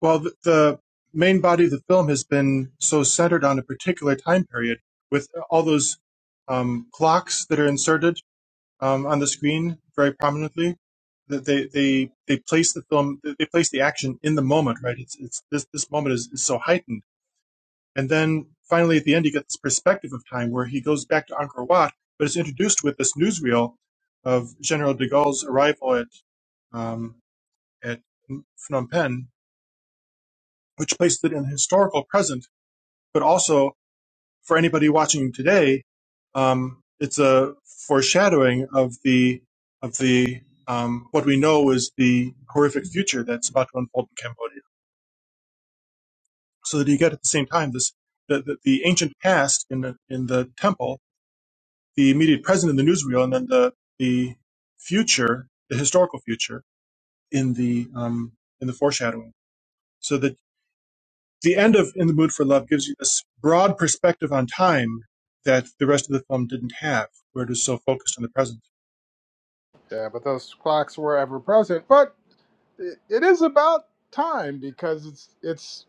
S2: while the, the main body of the film has been so centered on a particular time period with all those um, clocks that are inserted um, on the screen very prominently. That they, they they place the film they place the action in the moment, right? It's it's this this moment is, is so heightened And then finally, at the end, you get this perspective of time where he goes back to Angkor Wat, but is introduced with this newsreel of General de Gaulle's arrival at um, at Phnom Penh, which placed it in historical present, but also for anybody watching today, um, it's a foreshadowing of the of the um, what we know is the horrific future that's about to unfold in Cambodia. So that you get at the same time this the, the, the ancient past in the in the temple the immediate present in the newsreel, and then the the future, the historical future, in the um, in the foreshadowing. So that the end of In the Mood for Love gives you this broad perspective on time that the rest of the film didn't have, where it was so focused on the present.
S5: Yeah, but those clocks were ever present. But it, it is about time because it's it's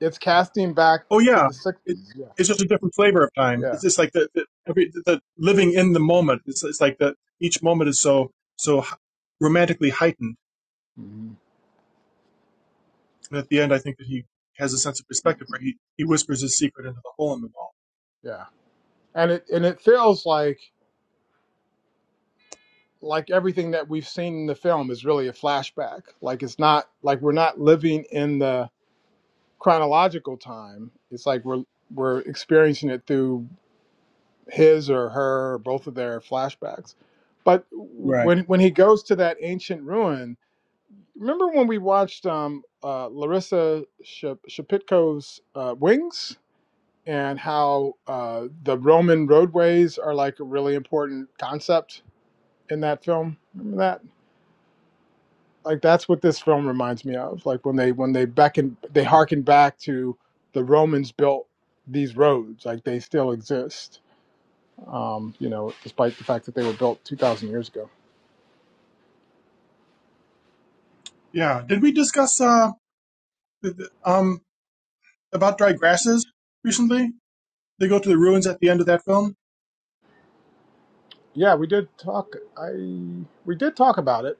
S5: it's casting back
S2: Oh
S5: to
S2: yeah,
S5: the
S2: it,
S5: '60s. Yeah,
S2: it's just a different flavor of time.
S5: yeah,
S2: It's just like the the, every, the living in the moment. It's it's like that each moment is so so romantically heightened.
S5: hmm
S2: And at the end, I think that he has a sense of perspective where he, he whispers his secret into the hole in the wall.
S5: yeah. And it and it feels like like everything that we've seen in the film is really a flashback. Like it's not like we're not living in the chronological time. It's like we're we're experiencing it through his or her or both of their flashbacks. But
S2: Right.
S5: when when he goes to that ancient ruin Remember when we watched um, uh, Larissa Shep- Shepitko's uh, Wings and how uh, the Roman roadways are like a really important concept in that film? Remember that? Like that's what this film reminds me of. Like when they when they beckon they harken back to the Romans built these roads. Like they still exist. Um, you know, despite the fact that they were built two thousand years ago.
S2: Yeah. Did we discuss uh um about dry grasses recently? They go to the ruins at the end of that film.
S5: Yeah, we did talk. I we did talk about it.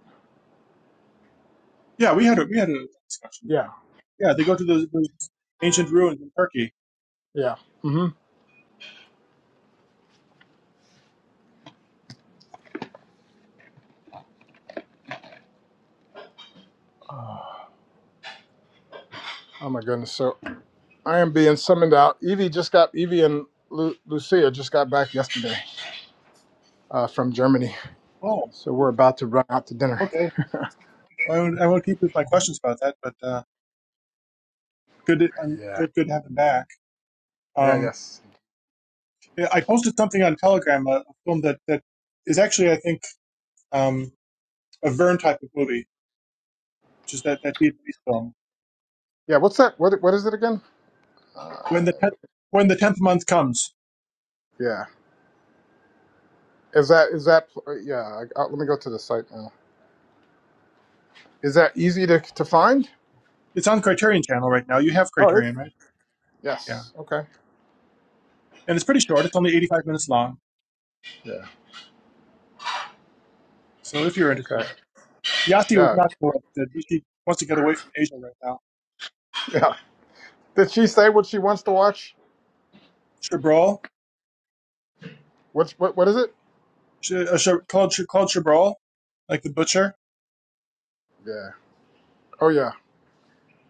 S2: Yeah, we had a we had a discussion of
S5: Yeah,
S2: that. Yeah, they go to those, those ancient ruins in Turkey.
S5: yeah. hmm Oh my goodness. So I am being summoned out. Evie just got Evie and Lu- Lucia just got back yesterday uh, from Germany.
S2: Oh,
S5: So we're about to run out to dinner.
S2: okay. I won't, I won't keep with my questions about that, but uh, good. I'm
S5: Yeah.
S2: good to have them back.
S5: Yeah.
S2: Um,
S5: Yes.
S2: yeah, I posted something on Telegram, a, a film that that is actually I think um a Verne type of movie, which is that that Vietnamese film.
S5: Yeah. What's that? What What is it again? Uh,
S2: When the tenth when the tenth month comes,
S5: yeah. Is that is that? Yeah. I, I, let me go to the site now. Is that easy to to find?
S2: it's on Criterion Channel right now. You have
S5: Oh, it is.
S2: Criterion, right? Yeah.
S5: Yes. Okay.
S2: And it's pretty short. It's only 85 minutes long.
S5: Yeah.
S2: So if you're interested,
S5: Okay.
S2: Yasi was
S5: Yeah.
S2: not so interested. He, he wants to get away from Asia right now.
S5: Yeah. Did she say what she wants to watch?
S2: Chabrol,
S5: What's what? What is it?
S2: Sh- uh, Sh- Claude, Sh- Claude Chabrol, like the butcher.
S5: Yeah. Oh yeah.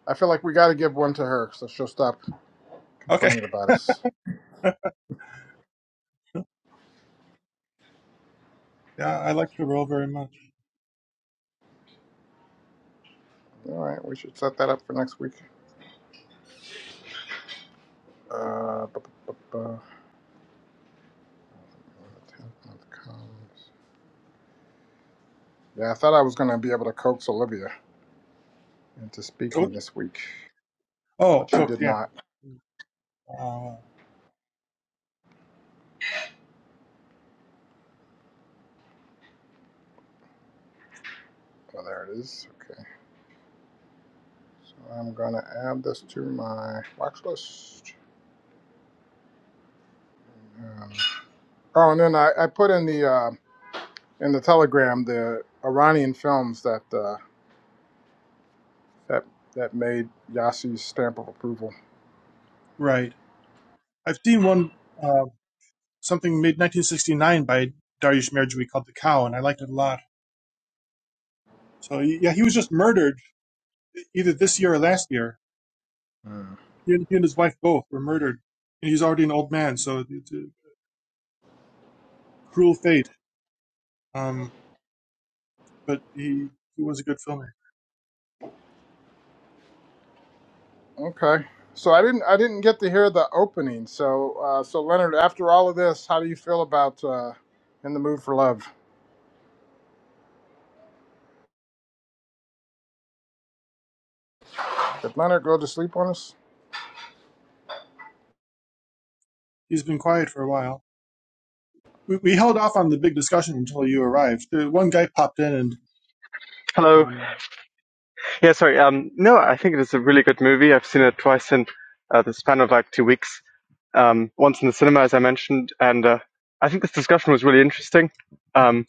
S5: I feel like we got to give one to her, so she'll stop
S2: Okay.
S5: complaining about us.
S2: Yeah, I like Chabrol very much.
S5: All right, we should set that up for next week. Uh, bu- bu- bu- bu- yeah, I thought I was going to be able to coax Olivia into speaking
S2: Coke.
S5: this week, but
S2: Oh,
S5: she
S2: Coke.
S5: did
S2: yeah.
S5: not.
S2: Uh,
S5: Oh, there it is. Okay, so I'm going to add this to my watch list. Um, oh, and then I, I put in the uh, in the Telegram the Iranian films that uh, that that made Yassi's stamp of approval.
S2: right. I've seen one, uh, something made 1969 by Dariush Merjui called The Cow, and I liked it a lot. So yeah, he was just murdered either this year or last year.
S5: Hmm.
S2: He and, he and his wife both were murdered. And he's already an old man, so it's a cruel fate. Um, but he, he was a good filmmaker.
S5: Okay. So I didn't I didn't get to hear the opening. So uh, so Leonard, after all of this, how do you feel about uh, in the mood for love? Did Leonard go to sleep on us?
S2: He's been quiet for a while. We, we held off on the big discussion until you arrived. The one guy popped in, and
S1: Hello.
S2: um,
S1: Yeah, sorry. Um, no, I think it is a really good movie. I've seen it twice in uh, the span of like two weeks. um, once in the cinema, as I mentioned, and uh, I think this discussion was really interesting. Um,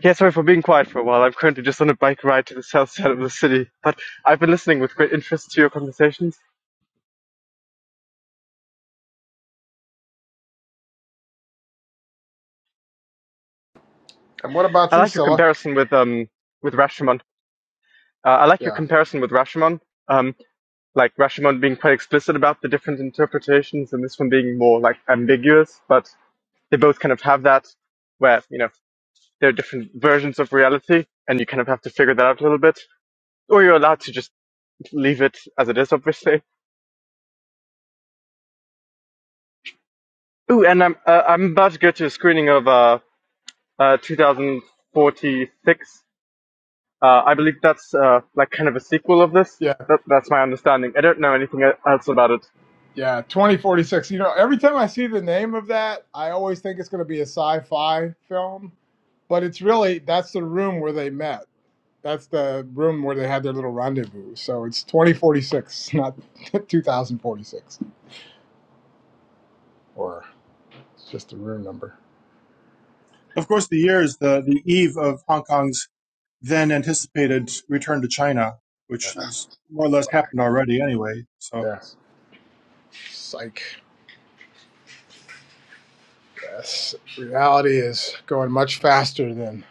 S1: yeah, sorry for being quiet for a while. I'm currently just on a bike ride to the south side of the city, but I've been listening with conversation.
S5: And what about
S1: I
S5: you,
S1: like
S5: Scylla?
S1: um, with Rashomon. Uh, I like
S5: Yeah.
S1: Rashomon. Um, like explicit about the difference from being more ambiguous, but they both that where you know there's reality, and you figure that out a little bit, or you're allowed to just leave it as it is, obviously. Ooh, and I'm um, uh, uh, uh 2046 Uh, I believe that's uh, like kind of a sequel of this.
S5: Yeah,
S1: That, that's my understanding. I don't know anything else about it.
S5: yeah, 2046. You know, every time I see the name of that, I always think it's going to be a sci-fi film, but it's really that's the room where they met. That's the room where they had their little rendezvous. So it's 2046, not 2046, or it's just a room number.
S2: of course, the year is the, the eve of Hong Kong's then anticipated return to China, which is more or less happened already anyway. So,
S5: Yeah, psych. Yes, reality is going much faster than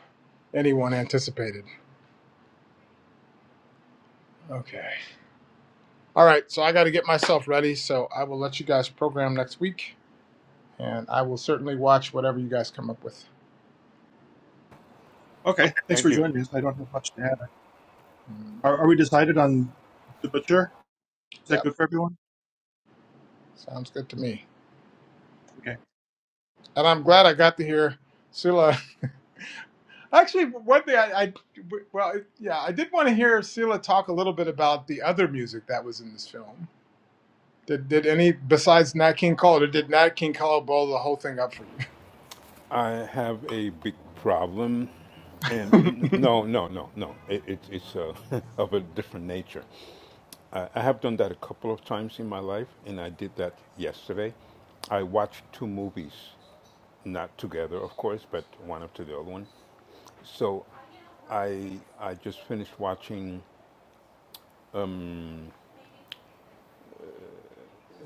S5: anyone anticipated. Okay. All right, so I got to get myself ready, so I will let you guys program next week, and I will certainly watch whatever you guys come up with.
S2: okay, thanks
S6: Thank
S2: for
S6: you.
S2: joining us. I don't have much to add.
S5: Mm,
S2: Are, are we decided on the butcher? Is that
S5: yep,
S2: good for everyone?
S5: sounds good to me.
S2: Okay.
S5: And I'm glad I got to hear Sila. Actually, one thing I, I well, yeah, I did want to hear Sila talk a little bit about the other music that was in this film. Did, did any besides Nat King Cole, or did Nat King Cole blow the whole thing up for you?
S6: I have a big problem, and n- no, no, no, no. It, it, it's uh, of a different nature. I, I have done that a couple of times in my life, and I did that yesterday. I watched two movies, not together, of course, but one after the other one. So, I I just finished watching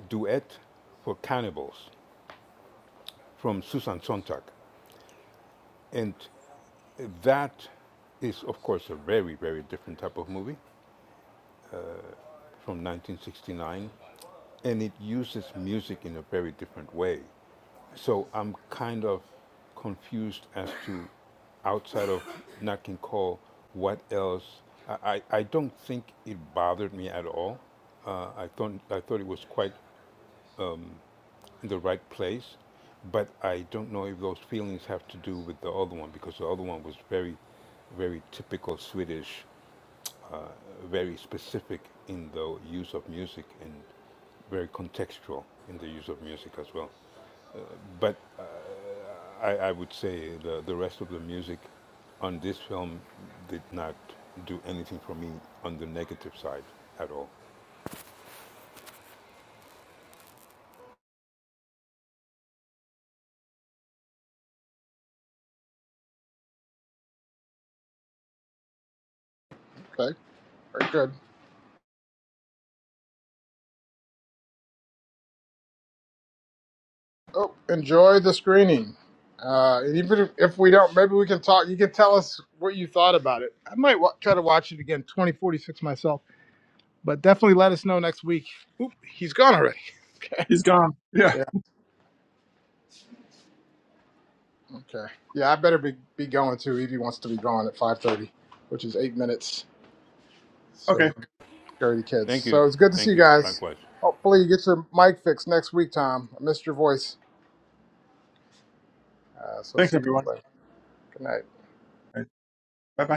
S6: Duet for Cannibals from Susan Sontag, and that is, of course, a very very different type of movie. from 1969, and it uses music in a very different way. So I'm kind of confused as to, outside of Nat King Cole, what else. I, I, I don't think it bothered me at all. Uh, I thought I thought it was quite in the right place, but I don't know if those feelings have to do with the other one because the other one was very, very typical Swedish very specific in the use of music and very contextual in the use of music as well. But I, I would say the, the rest of the music on this film did not do anything for me on the negative side at all.
S5: But Very good. Oh, enjoy the screening. Uh, and even if, if we don't, maybe we can talk. You can tell us what you thought about it. I might wa try to watch it again, 2046 myself, but definitely let us know next week. Oop, he's gone already. Okay.
S2: He's gone. Yeah.
S5: Yeah. Okay. Yeah, I better be, be going too. Evie wants to be gone at 5:30, which is eight minutes. So we
S2: Okay.
S5: can carry the kids.
S6: Thank you.
S5: So it's good to see
S6: Thank
S5: you
S6: you.
S5: guys.
S6: Likewise.
S5: Hopefully you get your mic fixed next week, Tom. I missed your voice. Uh, so
S2: Thanks,
S5: see you
S2: everyone.
S5: guys later. Good night.
S2: All right. Bye bye.